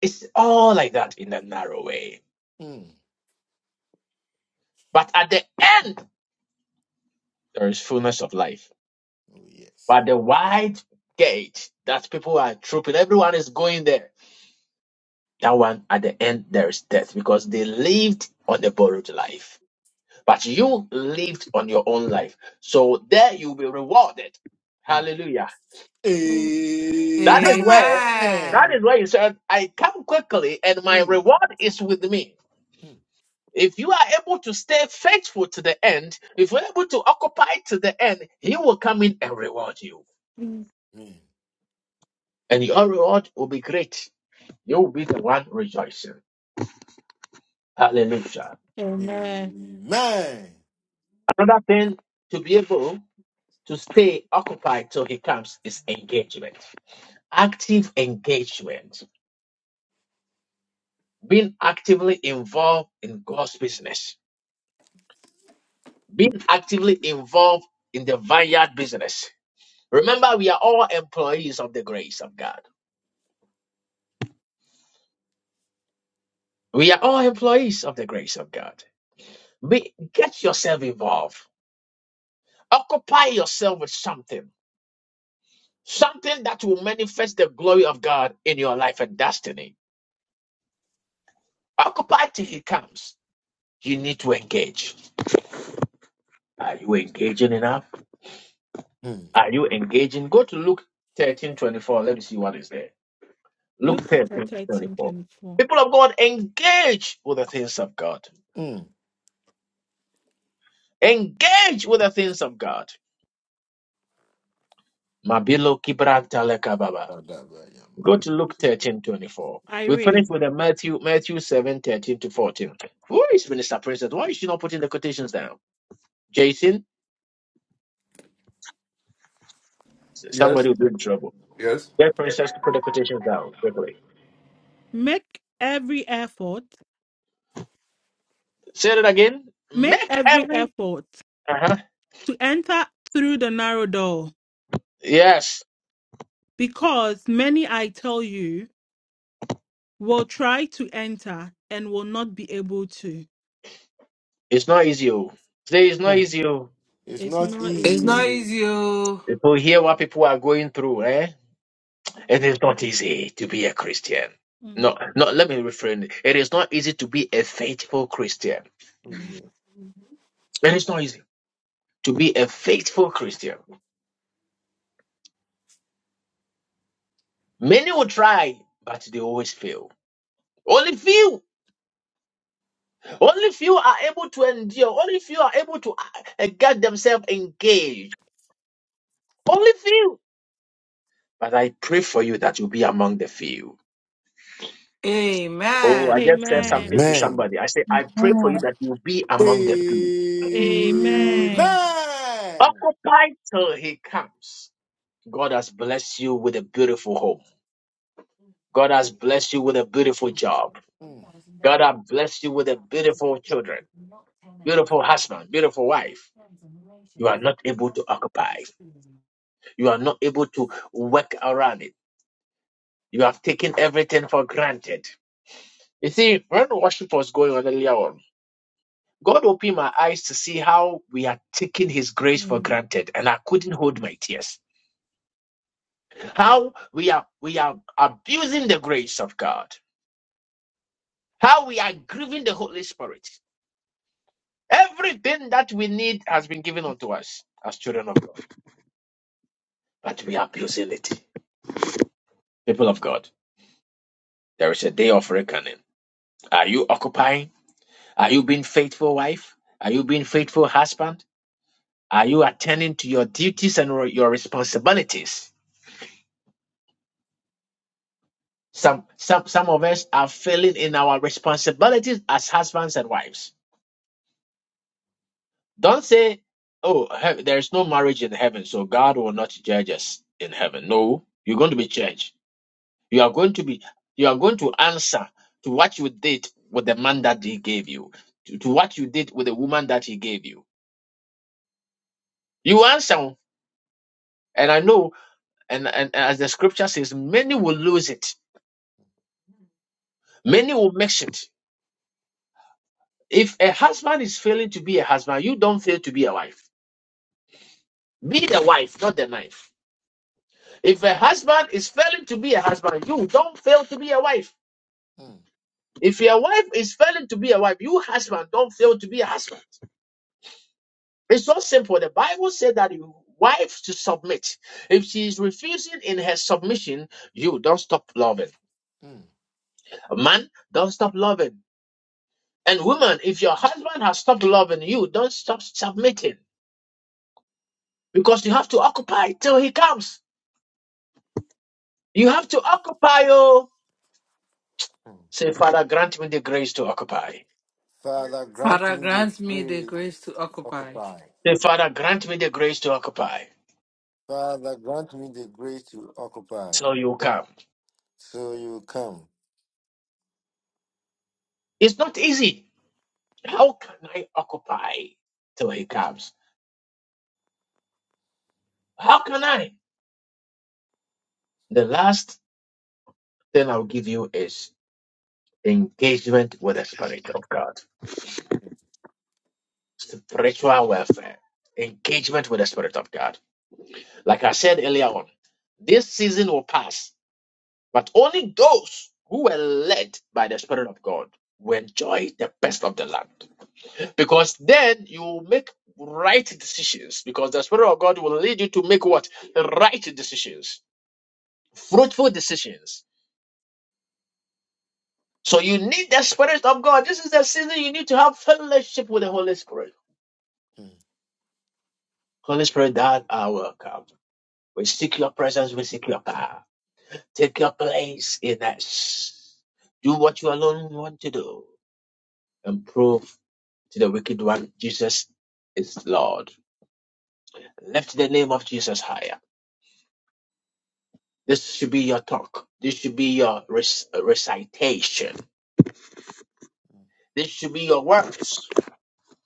it's all like that in a narrow way. Mm. But at the end, there is fullness of life. Oh yes. But the wide gate that people are trooping, everyone is going there. That one, at the end, there is death because they lived on the borrowed life. But you lived on your own life. So there you'll be rewarded. Mm. Hallelujah. That is where Amen. that Amen. is where you said, I come quickly and my Mm. reward is with me. Mm. If you are able to stay faithful to the end, if you're able to occupy to the end, he will come in and reward you. Mm. And your reward will be great. You will be the one rejoicing. Hallelujah. Amen. Mm. Amen. Another thing to be able to stay occupied till he comes is engagement. Active engagement. Being actively involved in God's business being actively involved in the vineyard business. Remember, we are all employees of the grace of God. We are all employees of the grace of God. Be, get yourself involved. Occupy yourself with something, something that will manifest the glory of God in your life and destiny. Occupy till He comes. You need to engage. Are you engaging enough? Mm. Are you engaging? Go to Luke thirteen twenty-four. Let me see what is there. Luke Luke 10, chapter 13 24. People of God, engage with the things of God. Mm. Engage with the things of God. Mabilo kibranta lekababa. Father, I am- Go to Luke 13:24. I We finish read, with the Matthew, Matthew 7:13 to 14. Who is Minister Princess? Why is she not putting the quotations down? Jason? Yes. Somebody will be in trouble. Yes. Get Princess to put the quotations down quickly. Make every effort, Say it again. make Make every every. effort Uh-huh. to enter through the narrow door, Yes. because many I tell you, will try to enter and will not be able to. It's not easy. oh. Say it's not Mm. easy. oh. It's It's not not easy. It's easy. not easy. oh. People hear what people are going through, eh? It is not easy to be a Christian. Mm. No, no, let me refrain. It is not easy to be a faithful Christian. Oh yeah. Amen. It is not easy to be a faithful Christian. Many will try, but they always fail. Only few, only few are able to endure. Only few are able to uh, get themselves engaged. Only few. But I pray for you that you'll be among the few. Oh, I Amen. just said Amen. something to Amen. somebody. I say, I pray for Amen. you that you'll be among Amen. the few. Amen. Amen. Occupy till he comes. God has blessed you with a beautiful home. God has blessed you with a beautiful job. Mm, God has blessed you with a beautiful children, beautiful husband, beautiful wife. You are not able to occupy. You are not able to work around it. You have taken everything for granted. You see, when worship was going on earlier on, God opened my eyes to see how we are taking His grace for Mm. granted, and I couldn't hold my tears. How we are we are abusing the grace of God. How we are grieving the Holy Spirit Everything that we need has been given unto us as children of God, but we are abusing it. People of God, there is a day of reckoning. Are you occupying? Are you being faithful wife? Are you being faithful husband? Are you attending to your duties and re- your responsibilities? Some, some, some of us are failing in our responsibilities as husbands and wives. Don't say, oh, he- there is no marriage in heaven, so God will not judge us in heaven. No, you're going to be judged. You are going to be, you are going to answer to what you did with the man that he gave you, to, to what you did with the woman that he gave you. You answer, and I know, and, and as the scripture says, many will lose it, mm, many mm, will mix it. If a husband is failing to be a husband, you don't fail to be a wife. Be the wife, not the knife. If a husband is failing to be a husband, you don't fail to be a wife. mm, If your wife is failing to be a wife, you husband don't fail to be a husband. It's so simple. The Bible said that you wife to submit. If she is refusing in her submission, you don't stop loving. mm. Man, don't stop loving. And woman, if your husband has stopped loving you, don't stop submitting because you have to occupy till he comes. You have to occupy. Oh, say, Father, grant me the grace to occupy. Father, grant Father, me the grant me the grace grace to to occupy. occupy. Say, Father, grant me the grace to occupy Father, grant me the grace to occupy. till you come. So you come. It's not easy. How can I occupy till he comes? How can I? The last Then I'll give you is engagement with the Spirit of God, Mm, spiritual welfare, engagement with the Spirit of God. Like I said earlier on, this season will pass, but only those who were led by the Spirit of God will enjoy the best of the land. Because then you will make right decisions, because the Spirit of God will lead you to make what? Right decisions, fruitful decisions. So you need the Spirit of God. This is the season you need to have fellowship with the Holy Spirit. mm. Holy Spirit, thou are welcome. We seek your presence, we seek your power. Take your place in us. Do what you alone want to do and prove to the wicked one Jesus is Lord. Lift the name of Jesus higher. This should be your talk. This should be your rec- recitation. This should be your words.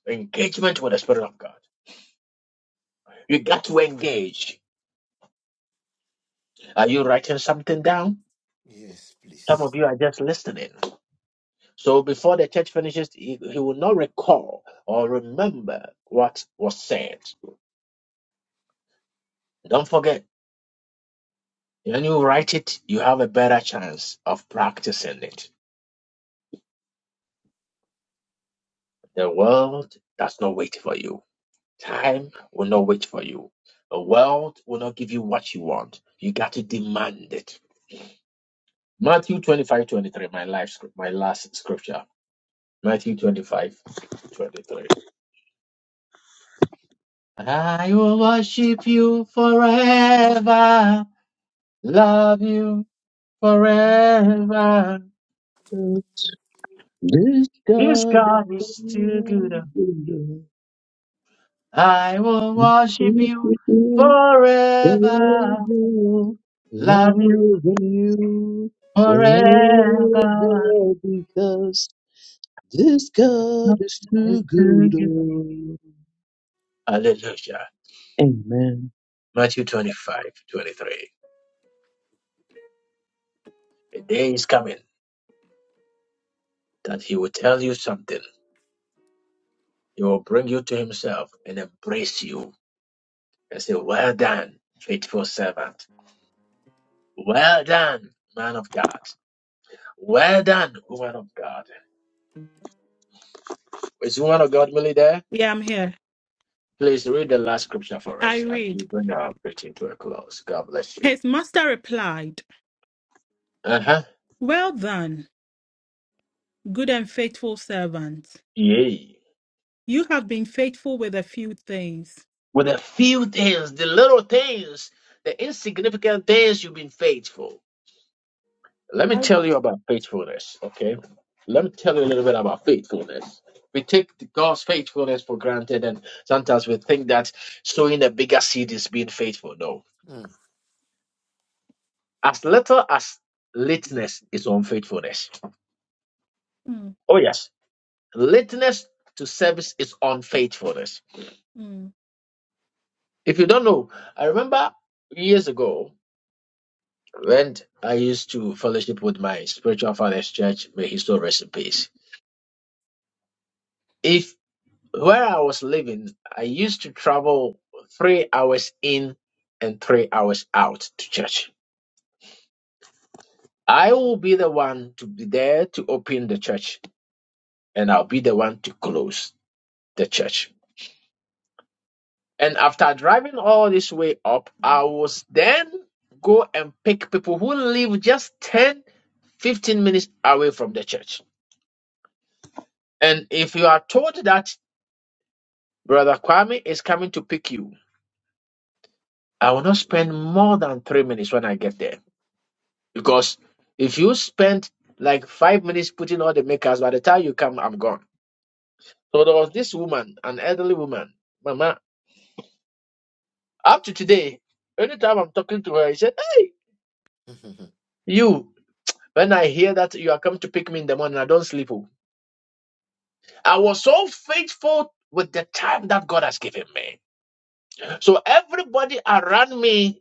Engagement with the Spirit of God. You got to engage. Are you writing something down? Yes, Some of please. you are just listening. So before the church finishes, he, he will not recall or remember what was said. Don't forget, when you write it, you have a better chance of practicing it. The world does not wait for you. Time will not wait for you. The world will not give you what you want. You got to demand it. Matthew 25 23. my life, scr- my last scripture. Matthew 25 23. I will worship you forever, love you forever. This This God is God is too good. for- forever, longer than you, forever, because this God is too good. oh. Hallelujah. Amen. Matthew 25:23. 23. The day is coming that he will tell you something. He will bring you to himself and embrace you and say, Well done, faithful servant. Well done, man of God. Well done, woman of God. Is woman of God really there? Yeah, I'm here. Please read the last scripture for I us and read. we bring our preaching to a close. God bless you. His master replied, Uh huh. Well done, good and faithful servant. Yay. You have been faithful with a few things. With a few things, the little things, the insignificant things, you've been faithful. Let me I... tell you about faithfulness, okay? Let me tell you a little bit about faithfulness. We take the- God's faithfulness for granted, and sometimes we think that sowing a bigger seed is being faithful. No. Mm, As little as lateness is unfaithfulness. Mm, Oh, yes. Lateness to service is unfaithfulness. mm. If you don't know, I remember years ago, When I used to fellowship with my spiritual father's church, may his soul rest in peace. If where I was living, I used to travel three hours in and three hours out to church. I will be the one to be there to open the church, and I'll be the one to close the church. And after driving all this way up, I was then go and pick people who live just 10, 15 minutes away from the church. And if you are told that Brother Kwame is coming to pick you. I will not spend more than three minutes when I get there. Because if you spend like five minutes putting all the makers, by the time you come, I'm gone. So there was this woman, an elderly woman, Mama. Up to today, anytime I'm talking to her, I said, Hey, mm, you. When I hear that you are coming to pick me in the morning, I don't sleep. oh. I was so faithful with the time that God has given me. So everybody around me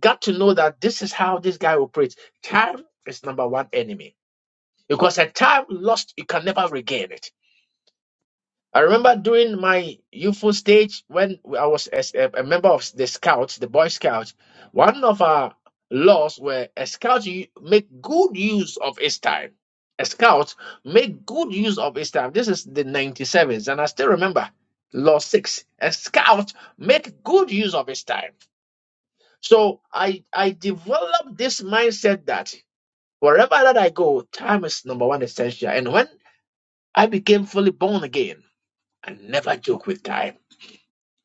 got to know that this is how this guy operates. Time is number one enemy because a time lost, you can never regain it. I remember during my youthful stage when I was as a, a member of the Scouts, the Boy Scouts, one of our laws were a scout u- make good use of his time. A scout make good use of his time. This is the 97s, and I still remember Law 6. A scout make good use of his time. So I I developed this mindset that wherever that I go, time is number one essential. And when I became fully born again, I never joke with time.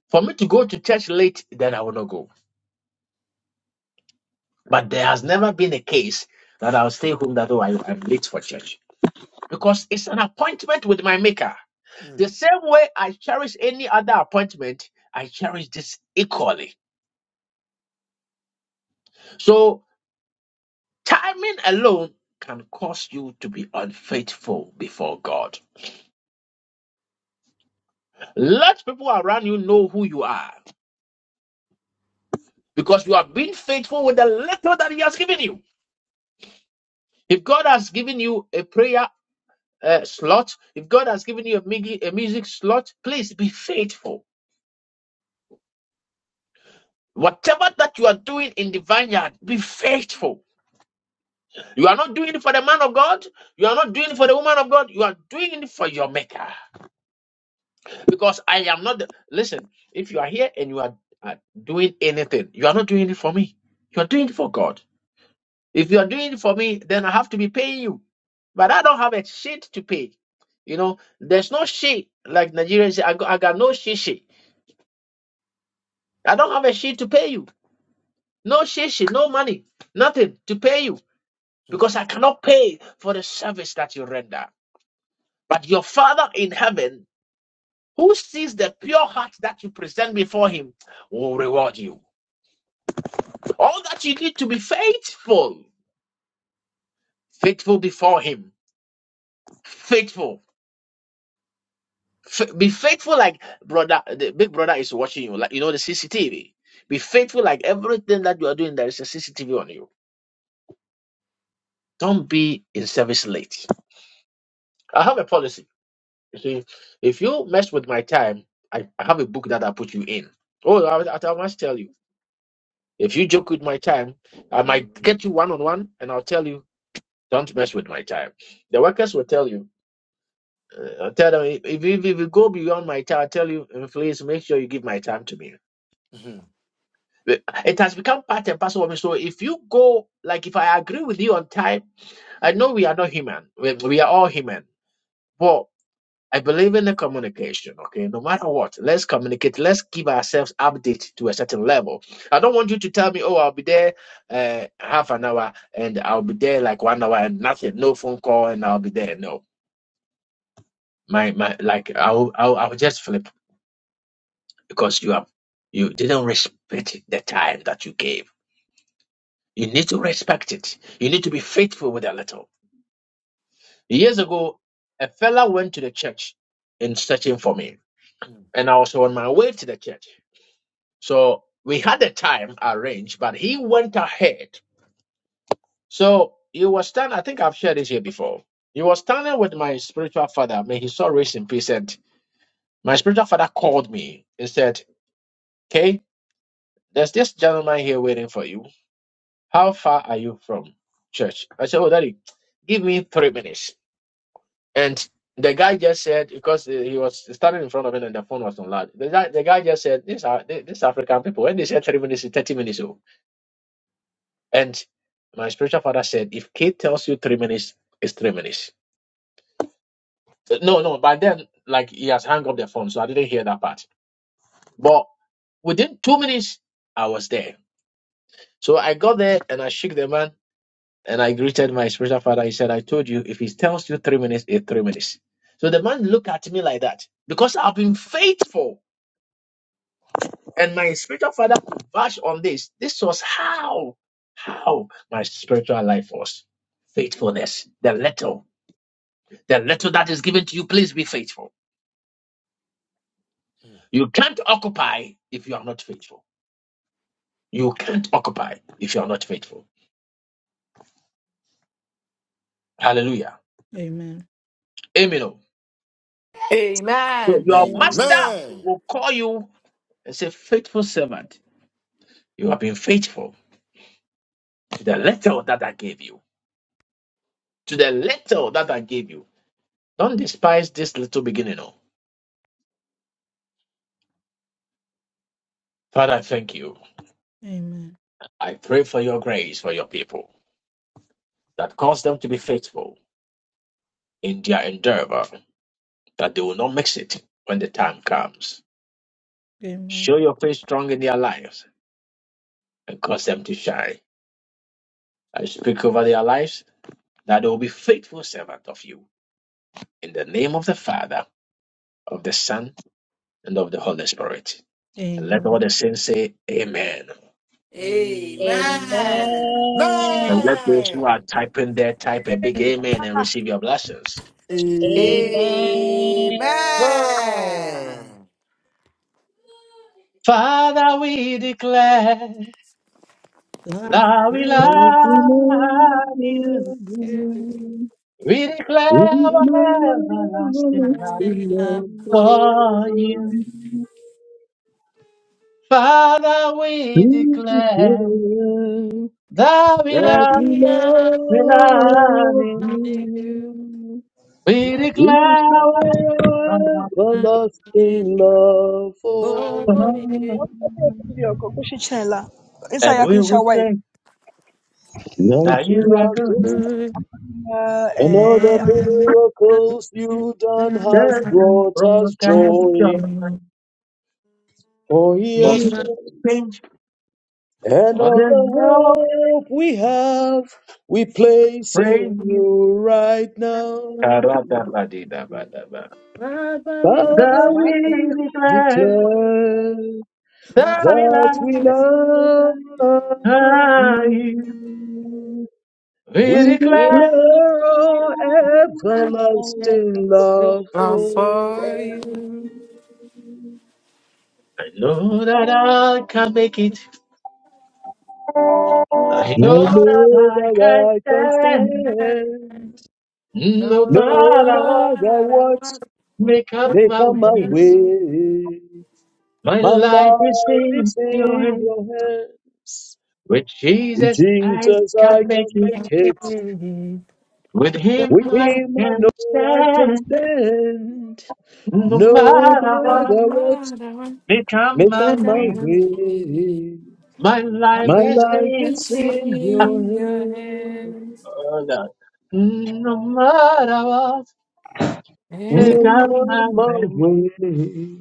For me to go to church late, then I will not go. But there has never been a case that I'll stay home that oh I, I'm late for church because it's an appointment with my maker. mm, The mm, same way I cherish any other appointment, I cherish this equally. So timing alone can cause you to be unfaithful before God. Let people around you know who you are because you have been faithful with the little that He has given you. If God has given you a prayer uh, slot, if God has given you a, migi- a music slot, please be faithful. Whatever that you are doing in the vineyard, be faithful. You are not doing it for the man of God. You are not doing it for the woman of God. You are doing it for your maker. Because I am not. The, listen, if you are here and you are uh, doing anything, you are not doing it for me. You are doing it for God. If you are doing it for me, then I have to be paying you. But I don't have a shit to pay. You know, there's no shit like Nigerians say, I got, I got no shit shit. I don't have a shit to pay you. No shit shit, no money, nothing to pay you mm, because I cannot pay for the service that you render. But your Father in heaven, who sees the pure heart that you present before him, will reward you. All that you need to be faithful, faithful before him, faithful F- be faithful like brother, the big brother is watching you, like you know the CCTV. Be faithful like everything that you are doing, there is a CCTV on you. Don't be in service late. I have a policy. You see, if you mess with my time, I, I have a book that I put you in. Oh, I, I I must tell you, if you joke with my time, I might get you one on one, and I'll tell you, don't mess with my time. The workers will tell you, uh, I'll tell them, if, if, if you go beyond my time, I tell you, please make sure you give my time to me. mm, It has become part and parcel of me. So if you go, like if I agree with you on time, I know we are not human. We, we are all human. But I believe in the communication, okay? No matter what, let's communicate. Let's give ourselves update to a certain level. I don't want you to tell me, oh, I'll be there uh, half an hour and I'll be there like one hour and nothing, no phone call and I'll be there. No, my, my, like I'll, I'll, I'll just flip because you have, you didn't respect the time that you gave. You need to respect it. You need to be faithful with a little. Years ago, a fella went to the church in searching for me, mm. mm. and I was on my way to the church. So we had the time arranged, but he went ahead. So he was standing, I think I've shared this here before. He was standing with my spiritual father, may his soul rest in peace. And my spiritual father called me and said, Okay, there's this gentleman here waiting for you. How far are you from church? I said, Oh, daddy, give me three minutes. And the guy just said because he was standing in front of it and the phone was on loud. The guy, the guy just said, "These are these African people." When they said three minutes, it's thirty minutes. Oh, and my spiritual father said, "If kid tells you three minutes, it's three minutes." Uh, No, no. By then, like he has hung up the phone, so I didn't hear that part. But within two minutes, I was there. So I got there and I shook the man and I greeted my spiritual father. He said, "I told you, if he tells you three minutes, it's three minutes." So the man looked at me like that because I've been faithful. And my spiritual father could bash on this. This was how, how my spiritual life was. Faithfulness. The little, the little that is given to you, please be faithful. You can't occupy if you are not faithful. You can't occupy if you are not faithful. Hallelujah. Amen. Amen. oh. So Amen. Your master Amen. Amen. will call you and say, faithful servant. You have been faithful to the little that I gave you. To the little that I gave you. Don't despise this little beginning. Oh, Father, I thank you. Amen. I pray for your grace for your people, that cause them to be faithful in their endeavor, that they will not mix it when the time comes. Amen. Show your face strong in their lives and cause them to shine. I speak over their lives that they will be faithful servants of you. In the name of the Father, of the Son, and of the Holy Spirit. And let all Amen. the saints say, Amen. Amen. Amen. Amen. And Amen. let those who are typing there type a big amen and receive your blessings. Amen. Amen. Father, we declare. Love Now we bless love you. you. We declare With his our everlasting I everlasting love stay love love, for for you. for you. you. Father, we to declare declare that we God that love, we be love we love love you. for you. you. We We're We declare our declare our everlasting not love in everlasting love love for for for you. you. you. Amen. And Inside we will your wife. say That that you you are are good. good, Good and You all the are the man of miracles you. you Thank done has Stand God, and brought from the us thank you. You God are of the joy. God. For he For has love you shown change, And for all there's the no hope we have, we place praise in you. you right of now. Karadabadidabadaba. Barbary. Father, The we we declare, declare thou we will that we love I, you. we We declare. declare our everlasting Wait, love Now for for you. Amen. you, I know that I can make it. I And I know that know I that can I can stand. stand No no no matter what, matter matter what what, may come my make a move. way. My life is in your hands. With Jesus, I can make Nothing it. can with Him With I Him, I can. know I can stand. No No matter what, No matter what matter what, they may come my make come a my way. move. way, My life My my is life life in. is is be. in your in your hands. hands. Oh, no. Make a May move. come my way,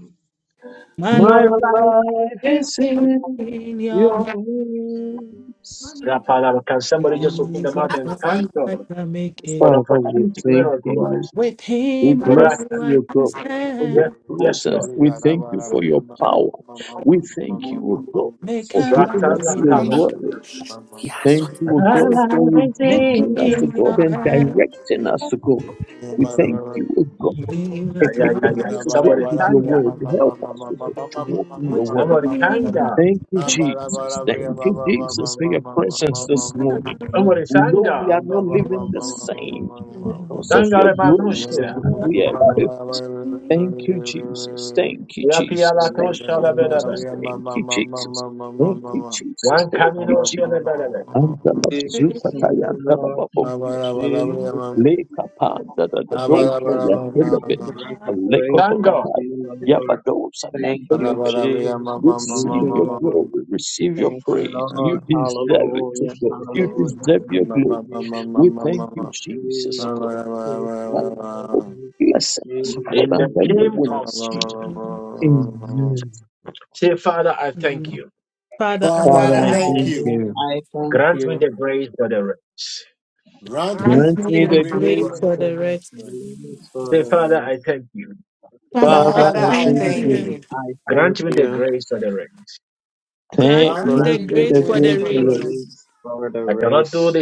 My my love life is is in in your your hands. Mommy. Rapalava, Can With somebody just open the mouth Jesus, and thank I God can make for it. the Father, we opportunity given thank unto you. us? With We Him, I know bless I you, O can God, for your Yes, stand. yes, presence. Lord. We Mama, thank you for your power. We thank you, O God, Make for I my giving us your way. Mommy. word. Yes. Thank you, O I God, got for victory rebuking sing us, O in you. God, your and hand. directing us, O God. We thank you, O God. Jesus, Yeah, yeah, yeah, Equipping I yeah. us, O Somebody God, with your thank God. word to help us, O God, to walk in with your word. Somebody Him, thank God. Thank you, I Jesus. Thank you, Jesus, for your presence this know I morning. can stand. Somebody We thank know we God. are not living the same With because him, of Thank God your about grace, O Nushkira. God. We are I equipped know Thank you, Jesus. Thank you, Ya Jesus. Pialato Thank you, Shalabedebe. Jesus. Thank you, Jesus. Thank you, Jesus. One Thank you, Camino Jesus. Shalabedebe. And the Thank you, Labazuka thank you, Tayan, the Lord. Lababo, Thank you, Jesus. Amen. Leka Pan, the Father, Dado, Thank you, Tayan Lord. I'm Pelebe, forever Thank grateful God. Lekotokataya, to you, Lord. Yabados, and Thank you, Pelebe. Jesus. Thank Receive you, your Lord. glory, receive your Thank you, praise. Lord. You deserve it, O Hallelujah. God. You Hallelujah. deserve Thank your you, glory. We Jesus. thank you, Jesus, O Jesus. God. Thank you, Jesus. And Thank bless us, O God, you, In the and Jesus. then your name of wings. Jesus. Amen. Father, I thank Father, Father, I I I thank thank thank Father, you. you. you. I thank you. Grant me Grant Grant Grant me me me the God, the the the grace grace for race. for grace the for for the the rest. rest. the grace for the race. Father, I Father, Father, Father, I I I thank thank thank Father, thank you. you. you. you. I thank you. Grant Thank, Grant me Grant Grant me the grant me the me the grace the race for for grace me the the grace the for for the rest. you. rest. rest. grace for the race.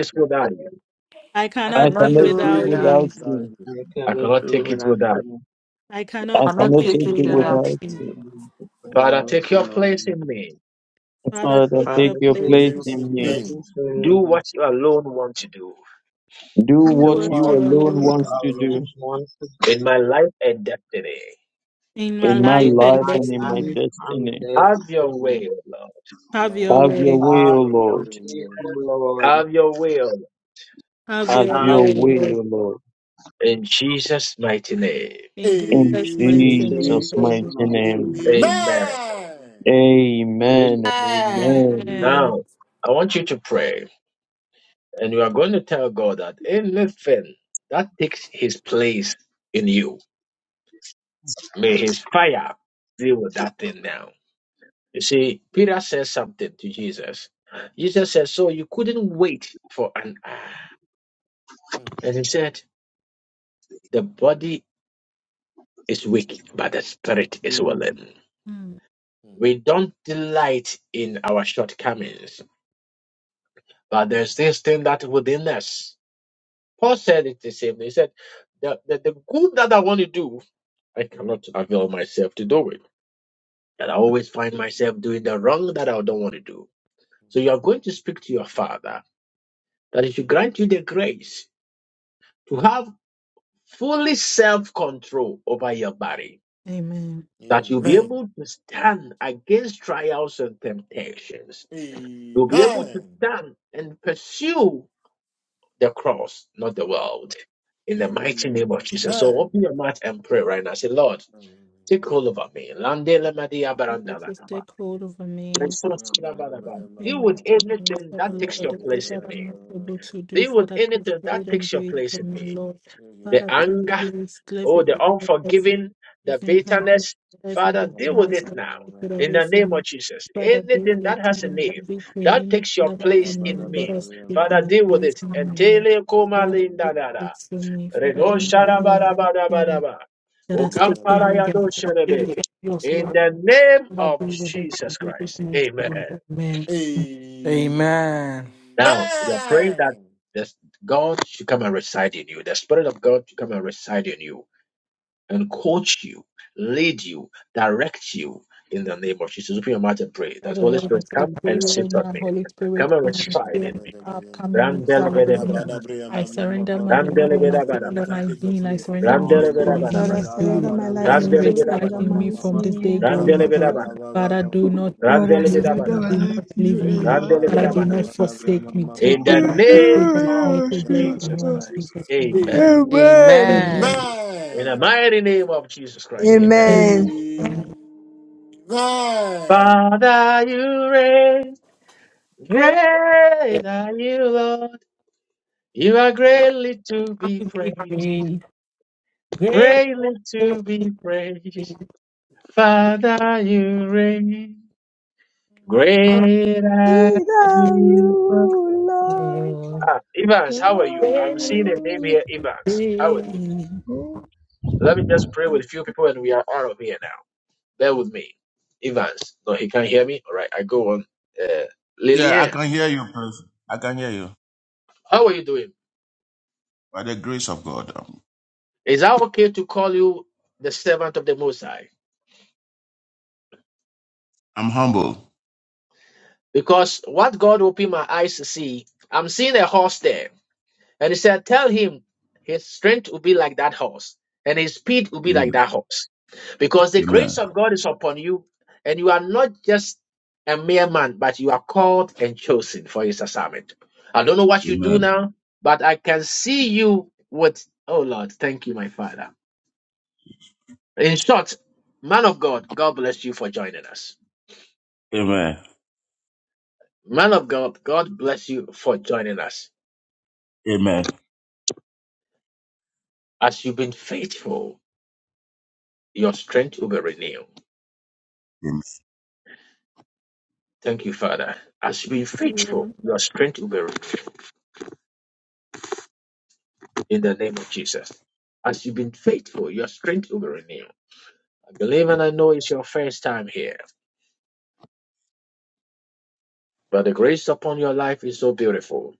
I I cannot I cannot do cannot do do without without. you. without Without you. I cannot do without you. I I cannot I take cannot cannot I it take take it cannot you take without. without without you. you, you. it Father, without take you, your Lord. place in me. Father, Father, take your take Father, your a save place. place in place in in the me. me. me. Do grace what you alone want to do Do Do what what do you I what you he know alone you alone want can must to do. alone do do wants to in do my life and destiny. in my in my life in and life and in my my destiny. life and destiny. Have your destiny. way, O Lord. Have My your Have mighty your way. house way, Have O will your Lord. way, win. Lord. Have your will Have Have your Have your way, your way, Lord. O Lord. will in Jesus' mighty name. In In Jesus' in mighty name, Amen. Jesus' Jesus' mighty amen. mighty Mm, name. name. Amen. Amen and Amen. amen. Amen. Amen. Now, I want you to pray, and you are going to tell God that anything that takes his place in you, may his fire deal with that thing now. You see, Peter says something to Jesus. Jesus said, So you couldn't wait for an hour. And he said, The body is weak, but the spirit is Lord, willing. Hmm. mm. We don't delight in our shortcomings, but there's this thing that within us. Paul said it the same. He said, the, the, the good that I want to do I cannot avail myself to do it. And I always find myself doing the wrong that I don't want to do. So you are going to speak to your father that he should grant you the grace to have fully self control over your body, Amen. that you'll be Amen. able to stand against trials and temptations. You'll be able to Amen. stand and pursue the cross, not the Mm, world. In the mighty name of Jesus. So open your mouth and pray right now. Say, Lord, take hold over me. Lande lemadi Lord abaranda Jesus, lakaba. take hold over me. Deal Thank you, with Lord, anything the that takes Lord, your the good place in that me. I'm not able to do, Deal with Father, please anything do that it and takes do your it for place in me, me. Lord. The Father, please anger, give us every oh, the evil, every unforgiving, the even habit, bitterness. every Father, deal with Amen. bitterness it that now. you take it Amen. In away the name from of me. Jesus. Father, deal Anything that with has a me, name everything, that takes anything your that has place been in Amen. in me, that me. has Father, taken me, deal with please, it. And me, Lord. tele koma Father, linda please dada. take from me, Father, Reno anything shara and bada bada bada everything ba. that has taken Okampara me, that yado sherebe. has lost, In Lord. the name Father, of deal with it Jesus in Jesus' Christ. Amen. name. Amen. Amen. Now you are praying that this God should come and reside in you. The Spirit of God should come and reside in you and coach you, lead you, direct you in the name of Jesus. Open your mouth and pray What that the Holy Lord Spirit is like come pray and sit right on now, me. Holy Spirit, Come and come and reside fill in me me. up, come and this prayer resound in me. comes Randelebedebedabada, Abadabria, I ma- ma- ma- surrender my to you, Holy home, I Spirit, surrender randelebedabadabada. come my take your being, I place surrender in my Lord, the name soul, who of my Lord, I Jesus. mind to surrender you. my to life Come you, Abadabria, to ma- and you ma- in reside the ma- in ma- me mighty ma- from ma- this day name of Lord, going Jesus forward. Christ. Father, do Ababababababababa. not Lord, I leave surrender me, my do life not to you leave that in the me. we mighty Father, name do of not Jesus Christ. to Abadabadabria, you, forsake me. Lord, but Take over, take over, and make it blessed in your own Jesus' name. Amen. Amen. to you, Amen. Amen. Lord. Amen. Amen. Amen. Amen. Great, You are greatly to be is thy praised, faithfulness. great, greatly is to be thy praised. Father, you reign. Great are Without you, you, Lord, faithfulness. Evans, how are you? without I'm Amen. seeing a name you. here, Evans. How are you? Let me just pray with a few people and we are out of here now. Bear with me. Evans. No, he can't hear me. All right, I go on. Uh, Yeah, I Lillian, can hear you, please. I can hear you. how are you doing? By the grace of God, um, Is that okay to call you the servant of the Most High? I'm humble. Because what God opened my eyes to see, I'm seeing a horse there. And he said, Tell him his strength will be like that horse and his speed will be like Amen. that horse. Because the grace Amen. of God is upon you, and you are not just a mere man, but you are called and chosen for his assignment. I don't know what you do Amen. now, but I can see you with, oh Lord, thank you, my Father. In short, man of God, God bless you for joining us. Amen. Man of God, God bless you for joining us. Amen. As you've been faithful, your strength will be renewed. Amen. Thank you, Father. As you've been faithful, your strength will be renewed in the name of Jesus. As you've been faithful, your strength will be renewed I believe and I know it's your first time here, but the grace upon your life is so beautiful,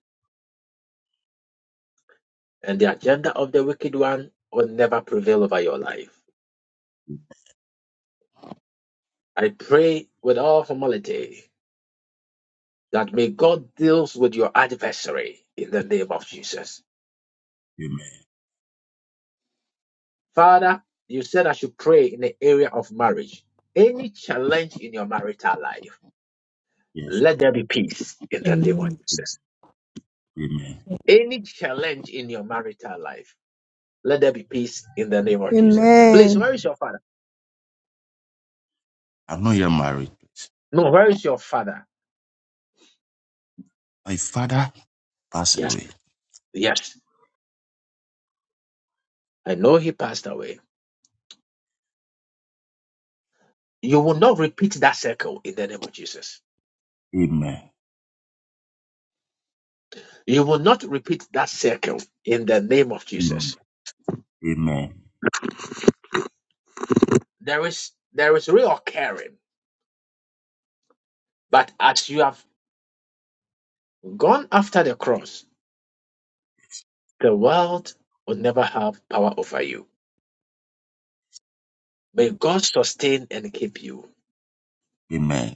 and the agenda of the wicked one will never prevail over your life. I pray with all humility that may God deals with your adversary in the name of Jesus. Amen. Father, you said I should pray in the area of marriage. Any challenge in your marital life, Yes, let Lord. there be peace in the name of Jesus. Amen. Any challenge in your marital life, let there be peace in the name of Jesus. Please, Amen. where is your father? I'm not yet married. please. No, where is your father? My father passed Yes, away. yes. I know he passed away. You will not repeat that circle in the name of Jesus. Amen. You will not repeat that circle in the name of Amen. Jesus. Amen. There is there is real caring, but as you have gone after the cross, the world will never have power over you. May God sustain and keep you Amen.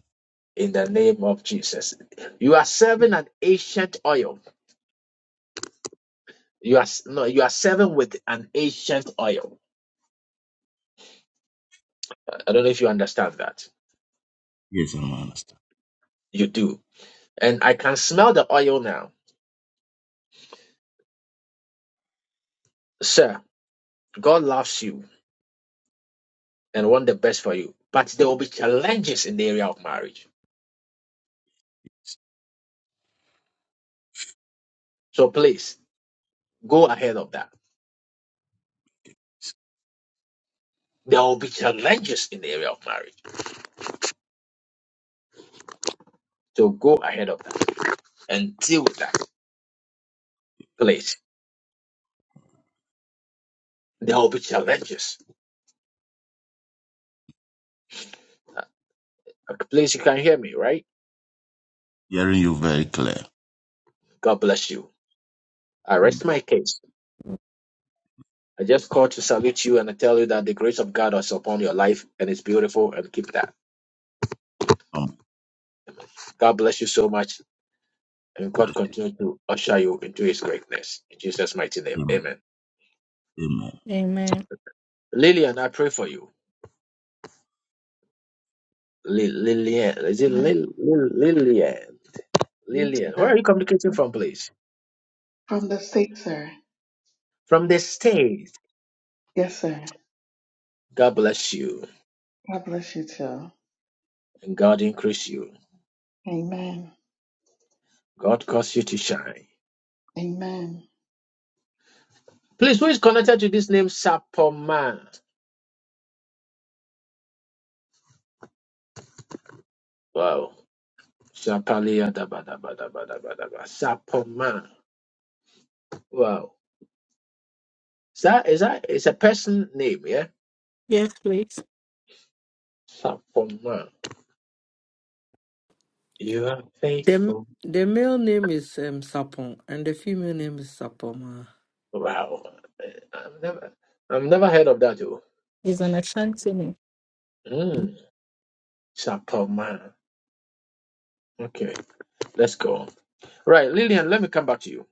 in the name of Jesus. You are serving an ancient oil. You are no, you are serving with an ancient oil. I don't know if you understand that. Yes, I'm understand. You do And I can smell the oil now. Sir, God loves you and wants the best for you. But there will be challenges in the area of marriage. So please go ahead of that. There will be challenges in the area of marriage. So go ahead of that and deal with that. Please. There will be challenges. Please, you can hear me, right? Hearing you very clear. God bless you. I rest Amen. my case. I just called to salute you and I tell you that the grace of God is upon your life and it's beautiful and keep that. Um, God bless you so much. and God continue to usher you into His greatness. In Jesus' mighty name, Amen. Amen. Amen. Amen. Lillian, I pray for you. Li- Lillian, is it Amen. Lil- Lil- Lillian? Yes, Lillian, where sir. are you communicating from, please? From the sick, sir. From the States. Yes, sir. God bless you God bless you too. and God increase you. Amen. God cause you to shine. Amen. Please, who is connected to this name, Sapoma? Wow. Sapalia da ba da ba da ba da ba da ba. Sapoma. Wow. Is that is that? It's a person name, yeah. Yes, please. Sapoma. You are The faithful. the male name is um, Sapon and the female name is Sapoma. Wow. I've never I've never heard of that too. He's an name. Mm. Chapelman. Okay, let's go. Right, Lillian, let me come back to you.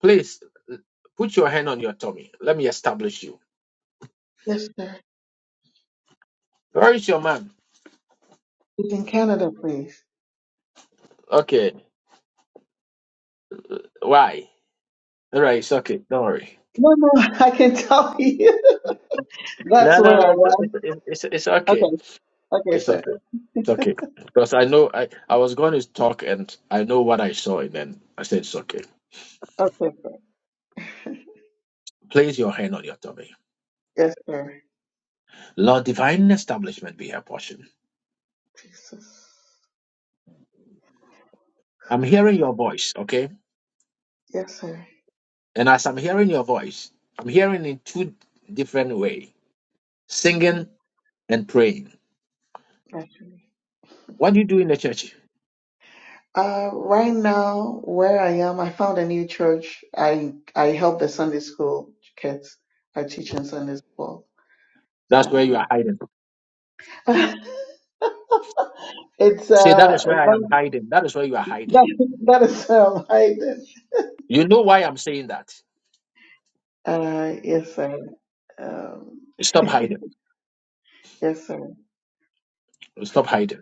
Please l- put your hand on your tummy. Let me establish you. Yes, sir. Where is your man? It's in Canada, please. Okay. Why? All right, it's okay. Don't worry. No, no, I can tell you. That's No, no, where no. I was. It's, it's, it's, it's okay. Okay. Okay, It's sir. okay. It's okay. Because I know I, I was going to talk and I know what I saw and then I said it's okay. Okay, sir. Place your hand on your tummy. Yes, sir. Lord, divine establishment be her portion. Jesus. I'm hearing your voice, okay? Yes, sir. And as I'm hearing your voice, I'm hearing in two different way: Mm-hmm. singing and praying. That's What do you do in the church? Uh, right now, where I am, I found a new church. I I help the Sunday school kids. I teach in Sunday school. That's where you Um, are hiding. It's Say that uh is where I am invent- hiding. That is where you are hiding. that, that is um Hayden. You know why I'm saying that. Uh yes sir. Um Stop hiding. yes sir. Stop hiding.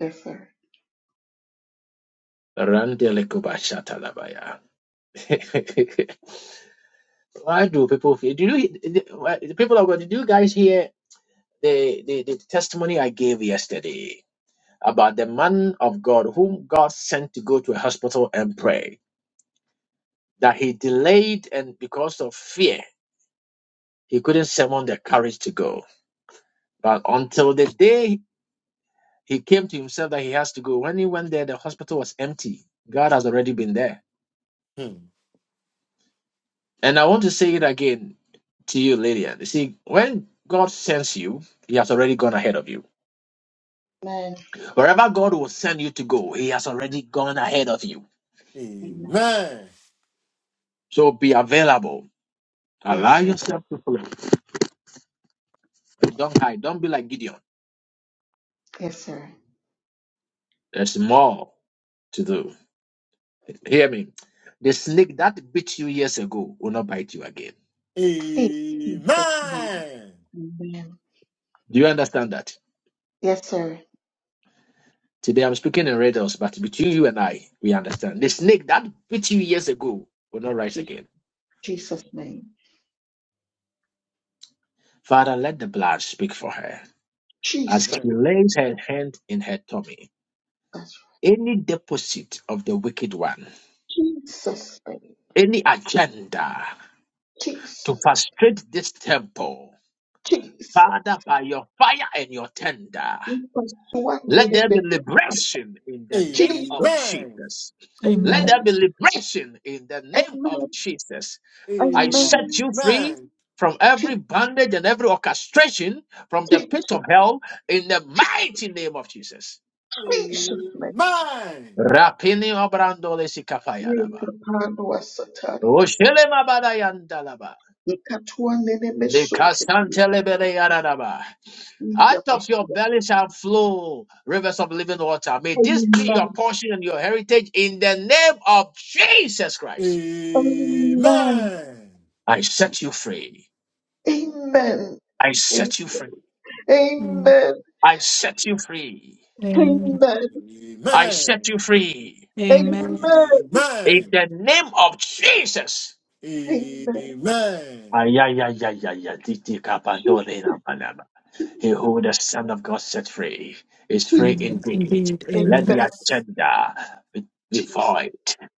Yes sir. Randelekobashatalabaya. why do people feel? Do you, the, the people of God? Did you guys hear the, the the testimony I gave yesterday? about the man of God whom God sent to go to a hospital and pray. That he delayed, and because of fear, he couldn't summon the courage to go. But until the day he came to himself that he has to go, when he went there, the hospital was empty. God has already been there. Hmm. And I want to say it again to you, Lydia. You see, when God sends you, he has already gone ahead of you. Amen. Wherever God will send you to go, he has already gone ahead of you. Amen. Amen. So be available. Yes Allow sir. yourself to flow. Don't hide. Don't be like Gideon. Yes sir. There's more to do. Hear me. The snake that bit you years ago will not bite you again. In Jesus' name. Amen. Amen. Do you understand that? Yes sir. Today I'm speaking in riddles, but between you and I, we understand. The snake that bit you years ago will not rise Je- again. Jesus name. Father, let the blood speak for her as she Jesus. lays her hand in her tummy. That's Any deposit of the wicked one, right. Jesus name. any agenda to Jesus. frustrate this temple, Jesus. Father, by your fire and your tender. Jesus. What Let did there it be be? liberation in Amen. the name of Jesus. Amen. Jesus. Let Amen. Amen. there be liberation in the name of Amen. Jesus. I Amen. set Amen. you free from every Je- bondage and every orchestration from the pit of Jesus. hell in the mighty name of Jesus. Jesus, Ishafle, Amen. Rapini obrandole sikapayadaba. yekapando asatari yaba, Oshele mabadayandalaba. yekatuwa nene mesote yaba, Likasantele bele yaradaba. Out of your yabasura. belly shall flow rivers of living water. May this be your Amen. portion and your heritage in the name of Jesus Christ. Amen. Amen. I set you free. Amen. I A- set you free. Mm. Amen. I set you free. Amen. Amen. I set you Amen. free. Amen. Amen. In Amen. the name of Jesus. Amen. Amen. Ayayayayaya, titi kapandole na Jesus. He who the Son of God set free is free Jesus. Mm. indeed. Indeed. Oh, Let Amen. Amen. the yes. agenda be, be Jesus. void.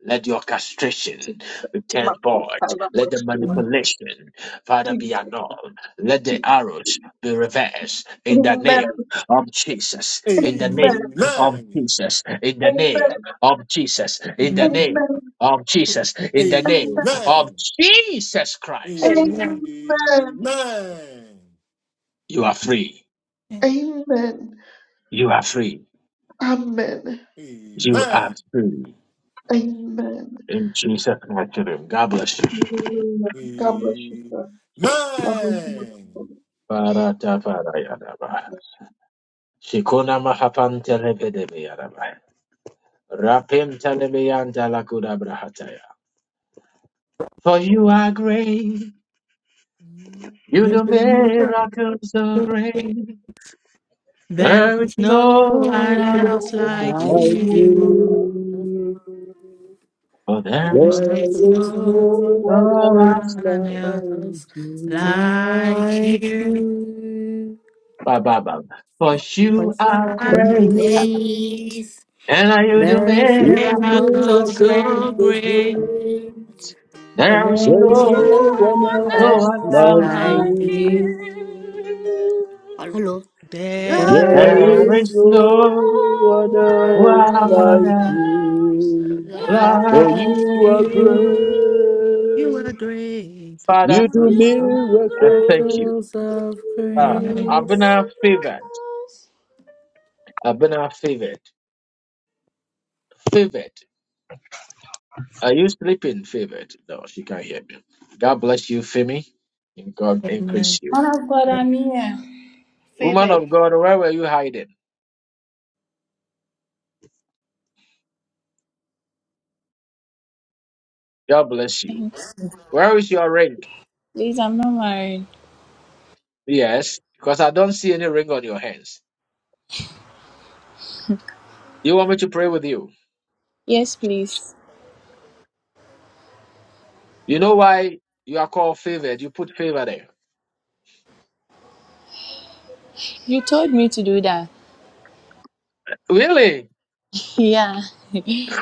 Let the orchestration Jesus. be turned void. Makutala Let the masura. Mm. manipulation, Father, be Jesus. annulled. Let the Jesus. arrows be reversed in the name Amen. of Jesus. In the Amen. Amen. name Amen. of Jesus. In the name Amen. of Jesus. In the Amen. name Amen. of Jesus. In the Amen. name of Amen. Jesus Christ. Amen. Amen. Amen. You are free. Amen. You are free. Amen. Amen. Amen. In Jesus' mighty name. God bless you. Hallelujah. God bless you, Amen. sir. God bless you. Barata bara yadaba. Shikona mahapan telebedebe yadaba. Rapim telebeyan talakuda brahataya. For you are great. You You do remember miracles so great. there's There we no one Like Oh, go. else like Like you. you, you, There one there is is is no no other one else like you. like like you. you, Ba, ba, ba. For You but you you are are Thank great. Grace. are you. grace. And You you do do There is You no do miracles one miracles so so great. miracles so so great. great. great. There There is is There There is no is no, no no one one one else no else one else like else. like like you. you. you. Hello. There is There There There is is is no no no one else one like one else. like you. you. For like you are Lord. you. You great. are great. Father, You But do the I thank you. miracles. miracles of Ah, Amen. grace. God. Abena favored. Favored. Are you sleeping? Favored. No, she can't hear me. God bless you, Femi. And God increase Amen. you. Man of God, I'm here. Woman Favor. of God, where were you hiding? God bless you. Thanks. Where is your ring? Please, I'm not married. Yes, because I don't see any ring on your hands. You want me to pray with you? Yes, please. You know why you are called favored? You put favor there. You told me to do that. Really? Yeah. that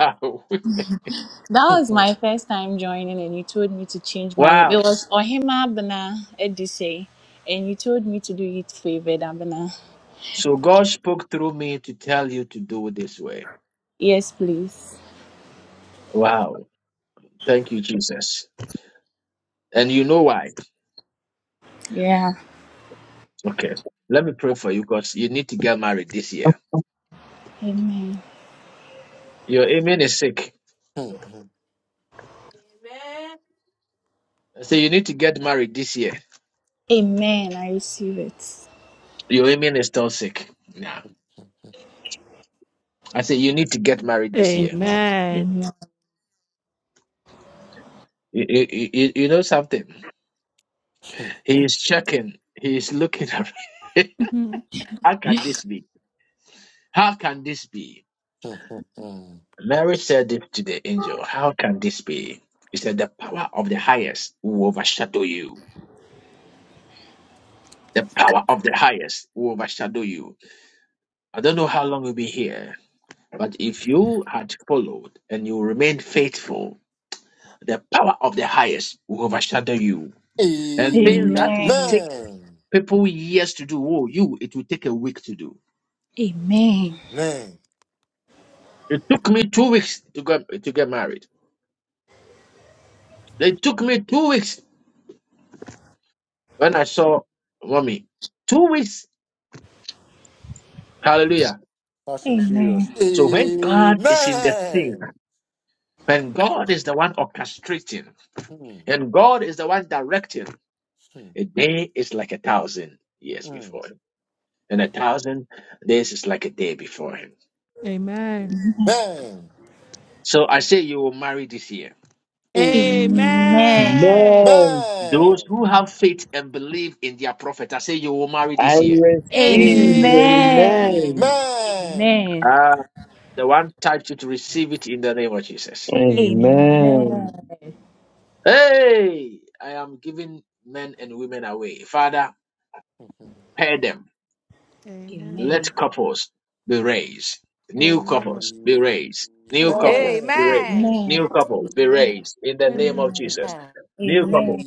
was my first time joining, and you told me to change my name. It was Ohima Abena Edise, and you told me to do it favored Abena. so God spoke through me to tell you to do it this way. Yes, please. Wow. Thank you, Jesus. And you know why? Yeah. Okay. Let me pray for you because you need to get married this year. Amen. Your amen is sick. I say you need to get married this year. Amen. I receive it. Your amen is still sick. Yeah. I say you need to get married this year. Amen. Amen. You, you, you, you know something? He is checking. He is looking at Mhm. How can this be? How can this be? Mary said it to the angel. How can this be? He said, The power of the highest will overshadow you. The power of the highest will overshadow you. I don't know how long you'll be here, but if you had followed and you remained faithful, the power of the highest will overshadow you. And things that Amen. would Amen. take people years to do, oh, you, it will take a week to do. Amen. Man, It took me two weeks to get to get married. It took me two weeks when I saw mommy. Two weeks. Hallelujah. fast and Amen. furious. So when God is in the thing, Amen. when God is the one orchestrating, Mm, and God is the one directing, mm, a day is like a thousand years mm, before him. and a thousand days is like a day before him. Amen. mm. So I say you will marry this year. Amen. Amen. Amen. Amen. Those who have faith and believe in their prophet, I say you will marry I this year. receive. Amen. Amen. Amen. Amen. Amen. Ah, the one typed you to receive it in the name of Jesus. Amen. Amen. Amen. Amen. Hey, I am giving men and women away. Father, pair them. Amen. Amen. Let couples be raised. New Amen. couples be raised. New Amen. couple be raised. Amen. Amen. Amen. New couple be raised in the name Amen. of Amen. Jesus. New. Amen. Amen.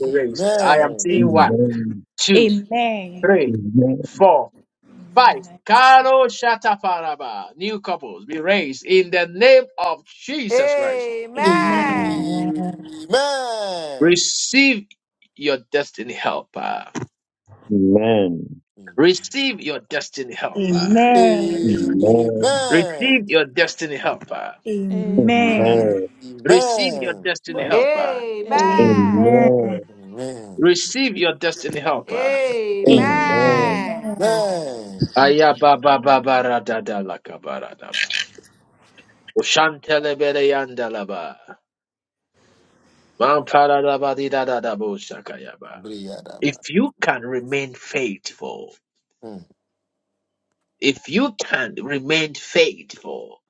I am Amen. seeing Amen. Amen. one, Amen. two, three, Amen. four. Five, Karo Shatafaraba, new couples be raised in the name of Jesus Christ. Amen. Amen. Amen. Amen. Receive your destiny helper. Receive your destiny helper. Amen. Amen. Receive Amen. your destiny helper. Amen. Amen. Receive your Amen. destiny But helper. Amen. I receive. Amen. Amen. Amen. Amen. Amen. Amen. Amen. Amen. Receive your destiny helper. Amen. Amen. Amen. Amen. Amen. Ayababababaradadalakabaradaba. Oshantelebereyandalaba. Mamparabadidadadabosakayaba. If Briyadaba. you can remain faithful, Mm. If you can remain faithful,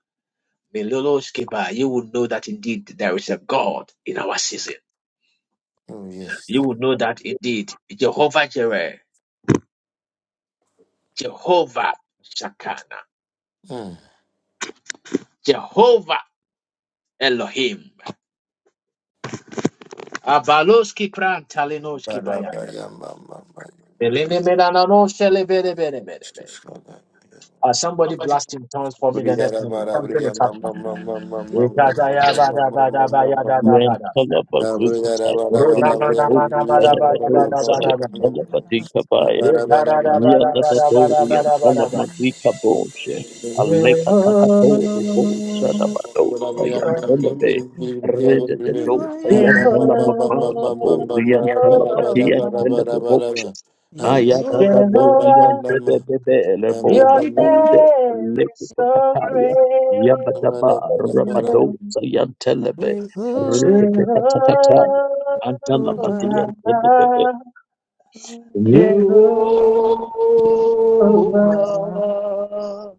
Miloloshkiba, you will know that indeed there is a God in our season. Oh, yes. You will know that indeed Jehovah Jireh, Jehovah Shakana, Mm. Jehovah Elohim. Abaloski pran talinoski paya. Badabaya, ma, ma, ma. Beleme melana no shele bere bere bere Jesus, bere. Father. Uh, somebody blast in tongues for me the next minute. Briyadabara, Something is briyama, happening. ma, ma, ma, ma, ma, ma, ma, Ikada ma, ya ba da da da da Yantala Amen. Amen. bazuka Ro na tayantila ba da babu. ba da ba da Yana ba da badu ba da ba da ba. sayantala badika Yadagatori and Ikarabarabarabarabarabara. Palamazika Boshe, Aleka Takatoru Bosha Dabado, Sayan Telebe, You Redekado, are Jehovah, Sayan young, Telamaka Bori and Telabati and Jehovah, Telebe Bosha, you are Ayadadadori and Jehovah, Telebebe, Lebo, your Amen. Kapande, redeemed name Aleki is so great. Kataya, Yabadaba, Rabado, Sayan Telebe, with hope Redekatakataya, Jehovah, Antalabati over and Telebe. Jehovah, Jehovah,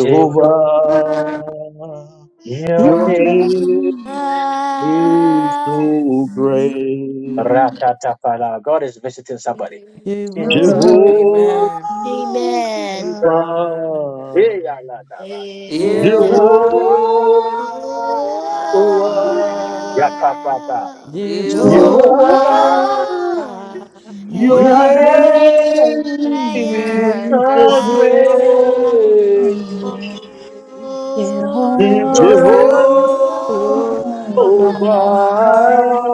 Jehovah, Jehovah, your your Yahweh, name, name is Yes. so great. Jehovah, Yes. Jehovah, Jehovah, Amen. Amen. One. You No. Jehovah, Jeho- hold, Jehovah. No. Jehovah, you Jehovah, Jehovah. Jehovah, hold. your your Your Amen. Woody name name name Amen. is is is so so great. great. Yakasol. great. Jehovah, Jehovah, Jehovah. Jehovah, Jehovah. Jehovah,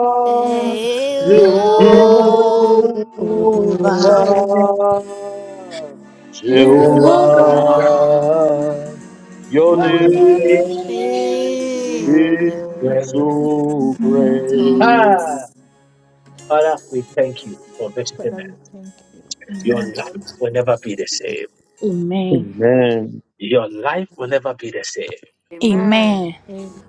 Jehovah, Jehovah, Jehovah, Jehovah, your your name. name is Jehovah. so great. Ah, Father, we thank you for visiting Father, us. we thank you. Your life will never be the same. Amen. Your life will never be the same. Amen. Amen. Amen.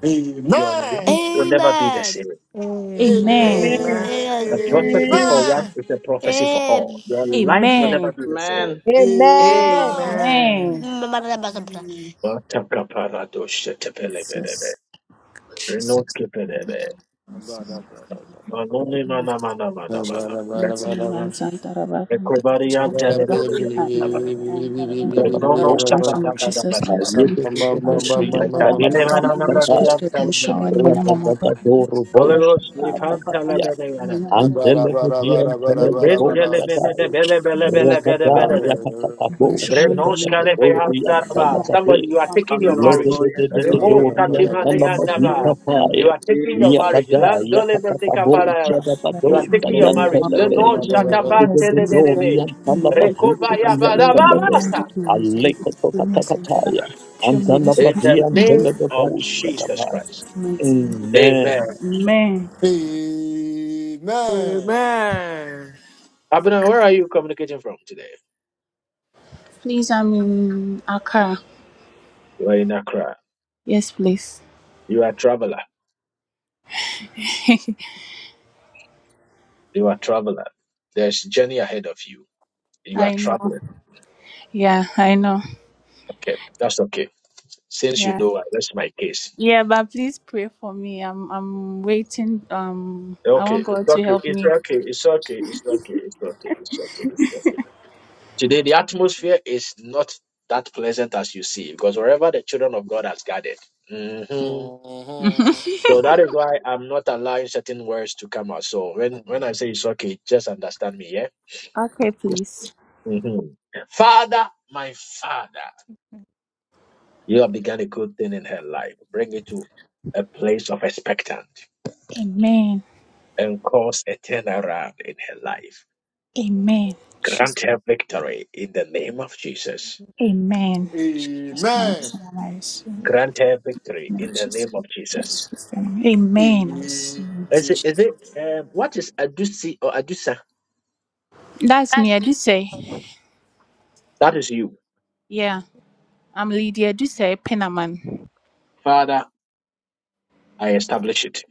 Your life will Amen. never be the same. Amen. Amen. A prophecy for one Amen. is a prophecy for all. Your Amen. life will never Amen. be the Amen. same. Amen. Amen. Amen. Amen. A- Amen. Jesus. Matakaparadoshetepelebelebe. Renotkepelebe. Amen. Jesus. Manoni mana mana mana mana. Jesus, my son, my Ekobariyantelebeleya. Renono Dalababo, shabadabadabadiya. Ayebedodo, son, and my mama, Riantala Papa, Lord, please to Masukatai, be shown, Ekabilemananabadiyantelebelebe. my mama, Papa, Radadadadoro Holy my Bosha, Ghost, we mama, found Talabeda my Yanam. Antelebebian telebebousadaya, rabadaya katakaboushebedebedorian Renoskadebehandaraba. Somebody, you telebabe, are taking your marriage. Hallelujah, Jesus. ledededededorian Thank you, Lord. Remoskadebehandaraba. Thank mama, You telemabikapaya, you, are taking your Jesus. marriage. yabadaya Landolebrotekafarara. You are Barisha taking your katakaboushebedebedousayan umunani marriage. amaboko telebe, Hallelujah. yaliyo mheshimiwa Semenya Lenoshatapantelebelebe. ledededorian James Yesu Kristo na telebazutayan walimu na telebe, Rekobayabadababasta. Hallelujah. mandhari ya msikiti tunia sengera alekotokatakataya, shemu Yesu In the Kristo antelebabian name jina of Jesus telebebousadabaya. Christ. Jesus mighty name. Amen. Amen. Amen. Amen. Abner, where are you communicating from today? Please I'm in Accra. You are in Accra. Yes, please. You are a traveler. You are a traveler. There's journey ahead of you. You are I know. traveling. Yeah, I know. Okay. That's okay. Since you Yeah. know, uh, that's my case. Yeah, but please pray for me. I'm I'm waiting. Um I Okay, want it's God to okay, help it's me. okay, it's okay, it's okay, it's okay, it's okay, it's okay. Today the atmosphere is not that pleasant as you see, because wherever the children of God has gathered. hmm So that is why I'm not allowing certain words to come out. So when when I say it's okay, just understand me, yeah. okay, please. hmm Father, my father, you have begun a good thing in her life. Bring it to a place of expectant Amen. and cause a turnaround in her life. Amen. Grant her victory in the name of Jesus. Amen. Jesus, mighty Amen. name, I receive it. Jesus, Grant her victory name, in the Jesus, name of Jesus. Jesus, Amen. Amen. I receive it. Is it, Jesus. is Amen. it um, what is Adusi or Adusa? That's me, Aduse. That is you. Yeah, I'm Lydia Aduse Penaman. Father, I establish it.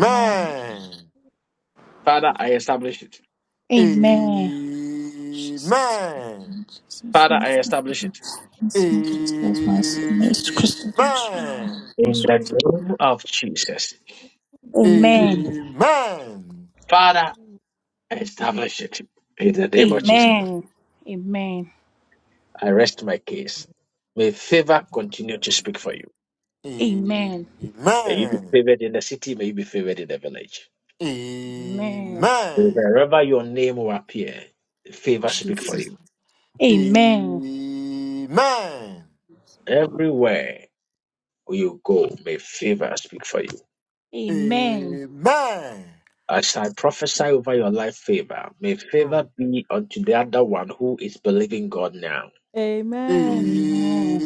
Amen. Father, I establish it. Amen. Jesus, mighty Amen. name, Jesus, mighty name, Jesus, mighty name, Jesus, mighty name, Jesus Christ, Amen. I don't show Amen. my Jesus Christ. Amen. Amen. I establish it in the name of Jesus. Amen. Amen. I rest my case. May favor continue to speak for you. Amen. May you be Amen. favored in the city. May you be favored in the village. Amen. Amen. Wherever your name will appear, favor speak for Jesus. you. Amen. Amen. Everywhere you go, may favor speak for you. Amen. Amen. I shall prophesy over your life favor. May favor Hmm. be unto the other one who is believing God now. Amen. Amen.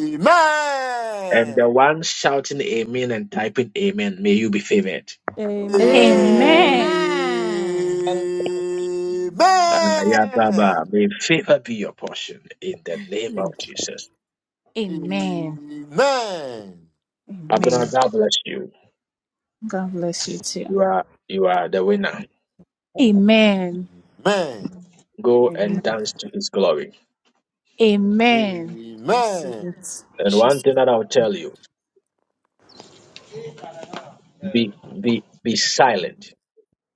And the one shouting amen and typing amen, may you be favored. Amen. Amen. Amen. Amen. Ababa, Amen. May favor be your portion in the name of Jesus. Amen. Amen. Abner, Amen. God bless you. God bless you too. You are you are the winner. Amen. Amen. Go and Amen. dance to his glory. Amen. Receive Amen. it. And one Jesus. thing that I'll tell you, be be be silent.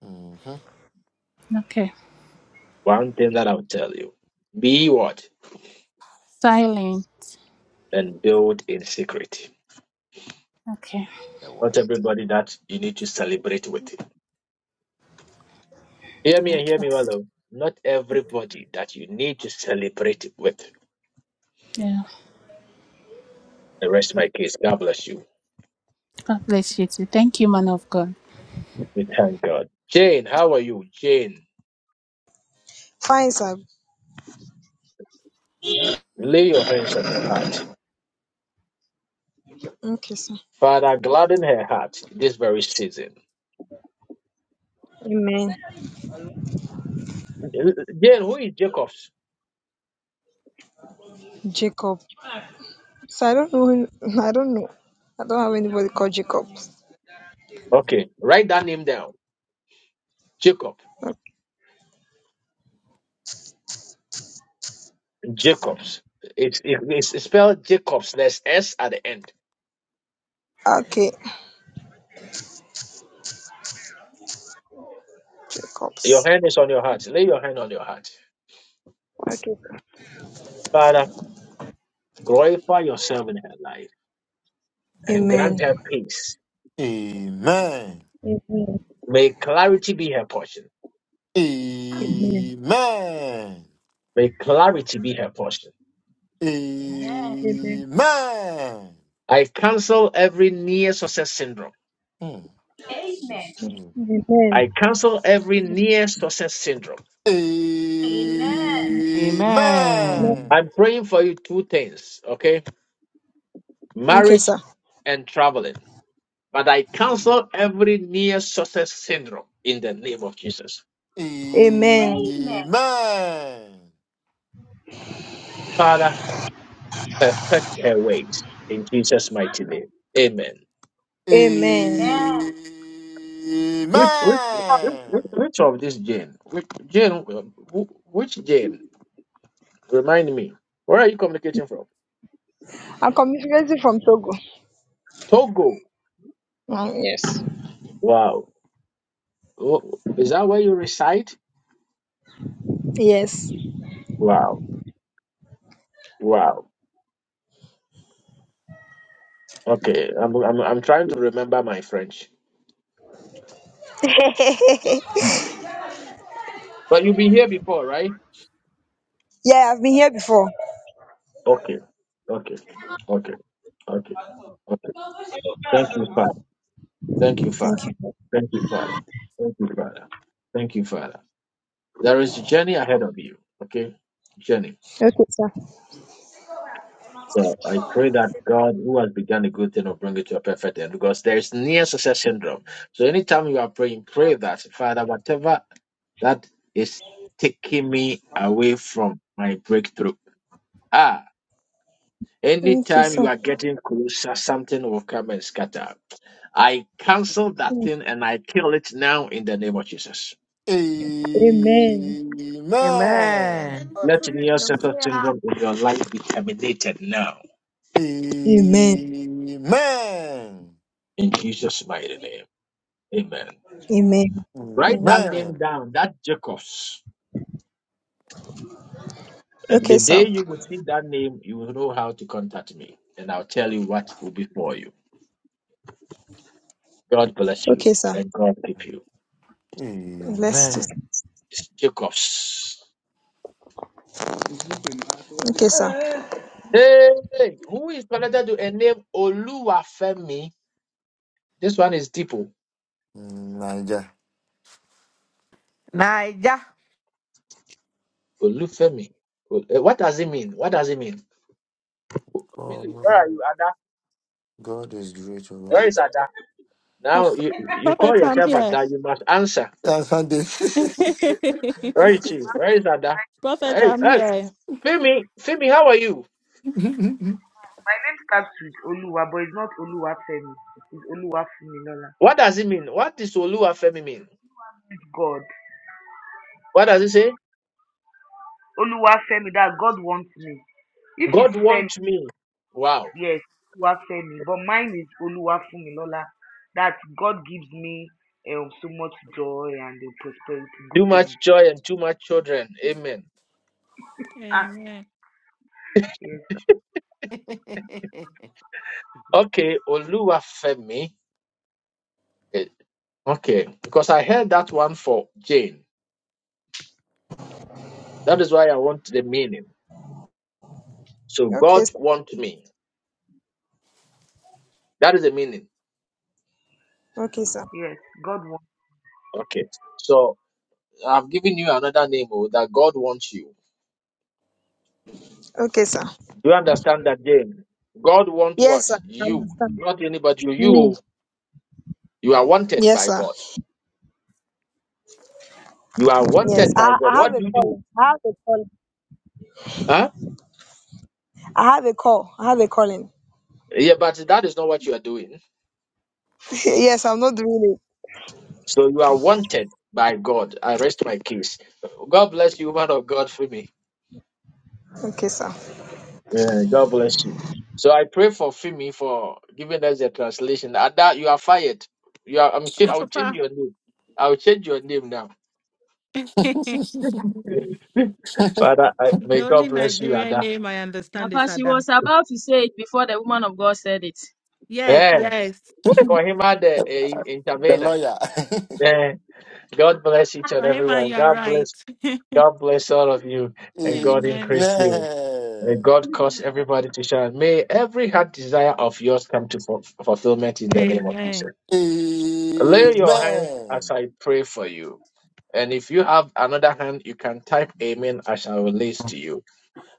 Mm-hmm. Okay. One thing that I'll tell you. Be what? Silent. And build in secret. Okay. Your Not word. everybody that you need to celebrate with. Hear me and hear Okay. me well. though. Not everybody that you need to celebrate with. Yeah. The rest of my case. God bless you. God bless you too. Thank you, man of God. We thank God. Jane, how are you? Jane, Fine, sir. Mhm. lay your hands on your heart. Okay, sir. Father, gladden her heart this very season. Amen. Jane, who is Jacobs? Jacob. So I don't know. I don't know. I don't have anybody called Jacobs. Okay, write that name down. Jacob. Jacobs. It's, it's it's spelled Jacobs. There's S at the end. Okay, Your Jacobs. hand is on your heart. Lay your hand on your heart. Father, glorify yourself in her life. and grant her Amen. peace. Amen. Amen. May clarity be her portion. Amen. Amen. Amen. May clarity be her portion. Amen. Amen. Amen. I cancel every near success syndrome. Mm. Amen. Jesus. Mm. I Amen. cancel every near success syndrome. Amen. Amen. Amen. Amen. I'm praying for you two things, okay? Okay, Marriage sir. and traveling. But I cancel every near success syndrome in the name of Jesus. Amen. Amen. Father, perfect her ways in Jesus' mighty Amen. name. Amen. Amen. Amen. Which which which, which Amen. of this Jane? Which Jane? Which Jane? Remind me, where are you communicating from? I'm communicating from Togo. Togo. Um, yes. Wow. Oh, Is that where you reside? Yes. Wow. Wow. Okay. I'm I'm I'm trying to remember my French. But you've been here before, right? yeah, I've been here before. Okay. Okay. Okay. Okay. Okay. Thank you, Father. Thank you, Father. Thank you. Thank you, Father. Thank you, Father. Thank you, Father. There is a journey ahead of you. Okay? Journey. Okay, sir. So I pray that God, who has begun a good thing, will bring it to a perfect end because there is near success syndrome. So anytime you are praying, pray that, Father, whatever that is taking me away from my breakthrough. Ah, Okay, anytime you sir. are getting closer, something will come and scatter. I cancel that thing and I kill it now in the name of Jesus. Amen. Amen. Amen. That syndrome in your life be terminated now Amen. Amen. in Jesus' mighty name. Amen. Amen. Write Amen. that name Amen. down, that Jacobs. And Okay, the sir. day you will see that name, you will know how to contact me, and I'll tell you what will be for you. God bless you, Okay, sir. and God keep you. Bless you. Amen. It's Jacobs. Okay, sir. Hey, who is connected to a name Oluwafemi? This one is Tipo. Niger. Naija. Olufemi. Ol- eh, What does it mean? What does it mean? Millie, Oh, where are you, Ada? God is great. oh Where God. is Ada? Pro- Now you you call Prophet, I'm yourself here. Ada. You must answer. And Sunday, Where is she? Where is Ada? Prophet, Hey, I'm hey, here. Femi, Femi, how are you? My name starts with Oluwa, but it's not Oluwafemi. It's Oluwafemilola. What does it mean? What does Oluwafemi mean? It's God. What does it say? Oluwafemi, that God wants me. If it's God Femi, want me. Wow. yes, Oluwafemi. But mine is Oluwafemilola. That God gives me um, so much joy and uh, prosperity, Too good things. much joy and too much children. Amen. Ah, Amen. yes, Okay, Oluwafemi. Eh, Okay, because I heard that one for Jane. That is why I want the meaning. So Okay, God want me. That is the meaning. Okay, sir. yes, God wants. Okay. So I've given you another name oh, that God wants you. Okay, sir. Do you understand that, Jane? God want Yes, what? sir. You. Not anybody. Me. You. You are wanted Yes, by sir. God. You are Yes. wanted by I, God. I have What a do you do? calling. I have a calling. Huh? I have a call. I have a calling. Yeah, but that is not what you are doing. yes, I'm not doing it. So you are wanted by God. I rest my case. God bless you, man of God, Femi. Okay, sir. Yeah, God bless you. So I pray for Femi for giving us the translation. Ada, you are fired. You are. I'm. Ch- Oh, I'll change Papa. your name. I'll change your name now. the Father, I, may God only bless you, Nigerian Ada. name I Now, understand is Pastor, she Ada. was about to say it before the woman of God said it. Yes, Yeah. yes. For him, eh, the intervener. lawyer. Yeah. God bless each and Ahima, everyone. you are God right. bless. God bless all of you, and God Amen. Amen. increase you. May God cause everybody to shine. May every heart desire of yours come to fu- fulfillment in the name of Amen. Jesus. Lay Amen. your hands as I pray for you. And if you have another hand, you can type Amen as I release to you.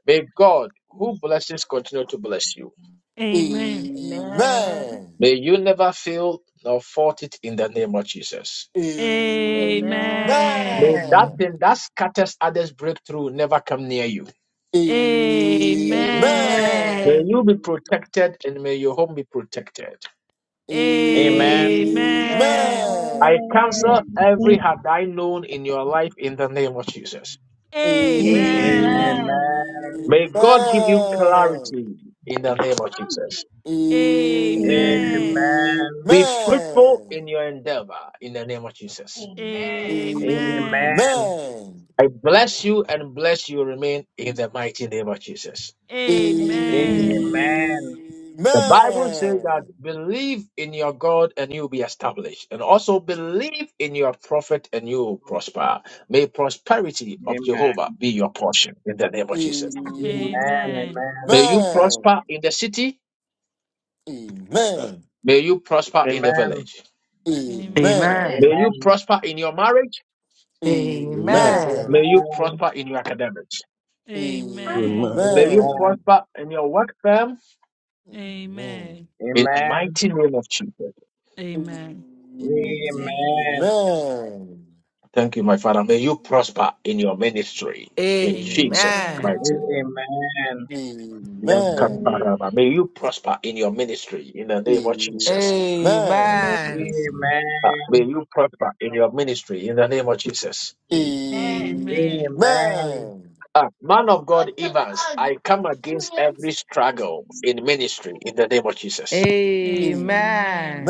May God, who blesses, continue to bless you. Amen. Amen. Amen. May you never fail nor fault it in the name of Jesus. May Amen. Amen. that Amen. thing that scatters others' breakthrough never come near you. Amen. Amen. May Amen. you be protected and may your home be protected. Amen. Amen. Amen. I cancel Amen. Amen. Amen. known in your life in the name of Jesus. Amen. You. Amen. Amen. Amen. Amen. May God give you Amen. clarity in the name of Jesus. Amen. Amen. Amen. Amen. Be fruitful in your endeavor in the name of Jesus. Amen. Amen. Amen. I bless you and bless you remain in the mighty name of Jesus. Amen. Amen. Amen. Amen. Amen. Amen. Amen. The Bible says that believe in your God and you'll be established. And also believe in your prophet and you will prosper. May prosperity of Amen. Jehovah be your portion in the name of Jesus. Amen. Amen. Amen. Amen. May you prosper in the city. May you prosper in the Amen. village. Amen. Amen. May you Amen. prosper in your marriage. Amen. Amen. Amen. May you Amen. prosper in your academics. Amen. Amen. Amen. Amen. Amen. May you Amen. prosper in your work firm. Amen. In the mighty name of Jesus. Amen. Amen. Amen. Amen. Amen. Amen. Thank you, my Father. May you prosper in your ministry. Amen. Amen. Amen. In Amen. Jesus' Amen. Amen. Amen. mighty Amen. name. Amen. Amen. Amen. Amen. Yankaparaba. May you prosper in your ministry in the Amen. name of Jesus. Amen. Amen. Amen. Amen. Ah, Amen. may you prosper in your ministry in the name of Jesus. Amen. Amen. Amen. Ah, man of God, Evans, I come against every struggle in ministry in the name of Jesus. Amen. Amen. Amen.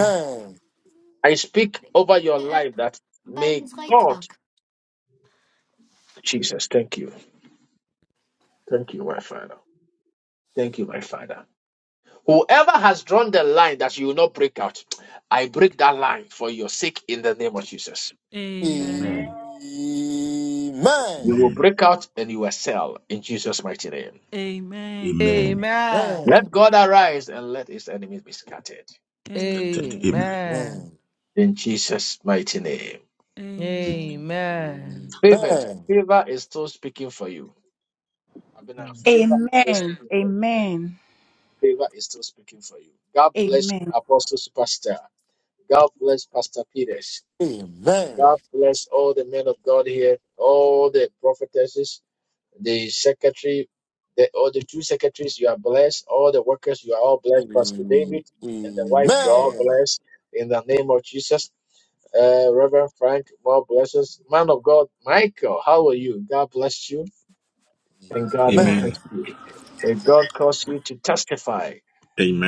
I speak over your life that may God Jesus, thank you. Thank you, my Father. Thank you, my Father. Whoever has drawn the line that you will not break out, I break that line for your sake in the name of Jesus. Amen. Amen. Amen. Amen. You will Amen. break out and you will sell in Jesus' mighty name. Let God arise and let his enemies be scattered in Jesus' mighty name. Amen. Favored, favor is still speaking for you. Abena, favor is still Amen. speaking for you. Amen. Favor is still speaking for you. God bless Amen. Apostle Superstar. God bless Pastor Peters. God bless all the men of God here, all the prophetesses, the secretary, the all the two secretaries, you are blessed. All the workers, you are all blessed. Pastor David and the wife, you are all blessed in the name of Jesus. Uh, Reverend Frank, more blessings. Man of God, Michael, how are you? God bless you and God increase Amen. you. May God cause you to testify.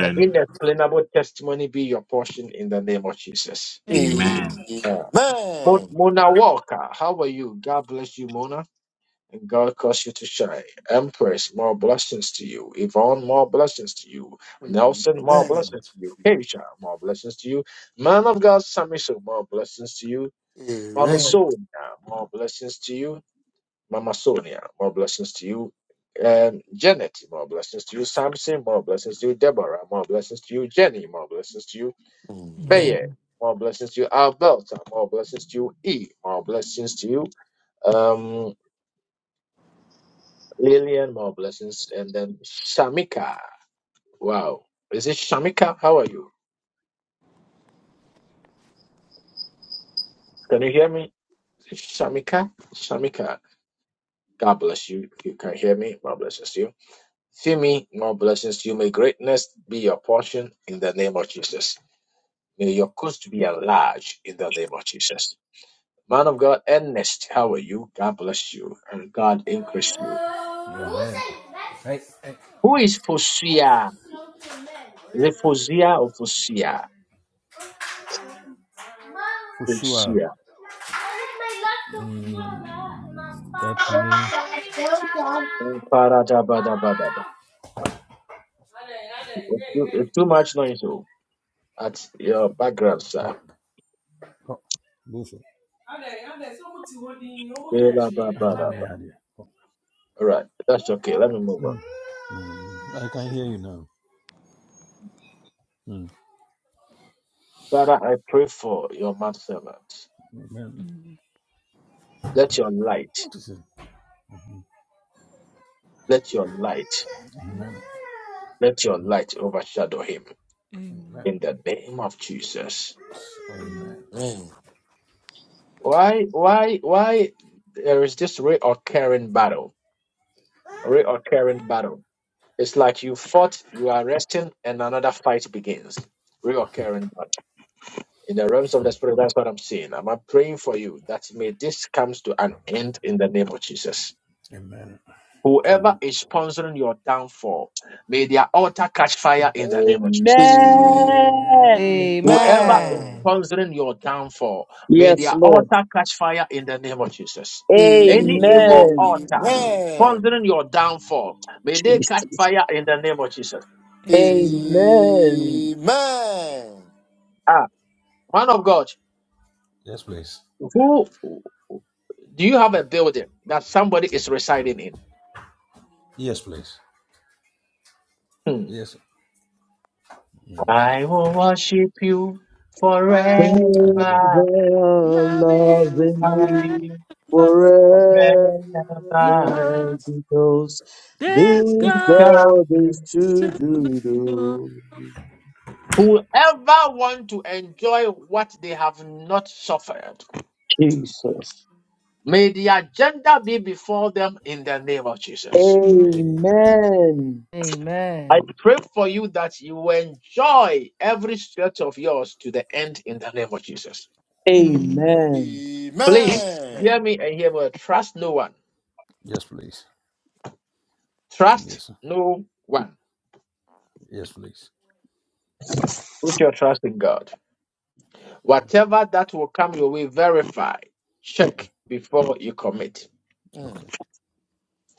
The inexplainable testimony be your portion in the name of Jesus. Amen. Amen. Amen. Amen. Amen. Mo- Mona Walker, how are you? God bless you, Mona, and God cause you to shine. Empress, more blessings to you. Yvonne, more blessings to you. Amen. Amen. Nelson, Amen. more Amen. blessings to you. Keisha, more blessings to you. Man of God, Samiso, more blessings to you. Mommy Amen. Sonia, more blessings to you. Mama Sonia, more blessings to you. Um, Janet, more blessings to you. Samson, more blessings to you. Deborah, more blessings to you. Jenny, more blessings to you. Amen. Amen. Faye. Amen. More blessings to you, Alberta. More blessings to you, E. More blessings to you, um, Lillian. More blessings, and then Shamika. Wow, is it Shamika? How are you? Can you hear me? Is it Shamika, Shamika. God bless you. If you can hear me, more blessings to you. Femi, more blessings to you. May greatness be your portion in the name of Jesus. May your coast be enlarged in the name of Jesus. Man of God, Ernest, how are you? God bless you and God increase you. Hey, hey, Who is Fia? Refosia or Fosia. Shua. Fosia. Amen. Paradabadabada. It's too, it's too much noise oh, at your background, sir. God Kɔ, go for it. Agya me yadeɛ. All right, that's one. Mm, mm, I can hear you now. Mm, Amen. Mm. Let your light, What is it? let your light, let your light overshadow him Amen. Amen. in the name of Jesus. Amen. Amen. Amen. Why, why, why there is this reoccurring battle? Reoccurring battle. It's like you fought, you are resting, and another fight begins. Reoccurring battle. In the realms of the spirit, that's what I'm saying. I'm uh, praying for you that may this comes to an end in the name of Jesus. Amen. Whoever Amen. is sponsoring your downfall, may their altar catch fire in the name of Jesus. Amen. Amen. Amen. Amen. Amen. Whoever is Amen. sponsoring your downfall, may Yes, their Lord. altar catch fire in the name of Jesus. Mm. Any Amen. evil Amen. Amen. altar sponsoring your downfall, may they catch Jesus. fire in the name of Jesus. Amen. Amen. Amen. Man of God, Yes, please. who do you have a building that somebody is residing in? Yes, please. Hmm. Yes. I will worship you forever. I Forever love you loving forever you, forever forever. because because there's this God God is too to the good. door. Oh, Whoever want to enjoy what they have not suffered, Jesus. may the agenda be before them in the name of Jesus. Amen. Amen. Amen. I Amen. pray for you that you will enjoy every stretch of yours to the end in the name of Jesus. Amen. Amen. Amen. Please hear me and hear me. Trust no one. Yes, please. Trust Yes. no one. Yes, please. Put your trust in God. Whatever that will come your way, verify. Check before you commit. Okay.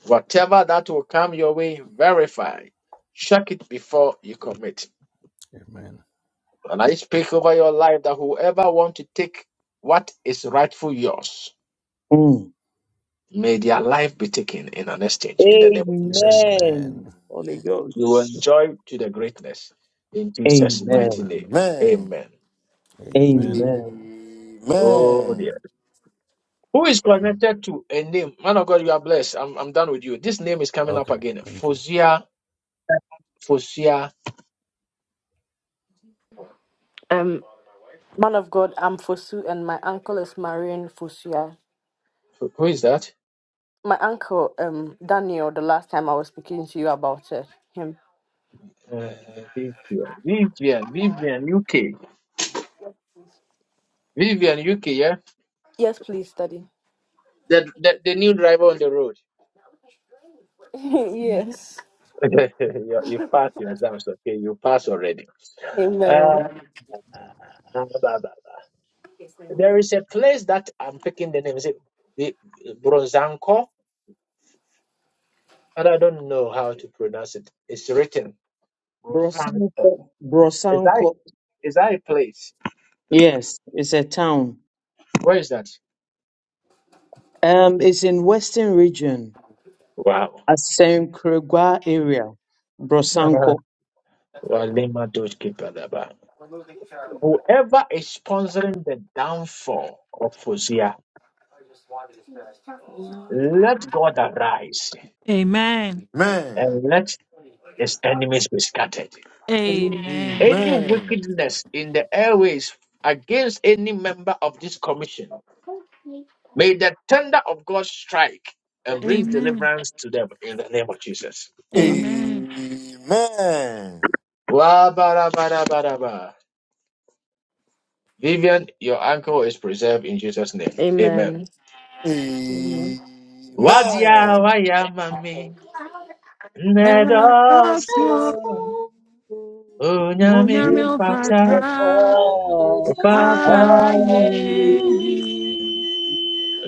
Whatever that will come your way, verify. Check it before you commit. Amen. And I speak over your life that whoever want to take what is rightful yours, Mm. may their life be taken in an exchange in the name of Jesus. Amen. Amen. Holy You will Ghost. enjoy to the greatness in Jesus' Amen. mighty Amen. Amen. name. Amen. Amen. Amen. Amen. Amen. Oh dear. Who is connected to a name? Man of God, you are blessed. I'm, I'm done with you. This name is coming up Okay. again. Thank you. Fozia Fosia. Um, man of God, I'm Fosu, and my uncle is Marion Fosua. who is that? My uncle, um, Daniel, the last time I was speaking to you about uh, him. Uh, Vivian. Vivian. Vivian, you, Yes, please study. the, the, the new driver on the road. yes. you, you passed your exams, okay. Uh, Amen. blah, blah, blah. There is a place that I'm picking the name. Is it Vi- Bronzanko? And I don't know how to pronounce it. It's written Bronzanko. Brosanko. Is that, Brosanko. is that a place? Yes, it's a town. Where is that? Um, it's in Western Region, Wow. Asankrangwa area, Uh-huh. Brosanko. Walima Dodge Kipadaba. Whoever is sponsoring the downfall of Fosia Let God arise Amen. and let his enemies be scattered. Amen. Amen. Any Amen. wickedness in the airways against any member of this commission, may the thunder of God strike and bring Amen. deliverance to them in the name of Jesus. Amen. Wa ba da ba ba. Vivian, your ankle is preserved in Jesus' name. Amen. Amen. Amen. Wadia Amen. waya mami, Erasu nedosko, unyami onyame upata, ofata upata ye. aye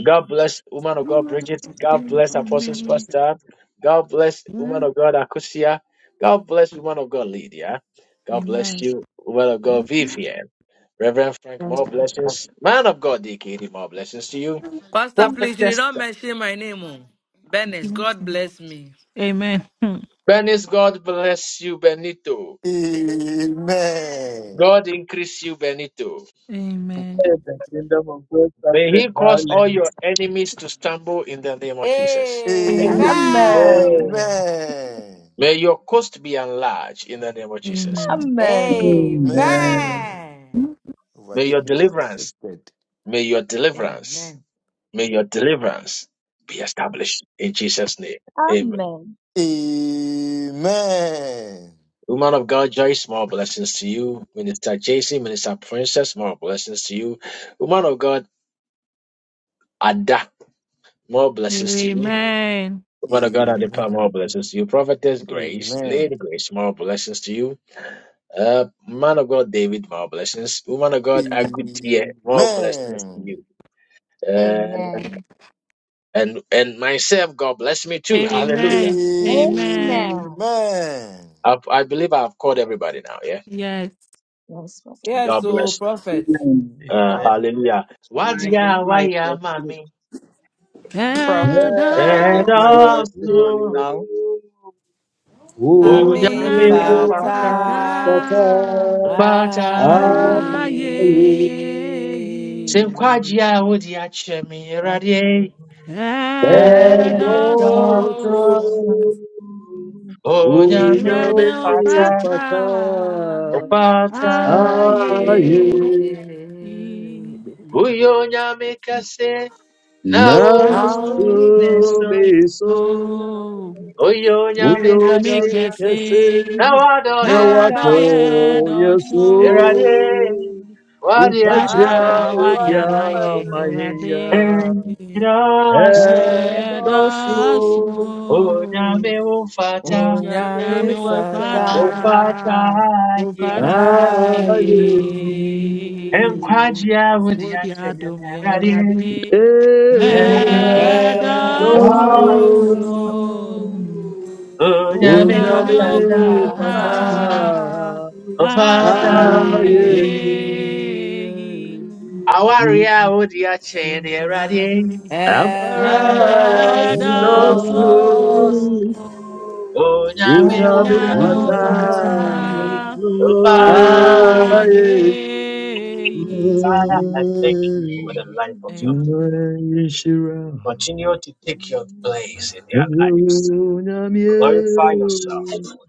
God bless woman of God Amen. Bridget. God bless Apostle Pastor. God bless woman of God Akusia. God bless woman of God Lydia. God bless you, woman of God Vivian. Reverend Frank, Amen. more blessings. Man of God, DKD, more blessings to you. Pastor, Prophetess, please, you did not Esther. mention my name. Oh. Bennett, Amen. God bless me. Amen. Bernice, God bless you, Benito. Amen. God increase you, Benito. The kingdom of God May started he cause all your violence. enemies to stumble in the name of Jesus. Amen. Amen. Amen. Amen. May your coast be enlarged in the name of Jesus. Amen. Amen. Amen. Amen. May your Overtaking is deliverance, accepted. may your deliverance Amen. May your deliverance be established in Jesus' name. Amen. Amen. Amen. Woman of God, Joyce, more blessings to you. Minister Jason, Minister Princess, more blessings to you. Woman of God, Ada, more blessings to you. Amen. Woman of God, Adipa, more Amen. blessings to you. Prophetess Grace, Amen. Lady Grace, more blessings to you. Uh, man of God, David, more blessings. Woman of God, Amen. Agutia, more blessings to Amen. you. Uh, Amen. and and myself, God bless me too. Hallelujah. Amen. Amen. Amen. Amen. I, I believe I've called everybody now. Yeah. Yes. Yes, Father. Yes, God oh, bless prophet. Amen. Uh, Prophet, Amen. hallelujah. can I give Wajia Amen. my waya testimony? mami. Prophet, can Yeah, I give my don't Edaso testimony Edasu. now? you- Oh, Amen. Unyami onyame Yahweh, Amen. upata. Oh, Fata. opata Father. Aye. Satan. Pata. aye. Are you Simkwajia udia chemi radie. the Edaso Edasu. Edosun. go-to? Una Unyami irade me Amen. upata. opata fata. Upata. Are aye. you Amen. Uyo nyami kase. Na now Now. Now, utu to meso. me so? so Uyo nyami Uyoname Uyona kase. me kese, kese. Na wado Now ye I nada dosu. ye do Here I dosu, Amen. yesu. am, what wadia am Unkaja wayama ye udia Adiawayabadalo, rade, maya. Ndiraso, and ye those Ebosu, dosu, who unyame ufata, uyame Onyame Unyaneufata, fata ufata, ufataye. ufata are aye Ali, ye, Enkwaji yawe ndiyakhe wadia dum ye yerarare. rade, and ye Ebosu, and those dosu, Ndiraso, who also Adonai. unyame Onyame ufata, unyame Unamyopata Unamufata, Unyaneufata, fata fata Unamufata. ufata. Ali. aye aye ayein Awari yawe ndiyakhe yerarare. yomerabi Father, let Ampara and your Ndiraso, edaso dosu also unyame unyame ufata. fata unamyopata Oh, Father, Aye, ayein. Father, I thank you for the life of your Amen. people. Aishira, Continue to take your place in their lives. Onyamye, Glorify yourself, Lord,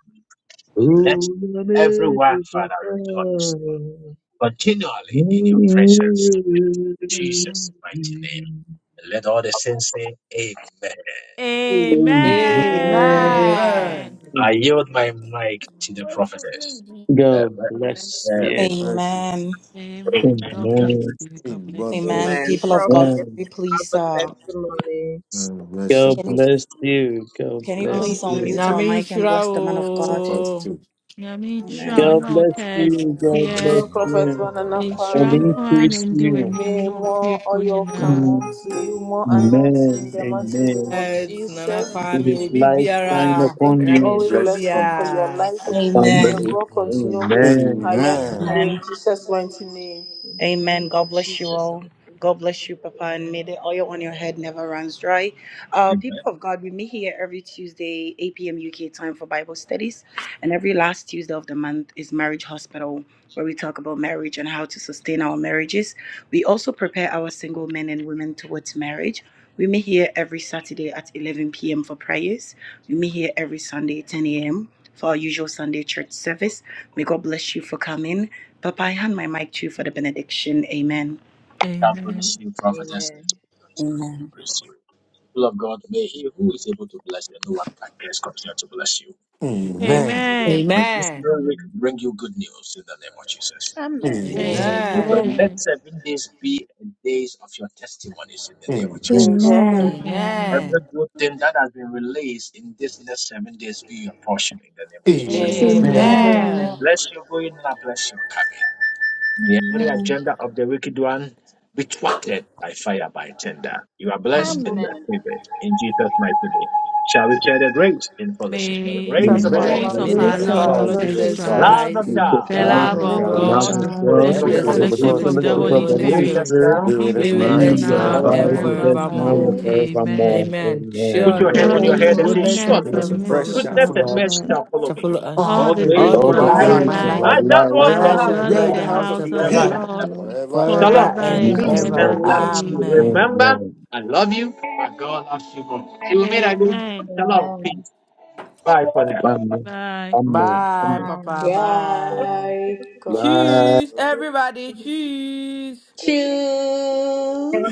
and let Onyame, everyone, Father, Papa, rejoice continually in your presence. Amen. Mighty. Amen. And Amen. Amen. Amen. My mic to the prophetess. God Amen. bless God you. bless you. Amen. Amen. Amen. God bless Amen. you. Hey, God God bless you. bless Amen. you. amen. People of Prophet, God, can Amen. you I please have a uh testimony. God bless you. God can God you bless you. God can you bless God please bless you. unmute our Nyame you. mic and nhyira bless the man of God? wo. bless you. Nyame nhyira wo Amen. God na wo bless you. God God bless bless kɛseɛ. you. Prophet you. God Banana bless. Nhyira and Kwame, nko ara na increase ndi you. w'anim may ne wo more fiefoɔ oil come nyinaa. Amen. unto you, more anointing in the mighty name of Amen. It's Nana Jesus. It Kwame is will be mercy light Thank you, fall. shine Jesus. Biara. Thank upon And I you. mean, you, Always show bless Bless God you. for Let your Biara. more life. a oil on his And may Amen. family. God head. continue to make Amen. Let you your Amen. higher and blessings Amen. higher Amen. Amen. in abound for Jesus' him, O mighty Lord. name. In the name Amen. God of bless you Jesus, our all. pray. God bless you, Papa, and may Amen. the oil on your head never runs dry. Uh, people of God, we meet here every Tuesday, 8 p.m. UK time for Bible studies, and every last Tuesday of the month is Marriage Hospital, where we talk about marriage and how to sustain our marriages. We also prepare our single men and women towards marriage. We meet here every Saturday at 11 p.m. for prayers. We meet here every Sunday, 10 a.m. for our usual Sunday church service. May God bless you for coming. Papa, I hand my mic to you for the benediction. Amen. God bless Amen. you, prophetess. May God continue to Amen. increase you. People of God, may He who is able to bless you, no one can guess, continue to bless you. Amen. Amen. And this Amen. new week bring you good news in the name of Jesus. Amen. Amen. Let The Amen. Amen. next Amen. seven days be days of your testimonies in the name of Amen. Jesus. A- Amen. Amen. Amen. Amen. Every Amen. good thing that has been released in this next seven days be your portion in the name of Amen. Jesus. Amen. Amen. Amen. Amen. Amen. Amen. Bless your going and I bless your coming. May every Amen. agenda of the wicked one be thwarted by fire, by tender. You are blessed Amen. and you are Amen. favored in Jesus' mighty name. Shall we share the grace in fellowship? May the May We the Of May grace of our Our Lord, thank the grace Father, of May the our grace Jesus the grace of Lord of the our our Lord Lord grace Christ. Lord of Jesus our Jesus the Jesus Lord Christ. Jesus Christ, love Jesus of May Christ, The God, Christ, Christ, the The love Christ, love love the of the of of love the love of God, the God, love of God, of sweet God, God, and the the fellowship God, and and of true true the the the and the fellowship Holy gift of the sweet the free Spirit fellowship Holy sweet of fellowship the of fellowship the Spirit Holy of fellowship of the the of Holy the Holy Read Holy Spirit Holy just Spirit Spirit Spirit, now. be Spirit be with us be with be now with us and be us with and now uh, now and us and abide now forevermore. with and us now forevermore. forevermore. and forevermore. Amen. forevermore. Amen. Amen. Put Amen. your Amen. Surely, hand Joy, on your surely So, Surely head it goodness and say, goodness goodness and Surely, was a and favor and the mercy mercy precious for- and goodness shall shall and full come of mercy follow us shall the follow shall me. follow us all All all mercy the the of days all events of days the All my the my of to days us life. of my days my life. of life. our I life, just forever I lives, and want I the I will now house shall of dwell the in dwell great in the Lord. the the house house of house of of the the Forever and Lord Elohim Lord ever. forever and forever Shalom. forever ever. and and you ever. and Peace can ever. ever. and never. love to Amen. you. Amen. Amen. Remember, Amen. I love you, but God loves you more. Till we meet again. Amen. Shalom. Amen. Peace. Bye for now. Amen. Bye. Amen. Bye, Amen. Papa. Bye. Bye. Bye. God bless Amen. Cheese, everybody. Cheese. you. Cheers.